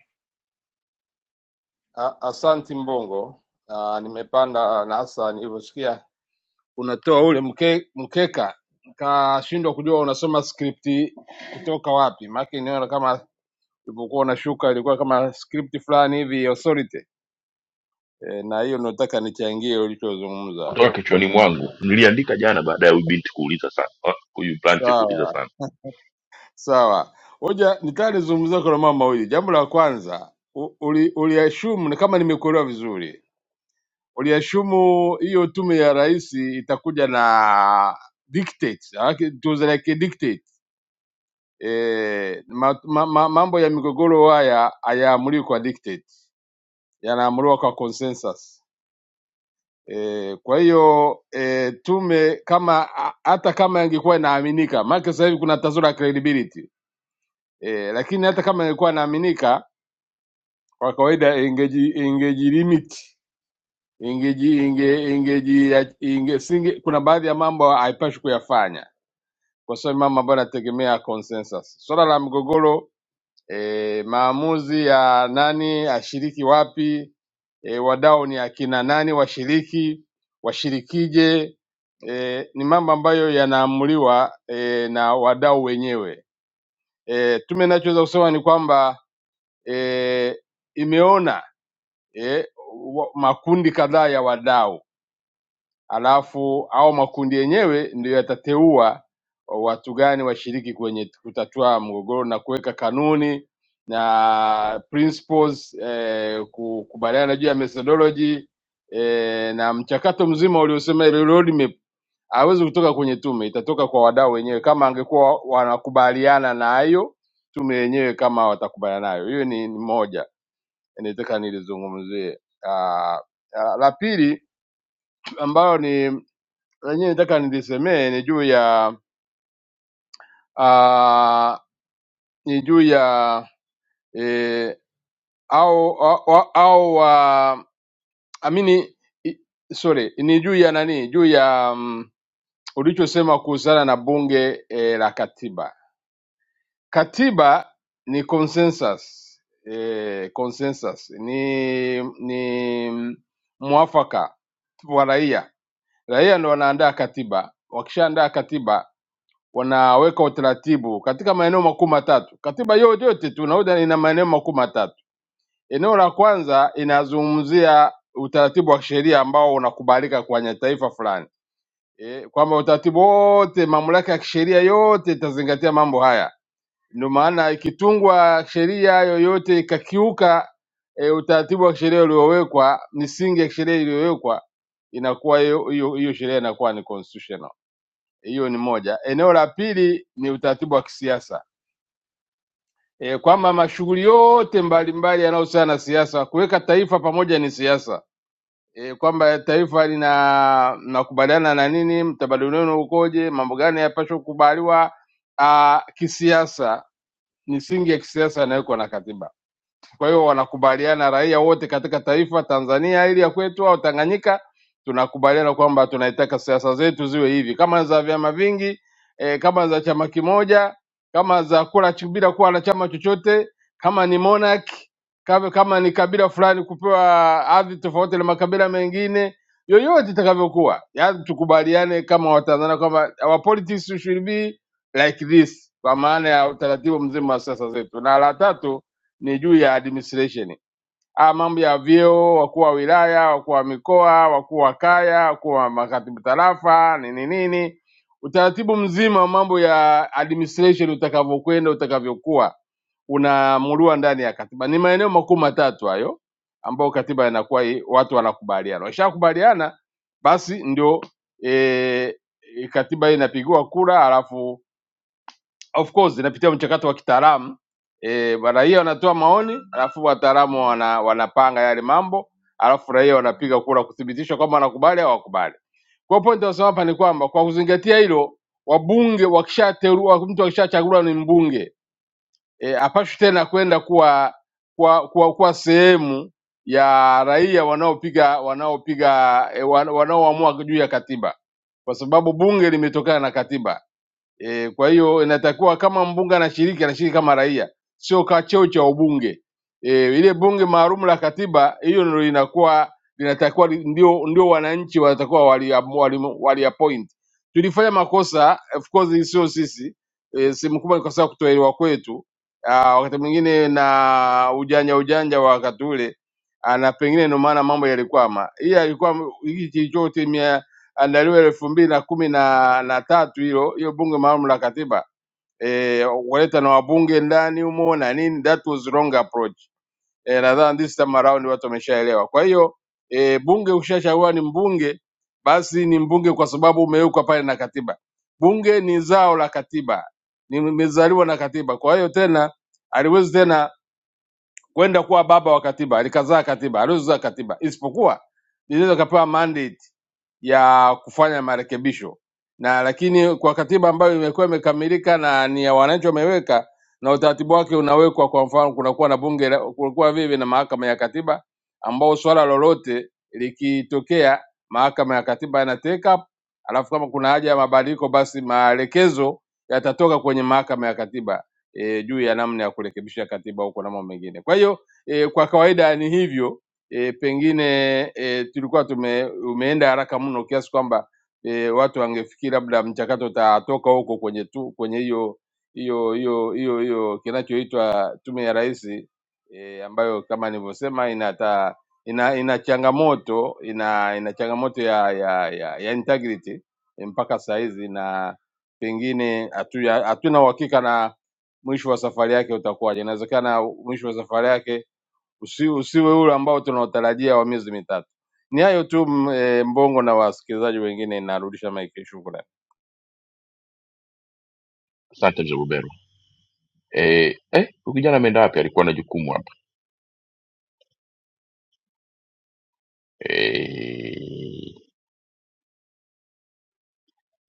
Speaker 13: A- Asanti Mbongo. Ah, nimepanda na hasa nilivyosikia unatoa ule mke, mkeka nikashindwa kujua unasoma skripti kutoka wapi, maana niona kama ulipokuwa unashuka ilikuwa kama skripti fulani hivi ya authority e, na hiyo ndio nataka nichangie ulichozungumza.
Speaker 1: kutoka kichwani mwangu niliandika jana baada ya huyu binti kuuliza sana Ah, huyu blanche kuuliza
Speaker 13: Sawa
Speaker 1: sana
Speaker 13: sawa, hoja nitaka nizungumzie kuna mambo mawili. Jambo la kwanza u- uli, uli assume, na kama nimekuelewa vizuri Uliashumu hiyo tume ya rais itakuja na dictate, maanake tuzeleke dictate. E, ma, ma, ma, mambo ya migogoro haya hayaamuliwi kwa dictate, yanaamuliwa kwa consensus. E, kwa hiyo e, tume kama a- hata kama ingekuwa inaaminika, maana sasa hivi kuna tatizo la credibility e, lakini hata kama ingekuwa inaaminika, kwa kawaida ingeji, ingeji limit ingeji inge ingeji inge, singe, kuna baadhi ya mambo haipashwi kuyafanya kwa sababu mambo ambayo yanategemea consensus. Swala la mgogoro e, maamuzi ya nani ashiriki wapi e, wadau ni akina nani washiriki washirikije e, ni mambo ambayo yanaamuliwa e, na wadau wenyewe. E, tume inachoweza kusema ni kwamba e, imeona e, wa- makundi kadhaa ya wadau alafu au makundi yenyewe ndio yatateua watu gani washiriki kwenye kutatua mgogoro na kuweka kanuni na principles eh, ku- kubaliana juu ya methodology eh, na mchakato mzima uliosema ile roadmap hawezi kutoka kwenye tume, itatoka kwa wadau wenyewe, kama angekuwa wanakubaliana nayo tume yenyewe, kama watakubaliana nayo. Hiyo ni ni moja, nataka nilizungumzie. Ah, ah, La pili ambayo ni lenyewe nataka nilisemee ni juu ya uh, ni juu ya eh, au au, au uh, amini i- sorry ni juu ya nani juu ya um, ulichosema kuhusiana na bunge e, la katiba Katiba ni consensus. E, consensus ni ni mwafaka wa raia. Raia ndio wanaandaa katiba, wakishaandaa katiba wanaweka utaratibu katika maeneo makuu matatu. Katiba yote yote tunaoda ina maeneo makuu matatu. Eneo la kwanza inazungumzia utaratibu wa kisheria ambao unakubalika kwenye taifa fulani e, kwamba utaratibu wote, mamlaka ya kisheria yote itazingatia mambo haya ndio maana ikitungwa sheria yoyote ikakiuka e, utaratibu wa sheria uliowekwa, misingi ya sheria iliyowekwa, inakuwa hiyo hiyo hiyo sheria inakuwa ni constitutional. Hiyo ni moja. Eneo la pili ni utaratibu wa kisiasa e, kwamba mashughuli yote mbalimbali yanayohusiana na siasa, kuweka taifa pamoja ni siasa e, kwamba taifa lina nakubaliana na nini, mtabadili wenu ukoje, mambo gani yapaswa kukubaliwa ah, kisiasa, misingi ya kisiasa yanawekwa na katiba Kwa hiyo wanakubaliana raia wote katika taifa Tanzania hili ya kwetu au Tanganyika, tunakubaliana kwamba tunaitaka siasa zetu ziwe hivi, kama za vyama vingi eh, kama za chama kimoja, kama za kula ch- bila kuwa na chama chochote, kama ni monarch, kama, kama ni kabila fulani kupewa ardhi tofauti na makabila mengine yoyote itakavyokuwa, yaani tukubaliane kama Watanzania kwamba our politics should be like this, kwa maana ya utaratibu mzima wa siasa zetu. Na la tatu ni juu ya administration Ah, mambo ya vyeo, wakuu wa wilaya, wakuu wa mikoa, wakuu wa kaya, wakuu wa makatibu tarafa, nini nini, utaratibu mzima wa mambo ya administration utakavyokwenda, utakavyokuwa unaamuliwa ndani ya katiba. Ni maeneo makuu matatu hayo ambayo katiba inakuwa i- watu wanakubaliana. Wakishakubaliana basi ndio e, katiba hii inapigiwa kura, alafu of course inapitia mchakato wa kitaalamu e, raia wanatoa maoni alafu wataalamu wana, wanapanga yale mambo alafu raia wanapiga kura kuthibitisha kwamba wanakubali au hawakubali. Kwa hiyo point nasema hapa ni kwamba kwa kuzingatia hilo, wabunge wakishateua, mtu akishachaguliwa ni mbunge e, apashwi tena kwenda kuwa kuwa, kuwa, kuwa sehemu ya raia wanaopiga wanaopiga e, wanaoamua juu ya katiba, kwa sababu bunge limetokana na katiba E, kwa hiyo inatakiwa kama mbunge anashiriki anashiriki kama raia, sio ka cheo cha ubunge. E, ile bunge maalum la katiba hiyo ndio inakuwa linatakiwa li- ndio ndio wananchi wanatakiwa wali, wali, wali appoint. Tulifanya makosa of course, sio sisi e, sehemu kubwa ni kwa sababu kutoelewa kwetu Ah, wakati mwingine na ujanja ujanja wa wakati ule Ah, na pengine ndio maana mambo yalikwama. Hii alikuwa hiki kilichotimia andaliwe elfu mbili na kumi na na tatu hilo hiyo bunge maalum la katiba eh, waleta na wabunge ndani humo na nini, that was wrong approach. Eh, nadhani this time around watu wameshaelewa. Kwa hiyo eh, bunge ukishachagua ni mbunge, basi ni mbunge kwa sababu umewekwa pale na katiba. Bunge ni zao la katiba, nimezaliwa na katiba. Kwa hiyo tena aliwezi tena kwenda kuwa baba wa katiba, alikazaa katiba, aliwezi kuzaa katiba, isipokuwa inaweza kapewa mandate ya kufanya marekebisho na lakini kwa katiba ambayo imekuwa imekamilika na ni ya wananchi wameweka na utaratibu wake unawekwa. Kwa mfano, kunakuwa na bunge, la- kunakuwa vile na mahakama ya katiba, ambao swala lolote likitokea mahakama ya katiba ina take up, alafu kama kuna haja ya mabadiliko, basi maelekezo yatatoka kwenye mahakama ya katiba e, juu ya namna ya kurekebisha katiba huko na mambo mengine. Kwa hiyo e, kwa kawaida ni hivyo e, pengine e, tulikuwa tume, umeenda haraka mno kiasi kwamba e, watu wangefikiri labda mchakato utatoka huko kwenye tu kwenye hiyo hiyo hiyo hiyo hiyo kinachoitwa tume ya rais e, ambayo kama nilivyosema inata ina ina changamoto ina ina changamoto ya ya ya, ya integrity e, mpaka saa hizi na pengine hatu- hatuna uhakika na mwisho wa safari yake utakuwaje. Inawezekana mwisho wa safari yake usi, usiwe ule ambao tunaotarajia wa miezi mitatu. Ni hayo tu m- eh, Mbongo na wasikilizaji wengine, narudisha maiki. Shukrani
Speaker 1: asante mzee Bubero. eh, eh, huyu kijana ameenda wapi alikuwa na jukumu hapa eh,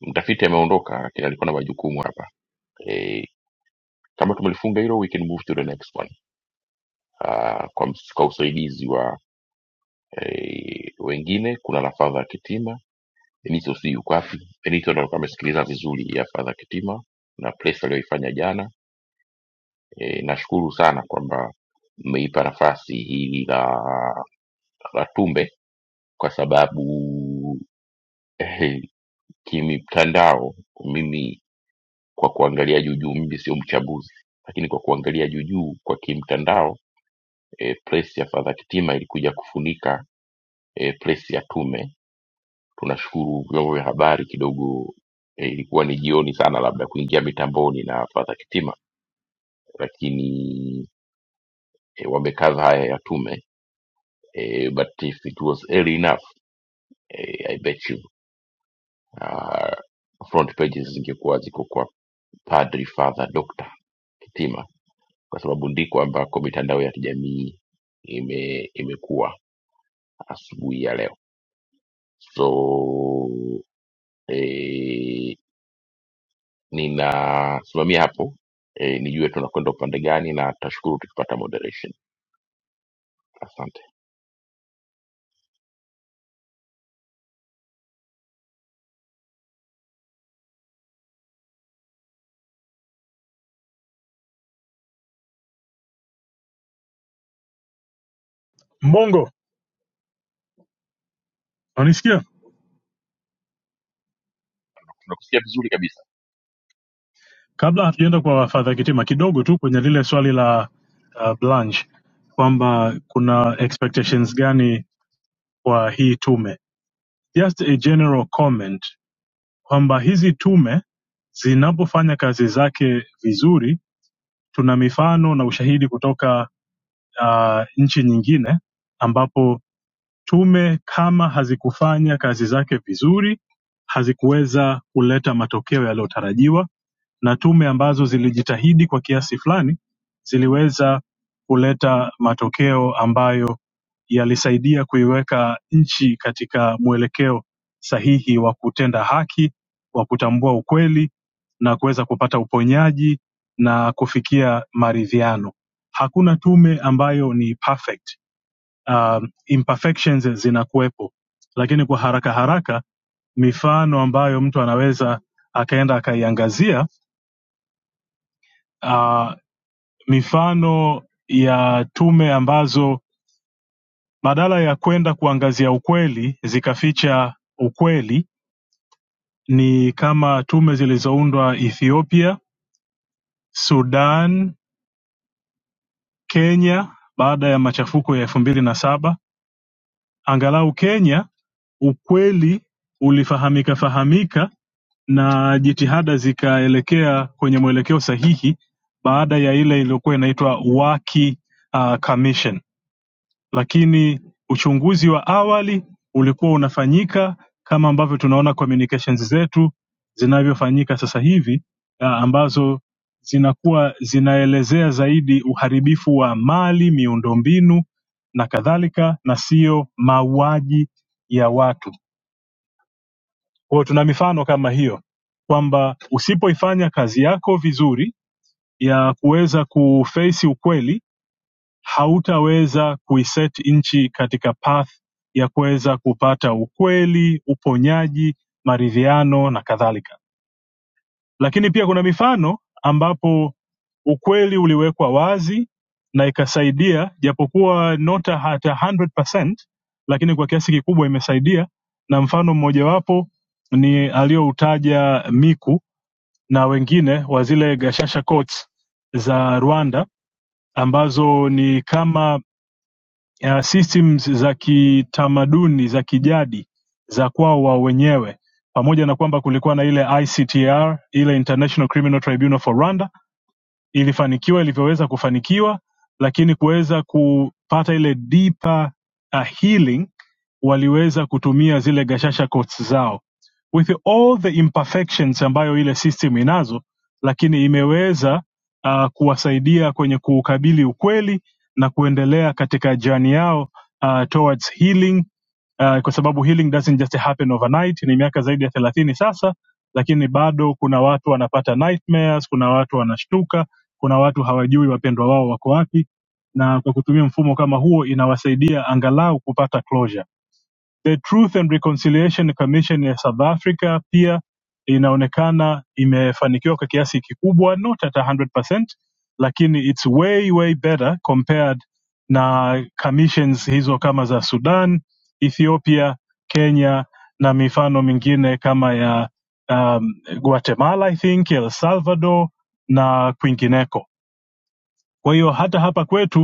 Speaker 1: mtafiti ameondoka lakini alikuwa na majukumu hapa Eh, kama tumelifunga hilo we can move to the next one uh, kwa, ms- kwa usaidizi wa eh, wengine kuna la fadha kitima benito sijui yuko wapi benito ndo alikuwa amesikiliza vizuri ya fadha kitima na place aliyoifanya jana E, nashukuru sana kwamba mmeipa nafasi hili la, la Tumbe kwa sababu eh, kimtandao mimi kwa kuangalia juujuu, mimi sio mchambuzi, lakini kwa kuangalia juujuu kwa kimtandao e, press ya Fadha Kitima ilikuja kufunika e, press ya Tume. Tunashukuru vyombo vya habari kidogo e, ilikuwa ni jioni sana, labda kuingia mitamboni na Fadha Kitima lakini e, wamekaza haya ya tume e, but if it was early enough e, i bet you uh, front pages zingekuwa ziko kwa padri father doctor kitima kwa sababu ndiko ambako mitandao ya kijamii ime imekuwa asubuhi ya leo so e, ninasimamia hapo e, nijue tunakwenda upande gani na tashukuru tukipata moderation asante
Speaker 6: Mbongo, unanisikia?
Speaker 1: tunakusikia vizuri kabisa
Speaker 6: Kabla hatujaenda kwa Fadha Kitima, kidogo tu kwenye lile swali la uh, Blanche kwamba kuna expectations gani kwa hii tume, just a general comment kwamba hizi tume zinapofanya kazi zake vizuri, tuna mifano na ushahidi kutoka uh, nchi nyingine ambapo tume kama hazikufanya kazi zake vizuri hazikuweza kuleta matokeo yaliyotarajiwa na tume ambazo zilijitahidi kwa kiasi fulani ziliweza kuleta matokeo ambayo yalisaidia kuiweka nchi katika mwelekeo sahihi wa kutenda haki, wa kutambua ukweli na kuweza kupata uponyaji na kufikia maridhiano. Hakuna tume ambayo ni perfect um, imperfections zinakuwepo lakini kwa haraka haraka mifano ambayo mtu anaweza akaenda akaiangazia uh, mifano ya tume ambazo badala ya kwenda kuangazia ukweli zikaficha ukweli ni kama tume zilizoundwa ethiopia sudan kenya baada ya machafuko ya elfu mbili na saba angalau kenya ukweli ulifahamika fahamika na jitihada zikaelekea kwenye mwelekeo sahihi baada ya ile iliyokuwa inaitwa Waki uh, Commission, lakini uchunguzi wa awali ulikuwa unafanyika kama ambavyo tunaona communications zetu zinavyofanyika sasa hivi uh, ambazo zinakuwa zinaelezea zaidi uharibifu wa mali, miundombinu na kadhalika, na sio mauaji ya watu. Kwa hiyo tuna mifano kama hiyo kwamba usipoifanya kazi yako vizuri ya kuweza kufeisi ukweli, hautaweza kuiset nchi katika path ya kuweza kupata ukweli, uponyaji, maridhiano na kadhalika. Lakini pia kuna mifano ambapo ukweli uliwekwa wazi na ikasaidia, japokuwa nota hata 100%, lakini kwa kiasi kikubwa imesaidia, na mfano mmojawapo ni aliyoutaja Miku na wengine wa zile gashasha courts za Rwanda ambazo ni kama uh, systems za kitamaduni za kijadi za kwao wao wenyewe pamoja na kwamba kulikuwa na ile ictr ile international criminal tribunal for rwanda ilifanikiwa ilivyoweza kufanikiwa lakini kuweza kupata ile deeper uh, healing waliweza kutumia zile gashasha coats zao with all the imperfections ambayo ile system inazo lakini imeweza uh, kuwasaidia kwenye kuukabili ukweli na kuendelea katika jani yao uh, towards healing uh, kwa sababu healing doesn't just happen overnight ni miaka zaidi ya thelathini sasa lakini bado kuna watu wanapata nightmares kuna watu wanashtuka kuna watu hawajui wapendwa wao wako wapi na kwa kutumia mfumo kama huo inawasaidia angalau kupata closure the truth and reconciliation commission ya south africa pia inaonekana imefanikiwa kwa kiasi kikubwa not at 100% lakini its way way better compared na commissions hizo kama za sudan ethiopia kenya na mifano mingine kama ya um, guatemala i think el salvador na kwingineko kwa hiyo hata hapa kwetu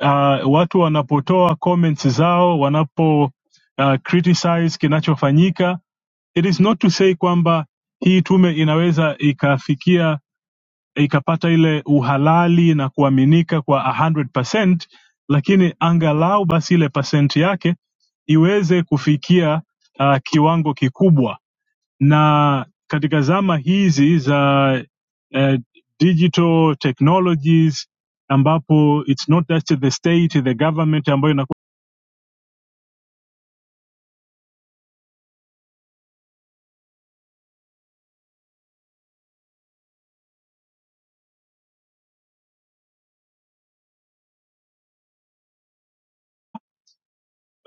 Speaker 6: uh, watu wanapotoa comments zao wanapo uh, criticize kinachofanyika it is not to say kwamba hii tume inaweza ikafikia ikapata ile uhalali na kuaminika kwa 100%, lakini angalau basi ile pasenti yake iweze kufikia uh, kiwango kikubwa na katika zama hizi za eh, digital technologies ambapo it's not just the state the government ambayo inaku...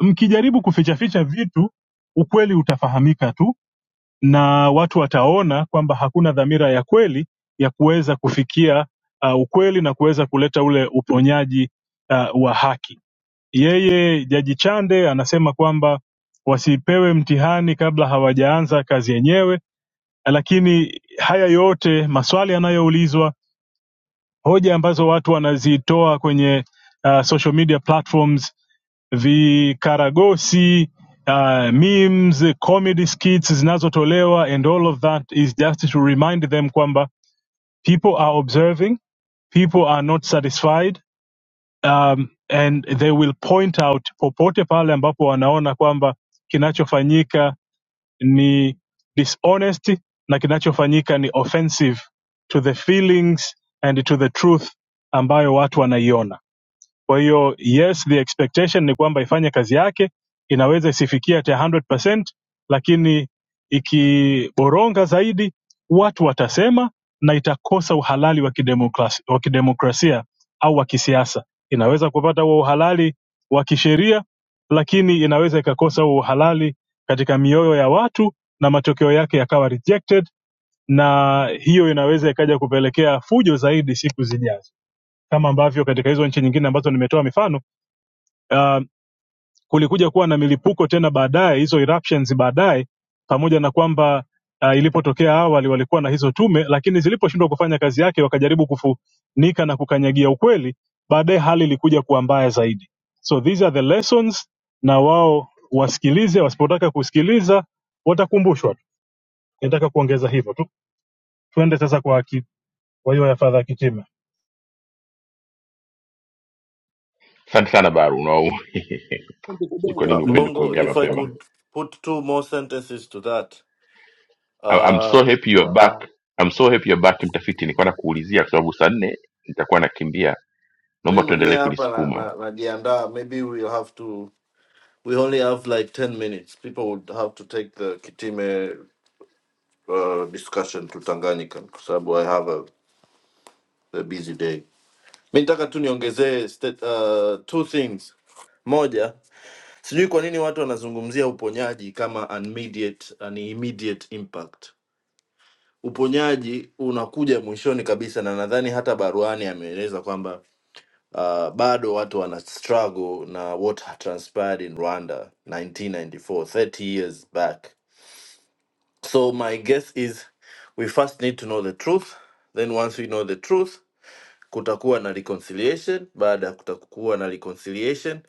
Speaker 6: mkijaribu kufichaficha vitu ukweli utafahamika tu na watu wataona kwamba hakuna dhamira ya kweli ya kuweza kufikia uh, ukweli na kuweza kuleta ule uponyaji uh, wa haki yeye jaji chande anasema kwamba wasipewe mtihani kabla hawajaanza kazi yenyewe lakini haya yote maswali yanayoulizwa, hoja ambazo watu wanazitoa kwenye uh, social media platforms, vikaragosi uh, memes, comedy skits zinazotolewa and all of that is just to remind them kwamba people are observing, people are not satisfied um, and they will point out popote pale ambapo wanaona kwamba kinachofanyika ni dishonest na kinachofanyika ni offensive to the feelings and to the truth ambayo watu wanaiona kwa hiyo yes, the expectation ni kwamba ifanye kazi yake, inaweza isifikie at 100%, lakini ikiboronga zaidi watu watasema na itakosa uhalali wa kidemokrasi- wa kidemokrasia au wa kisiasa. Inaweza kupata huo uhalali wa kisheria, lakini inaweza ikakosa huo uhalali katika mioyo ya watu na matokeo yake yakawa rejected, na hiyo inaweza ikaja kupelekea fujo zaidi siku zijazo, kama ambavyo katika hizo nchi nyingine ambazo nimetoa mifano uh, kulikuja kuwa na milipuko tena baadaye hizo eruptions baadaye pamoja na kwamba uh, ilipotokea awali walikuwa na hizo tume lakini ziliposhindwa kufanya kazi yake wakajaribu kufunika na kukanyagia ukweli baadaye hali ilikuja kuwa mbaya zaidi so these are the lessons na wao wasikilize wasipotaka kusikiliza watakumbushwa tu nitaka kuongeza hivyo tu tuende sasa kwa ki- kwa hiyo ya fadha kitima
Speaker 1: Asante sana Baru, no. Sijui kwa nini
Speaker 3: uh,
Speaker 1: upendi
Speaker 3: mbongo
Speaker 1: kuongea
Speaker 3: if I
Speaker 1: mapema.
Speaker 3: could put two more sentences to that
Speaker 1: I- I'm
Speaker 3: uh,
Speaker 1: so happy you're back. I'm so happy you're back mtafiti. Nilikuwa nakuulizia kwa sababu saa nne nitakuwa nakimbia.
Speaker 3: mi
Speaker 1: Naomba
Speaker 3: mwenyewe
Speaker 1: tuendelee
Speaker 3: hapa
Speaker 1: kulisukuma.
Speaker 3: najiandaa na, na najiandaa. maybe we'll have to we only have like 10 minutes people would have to take the kitime uh, discussion to tanganyika kwa sababu I have a, a busy day mi nitaka tu niongezee state- uh, two things moja Sijui kwa nini watu wanazungumzia uponyaji kama an immediate, an immediate impact. Uponyaji unakuja mwishoni kabisa, na nadhani hata Baruani ameeleza kwamba uh, bado watu wana struggle na what had transpired in Rwanda 1994 30 years back. So my guess is we first need to know the truth, then once we know the truth kutakuwa na reconciliation baada ya kutakuwa na reconciliation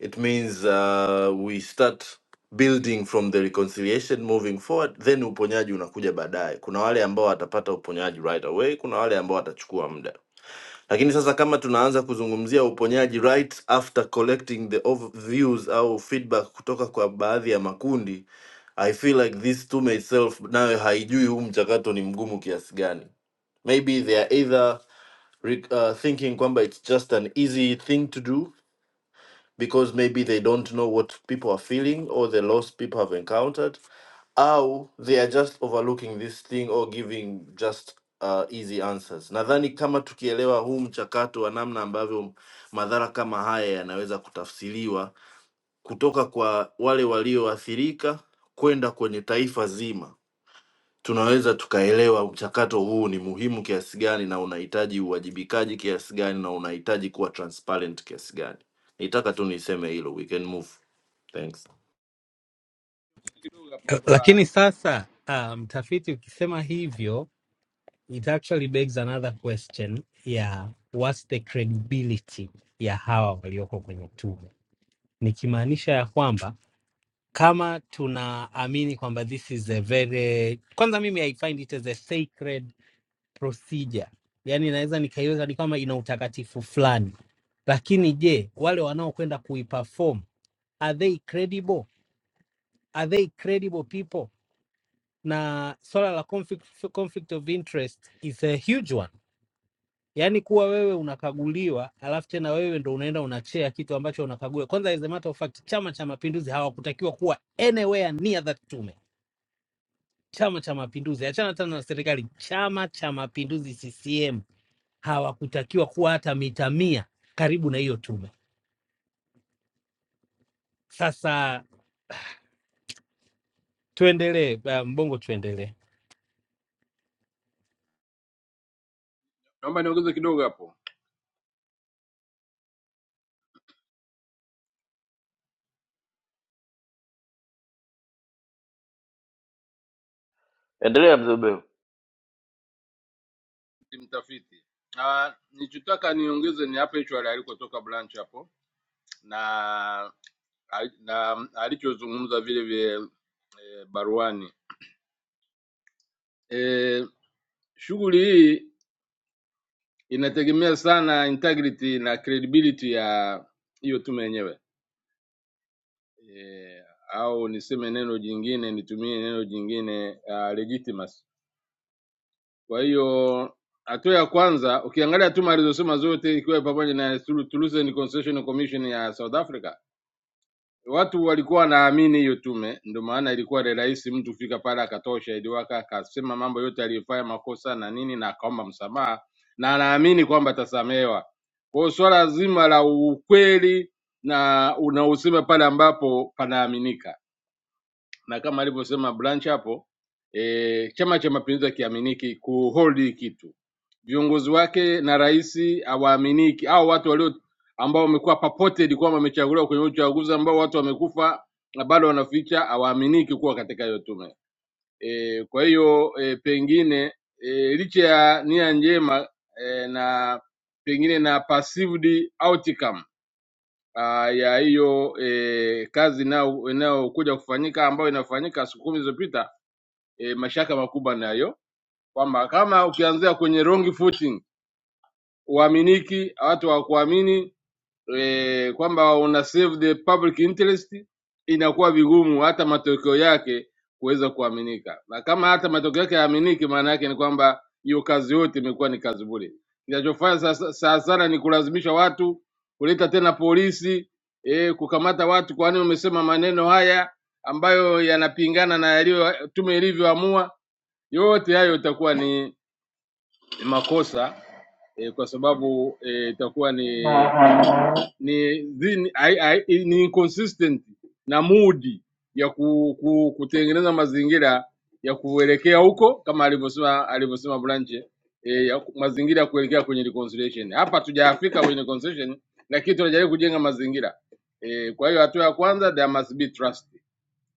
Speaker 3: it means uh, we start building from the reconciliation moving forward then uponyaji unakuja baadaye kuna wale ambao watapata uponyaji right away kuna wale ambao watachukua muda lakini sasa kama tunaanza kuzungumzia uponyaji right after collecting the ov- views au feedback kutoka kwa baadhi ya makundi, I feel like this tume itself nayo haijui huu mchakato ni mgumu kiasi gani. Maybe they are either re- uh, thinking kwamba it's just an easy thing to do because maybe they don't know what people are feeling or the loss people have encountered, au they are just overlooking this thing or giving just uh, easy answers. Nadhani kama tukielewa huu mchakato wa namna ambavyo madhara kama haya yanaweza kutafsiriwa kutoka kwa wale walioathirika kwenda kwenye taifa zima tunaweza tukaelewa mchakato huu ni muhimu kiasi gani na unahitaji uwajibikaji kiasi gani na unahitaji kuwa transparent kiasi gani. Nitaka tu niseme hilo. We can move. Thanks.
Speaker 13: kidogo hapo kwa,
Speaker 11: Lakini sasa ah, mtafiti ukisema hivyo it actually begs another question ya what's the credibility ya hawa walioko kwenye tume, nikimaanisha ya kwamba kama tunaamini kwamba this is a very, kwanza mimi I find it as a sacred procedure, yani naweza nikaiweka ni kama ina utakatifu fulani, lakini je, wale wanaokwenda kuiperform are they credible? Are they credible people? na swala la conflict, conflict of interest is a huge one yaani kuwa wewe unakaguliwa alafu tena wewe ndo unaenda unachea kitu ambacho unakaguliwa kwanza as a matter of fact chama cha mapinduzi hawakutakiwa kuwa anywhere near that tume chama cha mapinduzi achana tena na serikali chama cha mapinduzi ccm hawakutakiwa kuwa hata mita mia karibu na hiyo tume sasa tuendelee uh, mbongo tuendelee
Speaker 13: naomba niongeze kidogo hapo
Speaker 3: Endelea mzee Ubeo.
Speaker 13: mtafiti. Ah, nilichotaka niongeze ni hapo hicho alikotoka Blanche hapo na na alichozungumza vile vile eh, Baruani eh, shughuli hii inategemea sana integrity na credibility ya hiyo tume yenyewe eh, au niseme neno jingine nitumie neno jingine uh, legitimacy. Kwa hiyo hatua ya kwanza ukiangalia tuma alizosema zote, ikiwa pamoja na Thul- Toulouse Constitutional Commission ya South Africa, watu walikuwa wanaamini hiyo tume, ndio maana ilikuwa ni rahisi mtu kufika pale akatoa ushahidi wake akasema mambo yote aliyofanya makosa na nini, na akaomba msamaha na anaamini kwamba atasamehewa. Kwa hiyo swala zima la ukweli na unausema pale ambapo panaaminika na kama alivyosema Branch hapo e, Chama cha Mapinduzi hakiaminiki kuhold hii kitu, viongozi wake na rais hawaaminiki, au watu walio ambao wamekuwa purported kwamba wamechaguliwa kwenye uchaguzi ambao watu wamekufa na bado wanaficha, hawaaminiki kuwa katika hiyo tume e, kwa hiyo e, pengine e, licha ya nia njema e, na pengine na perceived outcome ah, ya hiyo eh, kazi inayo- inayokuja kufanyika ambayo inafanyika siku kumi zilizopita eh, mashaka makubwa nayo kwamba kama ukianzia kwenye wrong footing, uaminiki, watu hawakuamini eh, kwamba una serve the public interest inakuwa vigumu hata matokeo yake kuweza kuaminika, na kama hata matokeo yake yaaminiki, maana yake ni kwamba hiyo kazi yote imekuwa ni kazi bure. Kinachofanya sasa sa, sana ni kulazimisha watu kuleta tena polisi eh, kukamata watu, kwani umesema maneno haya ambayo yanapingana na yaliyo tume ilivyoamua. Yote hayo itakuwa ni ni makosa eh, kwa sababu eh, itakuwa e, ni ni zini, ai, ai, ni inconsistent na mudi ya ku, ku, kutengeneza mazingira ya kuelekea huko kama alivyosema alivyosema Blanche e, ya, ku- mazingira ya kuelekea kwenye reconciliation. Hapa tujafika kwenye reconciliation, lakini tunajaribu kujenga mazingira e, kwa hiyo hatua ya kwanza there must be trust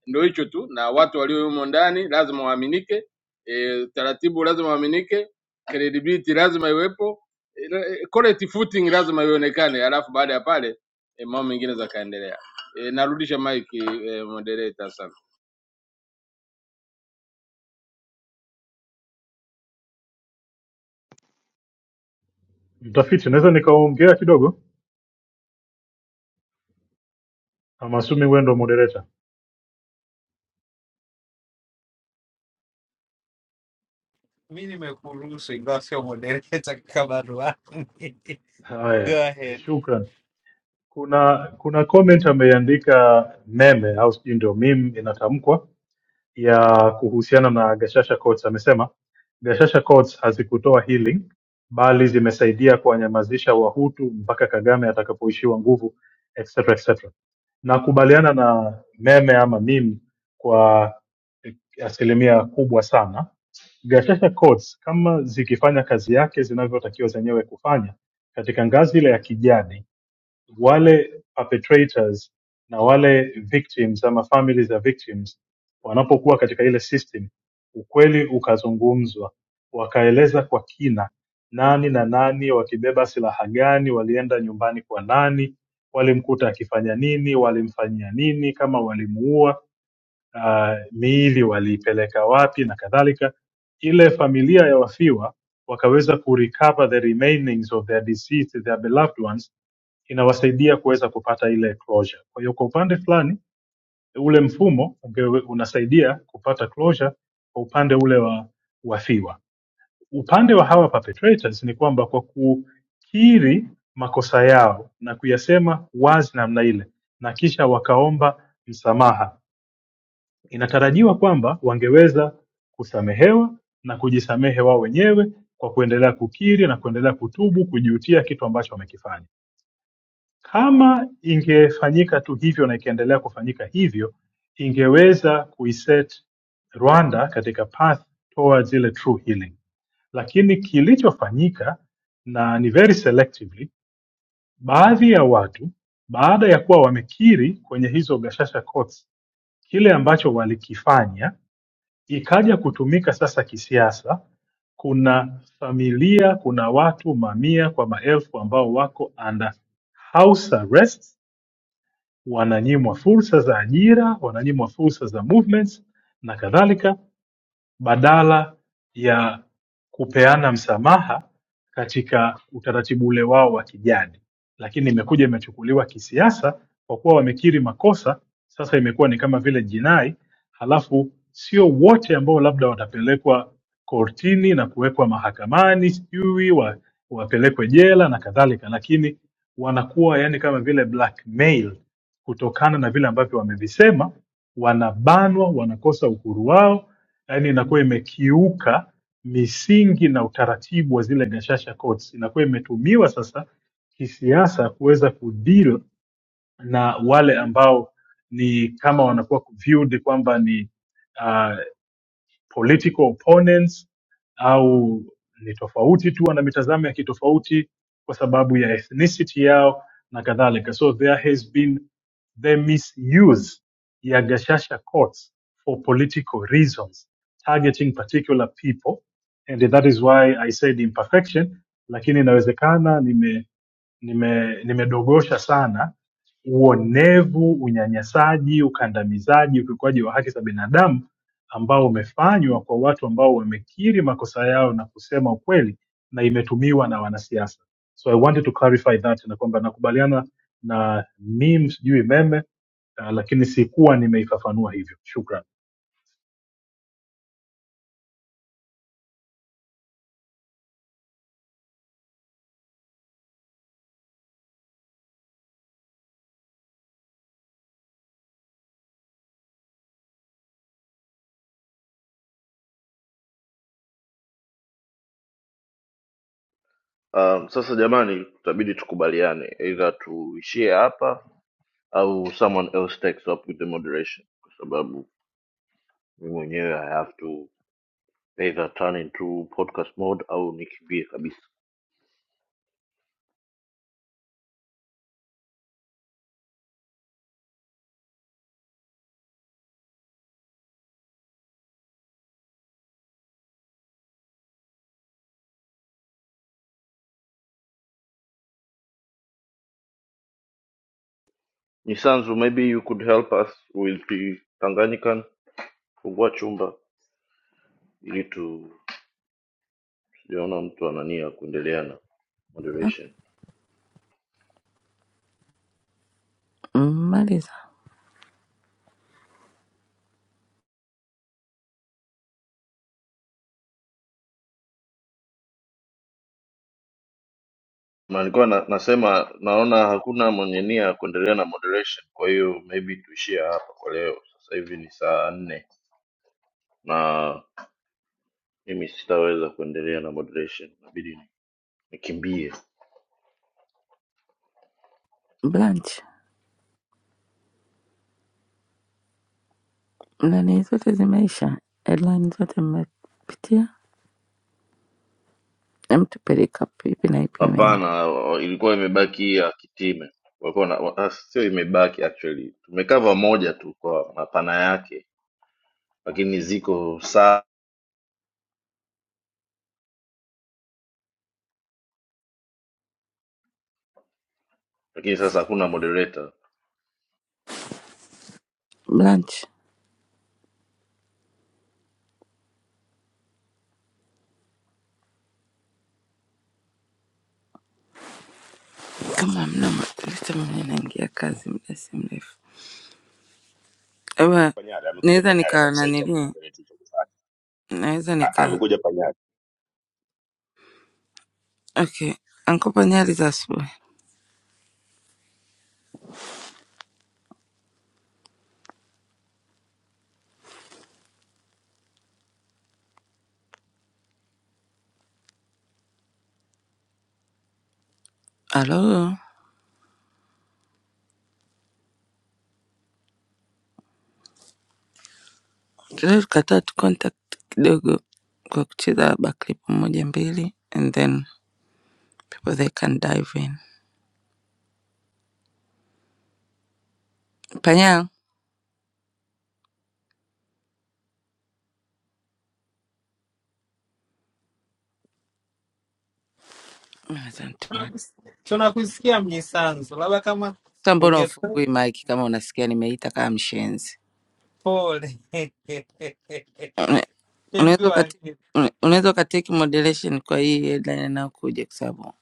Speaker 13: ndio hicho tu, na watu walio humo ndani lazima waaminike, e, taratibu lazima waaminike, credibility lazima iwepo, e, correct footing lazima ionekane, alafu baada ya pale e, mambo mengine zakaendelea. E, narudisha mic e, moderator sana.
Speaker 6: Mtafiti, naweza nikaongea kidogo? I'm assuming wewe ndo moderator.
Speaker 11: mi nimekuruhusu ingawa sio modereta kama Ruaha. Go
Speaker 6: Haya,
Speaker 11: ahead.
Speaker 6: shukran. kuna kuna comment ameandika meme au sijui ndio meme inatamkwa ya kuhusiana na Gashasha Coats amesema Gashasha Coats hazikutoa healing bali zimesaidia kuwanyamazisha Wahutu mpaka Kagame atakapoishiwa nguvu etc etc. Nakubaliana na meme ama meme kwa eh, asilimia kubwa sana. Gashasha Coats kama zikifanya kazi yake zinavyotakiwa zenyewe kufanya katika ngazi ile ya kijadi wale perpetrators na wale victims ama family za victims wanapokuwa katika ile system ukweli ukazungumzwa wakaeleza kwa kina nani na nani wakibeba silaha gani walienda nyumbani kwa nani walimkuta akifanya nini walimfanyia nini kama walimuua uh, miili waliipeleka wapi na kadhalika ile familia ya wafiwa wakaweza kurecover the remainings of their deceased their beloved ones inawasaidia kuweza kupata ile closure. Kwa hiyo kwa upande fulani ule mfumo ungewe- unasaidia kupata closure kwa upande ule wa wafiwa. Upande wa hawa perpetrators ni kwamba kwa kukiri makosa yao na kuyasema wazi namna ile na kisha wakaomba msamaha, inatarajiwa kwamba wangeweza kusamehewa na kujisamehe wao wenyewe kwa kuendelea kukiri na kuendelea kutubu, kujutia kitu ambacho wamekifanya kama ingefanyika tu hivyo na ikaendelea kufanyika hivyo, ingeweza kuiset Rwanda katika path towards ile true healing. Lakini kilichofanyika na ni very selectively, baadhi ya watu baada ya kuwa wamekiri kwenye hizo gashasha courts kile ambacho walikifanya, ikaja kutumika sasa kisiasa. Kuna familia, kuna watu mamia kwa maelfu ambao wako under house arrest wananyimwa fursa za ajira wananyimwa fursa za movements na kadhalika badala ya kupeana msamaha katika utaratibu ule wao wa kijadi, lakini imekuja imechukuliwa kisiasa kwa kuwa wamekiri makosa. Sasa imekuwa ni kama vile jinai, halafu sio wote ambao labda watapelekwa kortini na kuwekwa mahakamani, sijui wa, wapelekwe jela na kadhalika, lakini wanakuwa yani kama vile blackmail kutokana na vile ambavyo wamevisema, wanabanwa, wanakosa uhuru wao yaani inakuwa imekiuka misingi na utaratibu wa zile gashasha courts, inakuwa imetumiwa sasa kisiasa kuweza kudeal na wale ambao ni kama wanakuwa viewed kwamba ni ah, political opponents au ni tofauti tu ana mitazamo ya kitofauti kwa sababu ya ethnicity yao na kadhalika so there has been the misuse ya gashasha courts for political reasons targeting particular people and that is why i said imperfection lakini inawezekana nime nime nimedogosha sana uonevu, unyanyasaji, ukandamizaji, ukiukwaji wa haki za binadamu ambao umefanywa kwa watu ambao wamekiri makosa yao na kusema ukweli na imetumiwa na wanasiasa. So I wanted to clarify that na kwamba nakubaliana na meme sijui meme uh, lakini sikuwa nimeifafanua hivyo. Shukran.
Speaker 3: Um, sasa jamani, tutabidi tukubaliane either tuishie hapa au someone else takes up with the moderation, kwa sababu mimi mwenyewe I have to either turn into podcast mode au nikimbie kabisa. Nisanzu, maybe you could help us with the Tanganyikan kufungua chumba. ili tu tujaona mtu anania kuendelea na
Speaker 14: Ah,
Speaker 3: moderation.
Speaker 14: Mmaliza
Speaker 3: Na Nilikuwa na, nasema naona hakuna mwenye nia ya kuendelea na moderation, kwa hiyo maybe tuishie hapa kwa leo. Sasa hivi ni saa nne na mimi sitaweza kuendelea na moderation, inabidi ni- nikimbie.
Speaker 14: Blanche, nani zote zimeisha, headline zote mmepitia, emtupeleka ipi na ipi imeenda.
Speaker 3: Hapana, ilikuwa imebaki ya kitime walikuwa na wa- sio imebaki actually, tumekava moja tu kwa mapana yake, lakini ziko saa, lakini sasa hakuna moderator.
Speaker 14: Blanche, kama mna matilita, mwenye naingia kazi muda si mrefu, eba naweza nika nanili, naweza nika okay, ankopa nyali za asubuhi. Alo, leo tukataa tu contact kidogo kwa kucheza baklip moja mbili, and then people they can dive in. Panyal,
Speaker 11: Tunakusikia Mnyisanzu, labda kama
Speaker 14: Sasa mbona
Speaker 11: unge
Speaker 14: ufungui mic kama unasikia nimeita kama mshenzi?
Speaker 11: pole
Speaker 14: Una- Unaweza ukati- una- unaweza ukateki moderation kwa hii headline inayokuja kwa sababu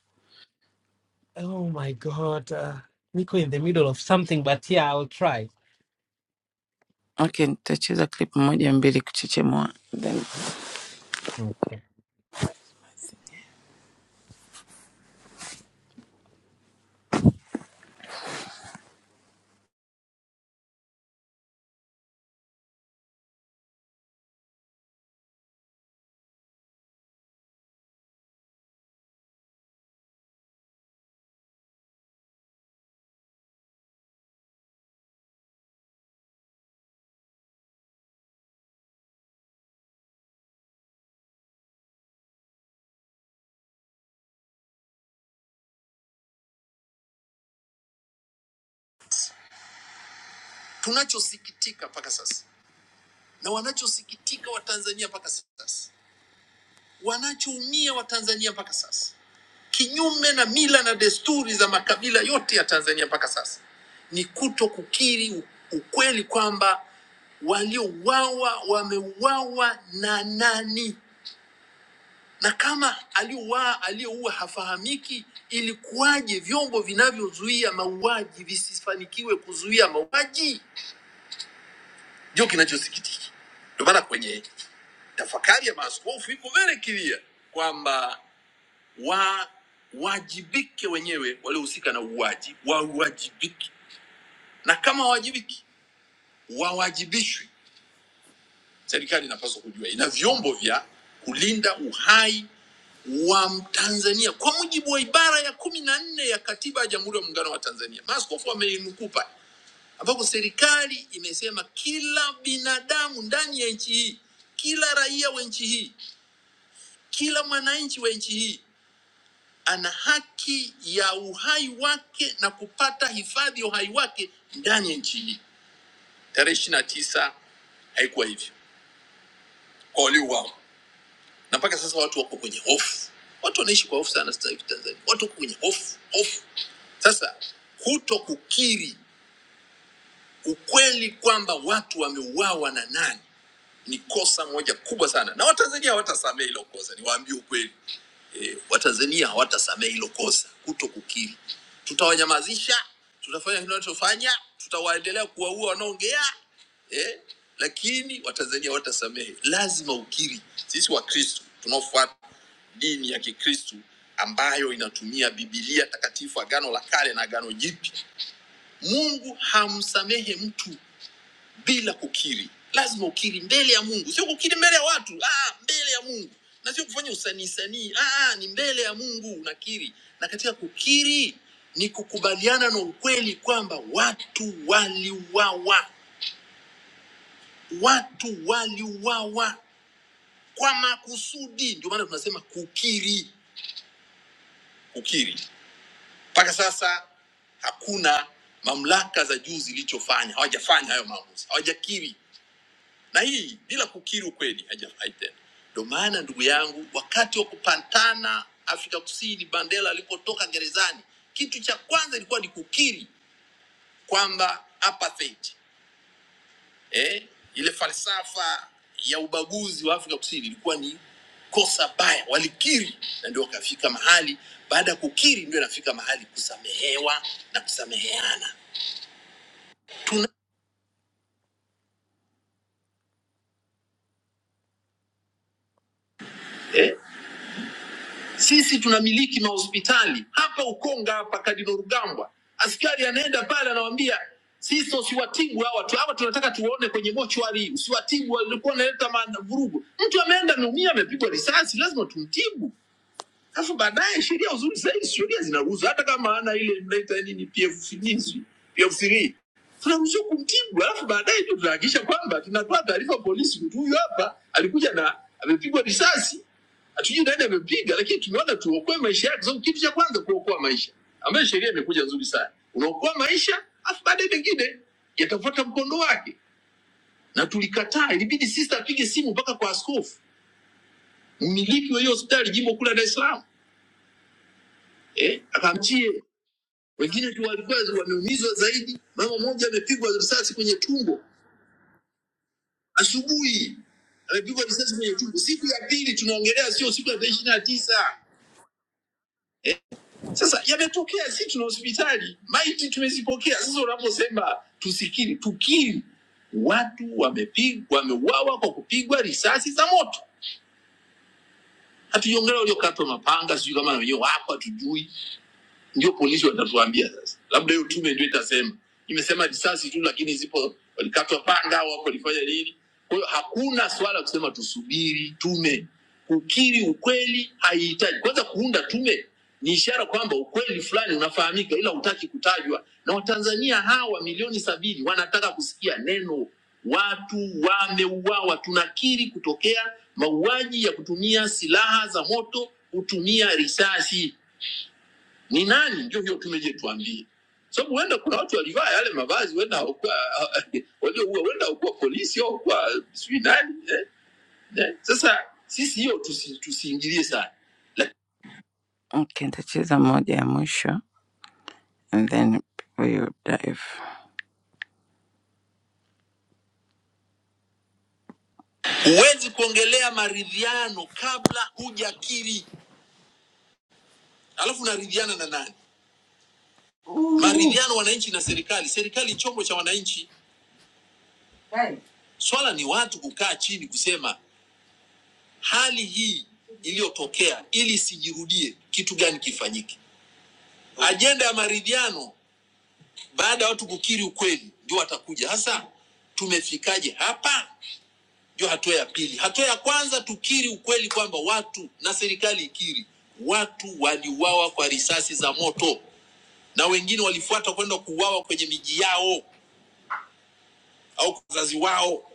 Speaker 11: Oh my god, uh, niko in the middle of something but yeah, I'll try.
Speaker 14: okay, nitacheza clip moja mbili kuchechemua then tunachosikitika mpaka sasa na wanachosikitika Watanzania mpaka sasa, wanachoumia Watanzania mpaka sasa kinyume na mila na desturi za makabila yote ya Tanzania mpaka sasa, ni kuto kukiri u- ukweli kwamba waliouawa wameuawa na nani, na kama aliouawa aliyeua hafahamiki, ilikuwaje vyombo vinavyozuia mauaji visifanikiwe kuzuia mauaji? Ndio kinachosikitika. Ndio maana kwenye tafakari ya maaskofu iko very clear kwamba wa wajibike wenyewe waliohusika na uuaji wawajibike, na kama wawajibiki wawajibishwe. Serikali inapaswa kujua ina vyombo vya kulinda uhai wa Mtanzania kwa mujibu wa ibara ya kumi na nne ya Katiba ya Jamhuri ya Muungano wa Tanzania. Maaskofu wameinukuu pale, ambapo serikali imesema kila binadamu ndani ya nchi hii, kila raia wa nchi hii, kila mwananchi wa nchi hii ana haki ya uhai wake na kupata hifadhi ya uhai wake ndani ya nchi hii. Tarehe ishirini na tisa haikuwa hivyo kwa waliouawa, na mpaka sasa watu wako kwenye hofu. Watu wanaishi kwa hofu sana sasa hivi Tanzania, watu wako kwenye hofu hofu. Sasa kuto kukiri ukweli kwamba watu wameuawa na nani ni kosa moja kubwa sana, na Watanzania hawatasamehe hilo kosa, niwaambie ukweli E, Watanzania hawatasamehe hilo kosa, kuto kukiri. Tutawanyamazisha, tutafanya kile wanachofanya, tutawaendelea kuwaua wanaongea eh, lakini Watanzania hawatasamehe. Lazima ukiri. Sisi Wakristo tunaofuata dini ya Kikristo ambayo inatumia Biblia takatifu, Agano la Kale na Agano Jipya, Mungu hamsamehe mtu bila kukiri lazima ukiri mbele ya mungu sio kukiri mbele ya watu ah, mbele ya mungu na sio kufanya usanii sanii ah, ah, ni mbele ya mungu unakiri na katika kukiri ni kukubaliana na ukweli kwamba watu waliuawa watu waliuawa kwa makusudi ndio maana tunasema kukiri kukiri mpaka sasa hakuna mamlaka za juu zilichofanya hawajafanya hayo maamuzi hawajakiri na hii bila kukiri ukweli hajafurahi tena. Ndio maana ndugu yangu, wakati wa kupatana Afrika Kusini, Mandela alipotoka gerezani, kitu cha kwanza ilikuwa ni kukiri kwamba apartheid, eh, ile falsafa ya ubaguzi wa Afrika Kusini ilikuwa ni kosa baya, walikiri na ndio wakafika mahali. Baada ya kukiri, ndio inafika mahali kusamehewa na kusameheana. Tuna eh? Sisi tunamiliki mahospitali hapa Ukonga, hapa Kadino Rugambwa, askari anaenda pale anawaambia sisi usiwatibu hawa tu, hawa tunataka tuone kwenye mochwari, usiwatibu, walikuwa wanaleta maana- vurugu. Mtu ameenda ameumia, amepigwa risasi, lazima tumtibu. Sasa baadaye sheria uzuri zaidi, sheria zinaruhusu hata kama ana ile mnaita nini, PF3 PF3 tunaruhusiwa kumtibu, alafu baadaye ndio tunahakikisha kwamba tunatoa taarifa polisi, mtu huyu hapa alikuja na amepigwa risasi, hatujui nani amepiga, lakini tumeona tuokoe maisha yake, sababu kitu cha kwanza kuokoa maisha, ambayo sheria imekuja nzuri sana. Unaokoa maisha, alafu baadaye mengine yatafuata mkondo wake, na tulikataa. Ilibidi sister apige simu mpaka kwa askofu mmiliki wa hiyo hospitali jimbo kule Dar es Salaam, eh, akamchie wengine tu walikuwa wameumizwa zaidi. Mama mmoja amepigwa risasi kwenye tumbo asubuhi, amepigwa risasi kwenye tumbo. Siku ya pili tunaongelea, sio siku ya tarehe ishirini na tisa. Sasa yametokea, si tuna hospitali, maiti tumezipokea. Sasa unaposema tusikiri, tukiri, watu wamepigwa, wameuawa kwa kupigwa risasi za moto. Hatujaongelea waliokatwa mapanga, sijui kama na wenyewe wapo, hatujui ndio polisi watatuambia sasa, labda hiyo tume ndio itasema, imesema risasi tu, lakini zipo walikatwa panga au walifanya nini. Kwa hiyo hakuna swala kusema tusubiri tume. Kukiri ukweli haihitaji kwanza. Kuunda tume ni ishara kwamba ukweli fulani unafahamika, ila hutaki kutajwa, na Watanzania hawa milioni sabini wanataka kusikia neno. Watu wameuawa, tunakiri kutokea mauaji ya kutumia silaha za moto, kutumia risasi ni nani? Ndio hiyo tume je, tuambie, sababu huenda kuna watu walivaa yale mavazi, huenda hawakuwa walioua, huenda hawakuwa polisi au hawakuwa sijui nani eh, eh. Sasa sisi hiyo tusi, tusiingilie sana. Okay, nitacheza moja ya mwisho and then we'll dive. Huwezi kuongelea maridhiano kabla hujakiri, alafu unaridhiana na nani? Maridhiano wananchi na serikali, serikali chombo cha wananchi. Swala ni watu kukaa chini kusema hali hii iliyotokea ili isijirudie, kitu gani kifanyike? Ajenda ya maridhiano baada ya watu kukiri ukweli, ndio watakuja hasa. Tumefikaje hapa? Ndio hatua ya pili. Hatua ya kwanza tukiri ukweli kwamba watu na serikali ikiri, watu waliuawa kwa risasi za moto na wengine walifuata kwenda kuuawa kwenye miji yao au kwa wazazi wao.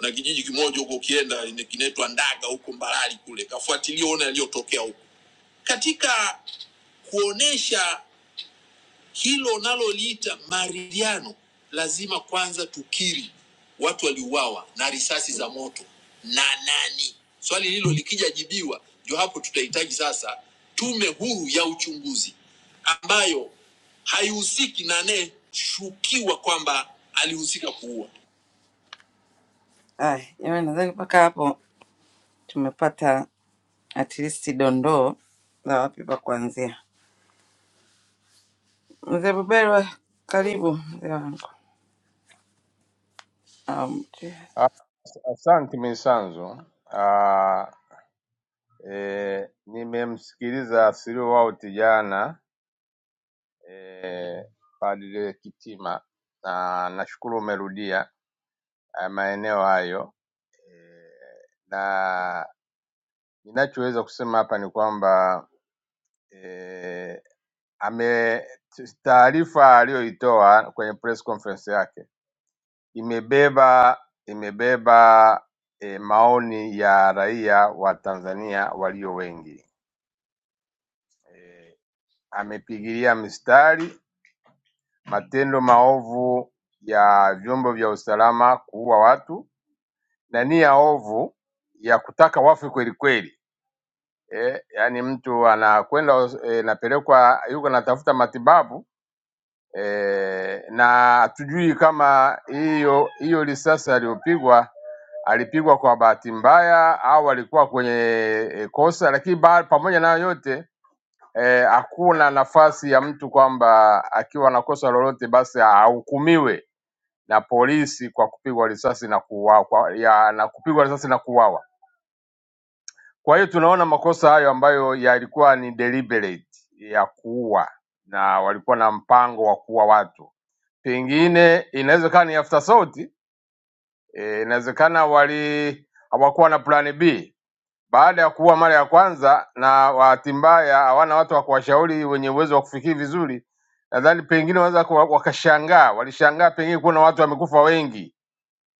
Speaker 14: Na kijiji kimoja huko ukienda ine- kinaitwa Ndaga huko Mbarali kule, kafuatilia uone yaliyotokea huko katika kuonesha hilo unaloliita maridhiano, lazima kwanza tukiri watu waliuawa na risasi za moto na nani. Swali hilo likija jibiwa, ndio hapo tutahitaji sasa tume huru ya uchunguzi ambayo haihusiki na anayeshukiwa kwamba alihusika kuua. Aya, jamani, nadhani mpaka hapo tumepata at least dondoo za wapi pa kuanzia. Mzee Buberwa, karibu. mzee wangu. Um,
Speaker 13: Ah, Asante Misanzo. Ah, eh, nimemsikiliza Silio Wauti jana eh, Padre Kitima, na nashukuru umerudia eh, maeneo hayo eh, na ninachoweza kusema hapa ni kwamba eh, ame taarifa aliyoitoa kwenye press conference yake imebeba imebeba e, maoni ya raia wa Tanzania walio wengi eh, amepigilia mstari matendo maovu ya vyombo vya usalama kuua watu na nia ovu ya kutaka wafe kweli kweli. Eh, yaani mtu anakwenda hos- eh, napelekwa yuko anatafuta matibabu eh, na hatujui kama hiyo hiyo risasi aliyopigwa alipigwa kwa bahati mbaya au alikuwa kwenye eh, kosa, lakini ba- pamoja na hayo yote eh, hakuna eh, nafasi ya mtu kwamba akiwa na kosa lolote basi ahukumiwe na polisi kwa kupigwa risasi na kuuawa kwa, ya, na kupigwa risasi na kuuawa. Kwa hiyo tunaona makosa hayo ambayo yalikuwa ni deliberate ya kuua na walikuwa na mpango wa kuua watu. Pengine inawezekana ni afterthought, eh, inawezekana wali hawakuwa na plan B baada ya kuwa mara ya kwanza na bahati mbaya hawana watu wa kuwashauri wenye uwezo wa kufikiri vizuri, nadhani pengine wanaweza kuwa- wakashangaa, walishangaa pengine kuona watu wamekufa wengi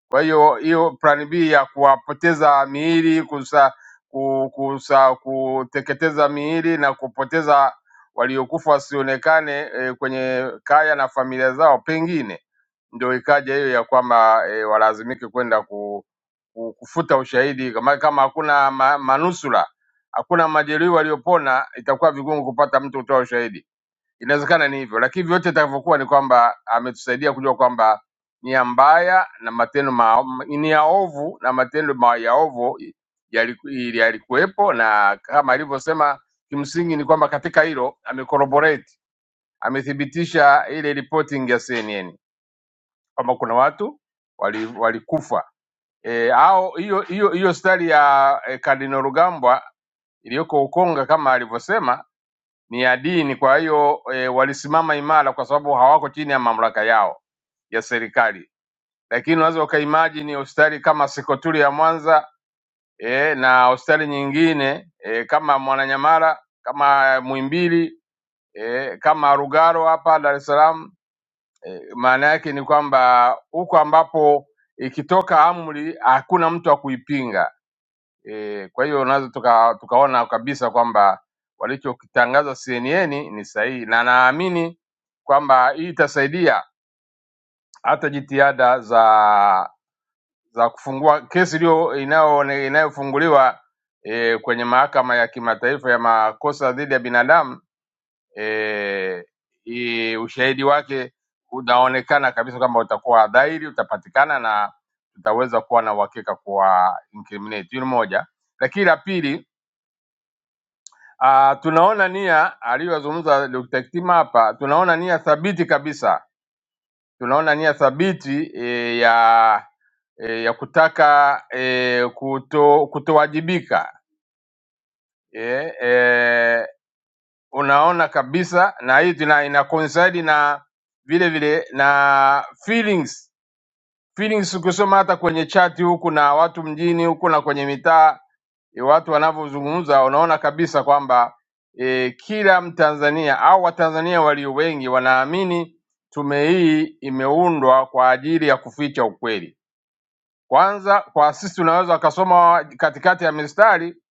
Speaker 13: kwa hiyo hiyo plan B ya kuwapoteza miili kusa, ku- kusa, kuteketeza miili na kupoteza waliokufa wasionekane e, kwenye kaya na familia zao, pengine ndio ikaja hiyo ya kwamba e, walazimike kwenda ku, ku, kufuta ushahidi kama, kama hakuna ma, manusura hakuna majeruhi waliopona, itakuwa vigumu kupata mtu kutoa ushahidi inawezekana ni hivyo, lakini vyote itakavyokuwa ni kwamba ametusaidia kujua kwamba nia mbaya na matendo ma, nia ovu na matendo ma, ya ovu yaliku- ili- yalikuwepo, na kama alivyosema, kimsingi ni kwamba katika hilo amecorroborate, amethibitisha ile reporting ya CNN kwamba kuna watu wali- walikufa e, au hiyo hiyo hiyo stari ya e, Kardinal Rugambwa iliyoko Ukonga kama alivyosema ni ya dini. Kwa hiyo e, walisimama imara kwa sababu hawako chini ya mamlaka yao ya serikali, lakini unaweza ukaimagine hospitali kama Sekoturi ya Mwanza e, na hospitali nyingine e, kama Mwananyamala, kama Muhimbili e, kama Rugaro hapa Dar es Salaam e, maana yake ni kwamba huko ambapo ikitoka amri hakuna mtu wa kuipinga E, kwa hiyo unaweza tuka, tukaona kabisa kwamba walichokitangaza CNN ni sahihi, na naamini kwamba hii itasaidia hata jitihada za za kufungua kesi iliyo inayo- inayofunguliwa e, kwenye mahakama ya kimataifa ya makosa dhidi ya binadamu e, i, ushahidi wake unaonekana kabisa kwamba utakuwa dhahiri, utapatikana na tutaweza kuwa na uhakika kuwa incriminate. Hiyo ni moja, lakini la pili Uh, tunaona nia aliyozungumza Dr. Kitima hapa, tunaona nia thabiti kabisa tunaona nia thabiti eh, ya eh, ya kutaka eh, kuto, kutowajibika eh, eh, unaona kabisa na hii tuna- ina coincide na vile vile na feelings feelings ukisoma hata kwenye chati huku na watu mjini huku na kwenye mitaa e, watu wanavyozungumza unaona kabisa kwamba e, kila Mtanzania au Watanzania walio wengi wanaamini tume hii imeundwa kwa ajili ya kuficha ukweli. Kwanza waasisi unaweza ukasoma katikati ya mistari,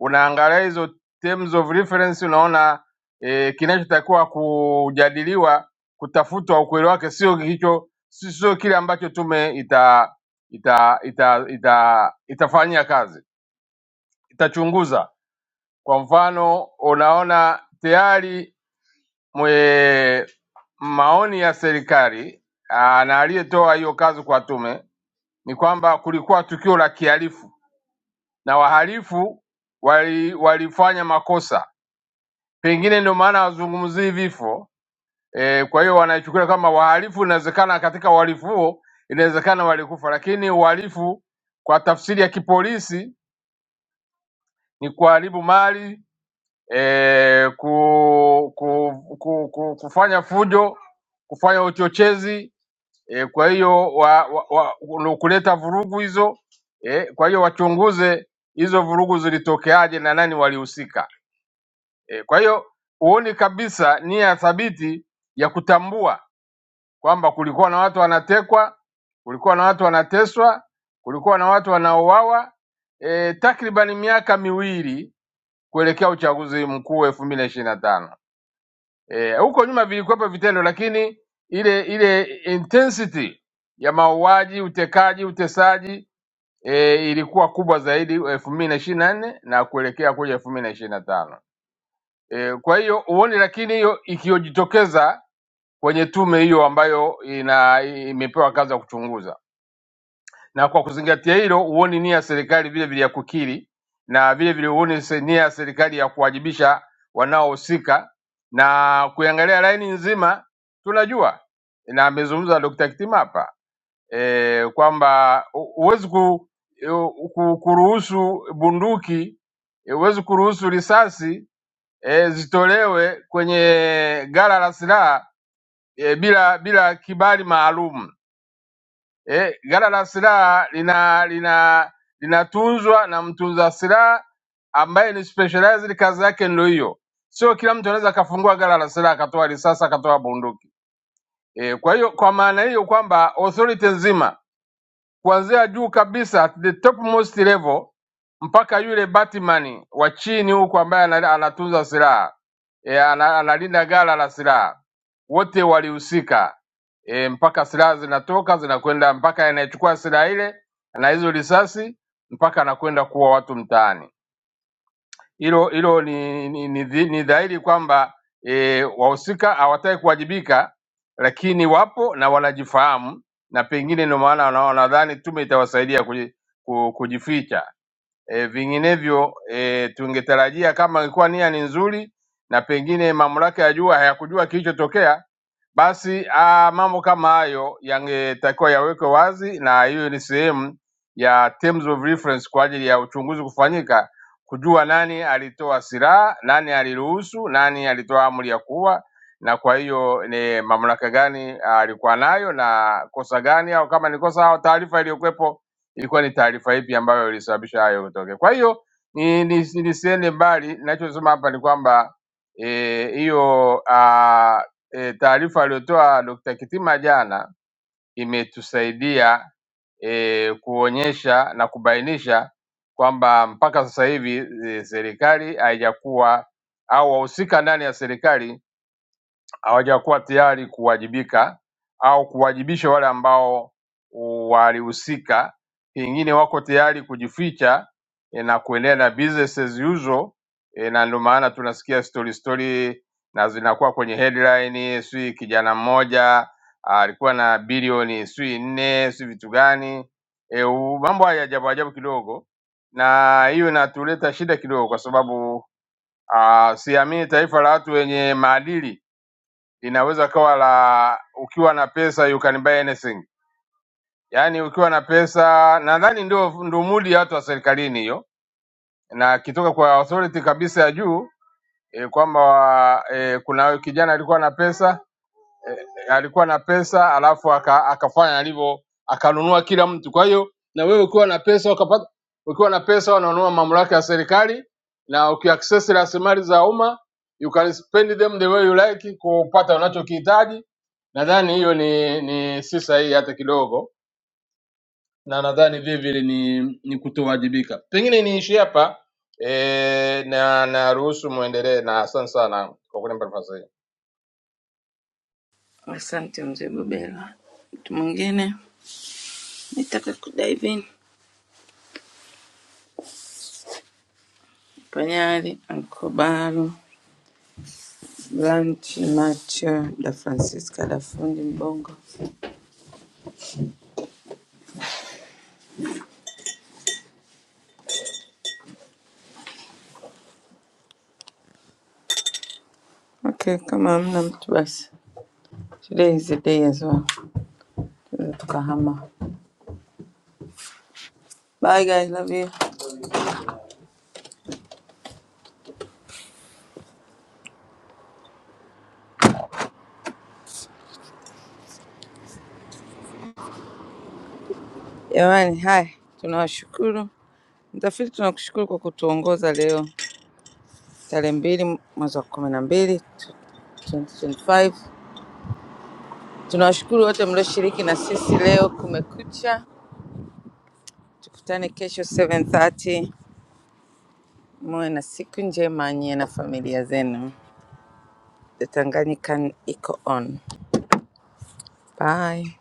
Speaker 13: unaangalia hizo terms of reference, unaona e, kinachotakiwa kujadiliwa, kutafutwa ukweli wake, sio hicho, si- sio kile ambacho tume ita ita ita ita itafanyia kazi, itachunguza. Kwa mfano, unaona tayari mwe maoni ya serikali aa, na aliyetoa hiyo kazi kwa tume ni kwamba kulikuwa tukio la kihalifu na wahalifu wali, walifanya makosa, pengine ndio maana wazungumzii vifo e, kwa hiyo wanaichukulia kama wahalifu. Inawezekana katika uhalifu huo inawezekana walikufa, lakini uhalifu kwa tafsiri ya kipolisi ni kuharibu mali e, ku, ku, ku, ku, kufanya fujo, kufanya uchochezi e, kwa hiyo wa, wa, wa, ndio kuleta vurugu hizo e, kwa hiyo wachunguze hizo vurugu zilitokeaje na nani walihusika. E, kwa hiyo huoni kabisa nia thabiti ya kutambua kwamba kulikuwa na watu wanatekwa, kulikuwa na watu wanateswa, kulikuwa na watu wanaouawa e, takriban miaka miwili kuelekea uchaguzi mkuu elfu mbili na ishirini na tano. E, huko nyuma vilikuwepo vitendo, lakini ile ile intensity ya mauaji, utekaji, utesaji e, ilikuwa kubwa zaidi elfu mbili na ishirini na nne na kuelekea kuja elfu mbili na ishirini na tano. E, kwa hiyo huoni, lakini hiyo ikiyojitokeza kwenye tume hiyo ambayo ina imepewa kazi ya kuchunguza, na kwa kuzingatia hilo, huoni nia ya serikali vile vile ya kukiri na vile vile huoni se- nia ya serikali ya kuwajibisha wanaohusika na kuiangalia laini nzima. Tunajua na amezungumza Dr. Kitima hapa e, kwamba hu- huwezi ku, eh, ku, kuruhusu bunduki, huwezi kuruhusu risasi e, zitolewe kwenye ghala la silaha e, bila bila kibali maalum. E, ghala la silaha lina lina linatunzwa na mtunza silaha ambaye ni specialized, kazi yake ndio hiyo. Sio kila mtu anaweza akafungua ghala la silaha akatoa risasi akatoa bunduki. E, kwa hiyo kwa maana hiyo kwamba authority nzima kuanzia juu kabisa at the topmost level mpaka yule batman wa chini huko ambaye ana- anatunza silaha e, ana- analinda ghala la silaha, wote walihusika e, mpaka silaha zinatoka zinakwenda mpaka anayechukua silaha ile na hizo risasi mpaka anakwenda kuwa watu mtaani hilo hilo ni, ni, ni, dhi- ni dhahiri kwamba e, wahusika hawataki kuwajibika, lakini wapo na wanajifahamu, na pengine ndio maana wana- wanadhani tume itawasaidia kuji- ku- kujificha. E, vinginevyo e, tungetarajia kama ilikuwa nia ni nzuri na pengine mamlaka ya juu hayakujua kilichotokea, basi a, mambo kama hayo yangetakiwa yawekwe wazi, na hiyo ni sehemu ya terms of reference kwa ajili ya uchunguzi kufanyika kujua nani alitoa silaha, nani aliruhusu, nani alitoa amri ya kuua, na kwa hiyo ni mamlaka gani ah, alikuwa nayo na kosa gani, au kama ni kosa, au taarifa iliyokuwepo ilikuwa ni taarifa ipi ambayo ilisababisha hayo kutokea. Kwa hiyo ni, ni, nisiende mbali, ninachosema hapa ni kwamba eh, hiyo ah, eh, taarifa aliyotoa Dr. Kitima jana imetusaidia eh, kuonyesha na kubainisha kwamba mpaka sasa hivi eh, serikali haijakuwa au wahusika ndani ya serikali hawajakuwa tayari kuwajibika au kuwajibisha wale ambao walihusika, pengine wako tayari kujificha eh, na kuendelea na business as usual eh, na ndio maana tunasikia story story na zinakuwa kwenye headline, sijui kijana mmoja ah, alikuwa na bilioni sijui nne sijui vitu gani e, mambo haya ajabu ajabu kidogo, na hiyo inatuleta shida kidogo, kwa sababu ah, siamini taifa la watu wenye maadili linaweza kawa la ukiwa na pesa you can buy anything, yaani ukiwa na pesa. Nadhani ndio ndio mudi ya watu wa serikalini hiyo, na kitoka kwa authority kabisa ya juu e, kwamba e, kuna kijana alikuwa na pesa eh, alikuwa na pesa alafu aka, akafanya alivyo akanunua kila mtu. Kwa hiyo na wewe ukiwa na pesa ukapata, ukiwa na pesa unanunua mamlaka ya serikali na ukiaccess rasilimali za umma you can spend them the way you like kupata unachokihitaji. Nadhani hiyo ni, ni si sahihi hata kidogo, na nadhani vile vile ni, ni kutowajibika. Pengine niishie hapa e, na naruhusu muendelee, na asante sana kwa kunipa nafasi hii.
Speaker 14: asante mzee Bubelwa. Mtu mwingine nitaka kudaivin Panyari, Ankobaru, Blanchi Macho, da Francisca, da fundi Mbongo. Okay, kama hamna mtu basi, today is the day as well, tunaweza tukahama. Bye guys, love you. Jamani, hai, tunawashukuru mtafiti, tunakushukuru kwa kutuongoza leo tarehe mbili mwezi wa kumi na mbili 2025 Tunawashukuru wote mlioshiriki na sisi leo kumekucha. Tukutane kesho 7:30. Muwe na siku njema nyie na familia zenu. The Tanganyika iko on. Bye.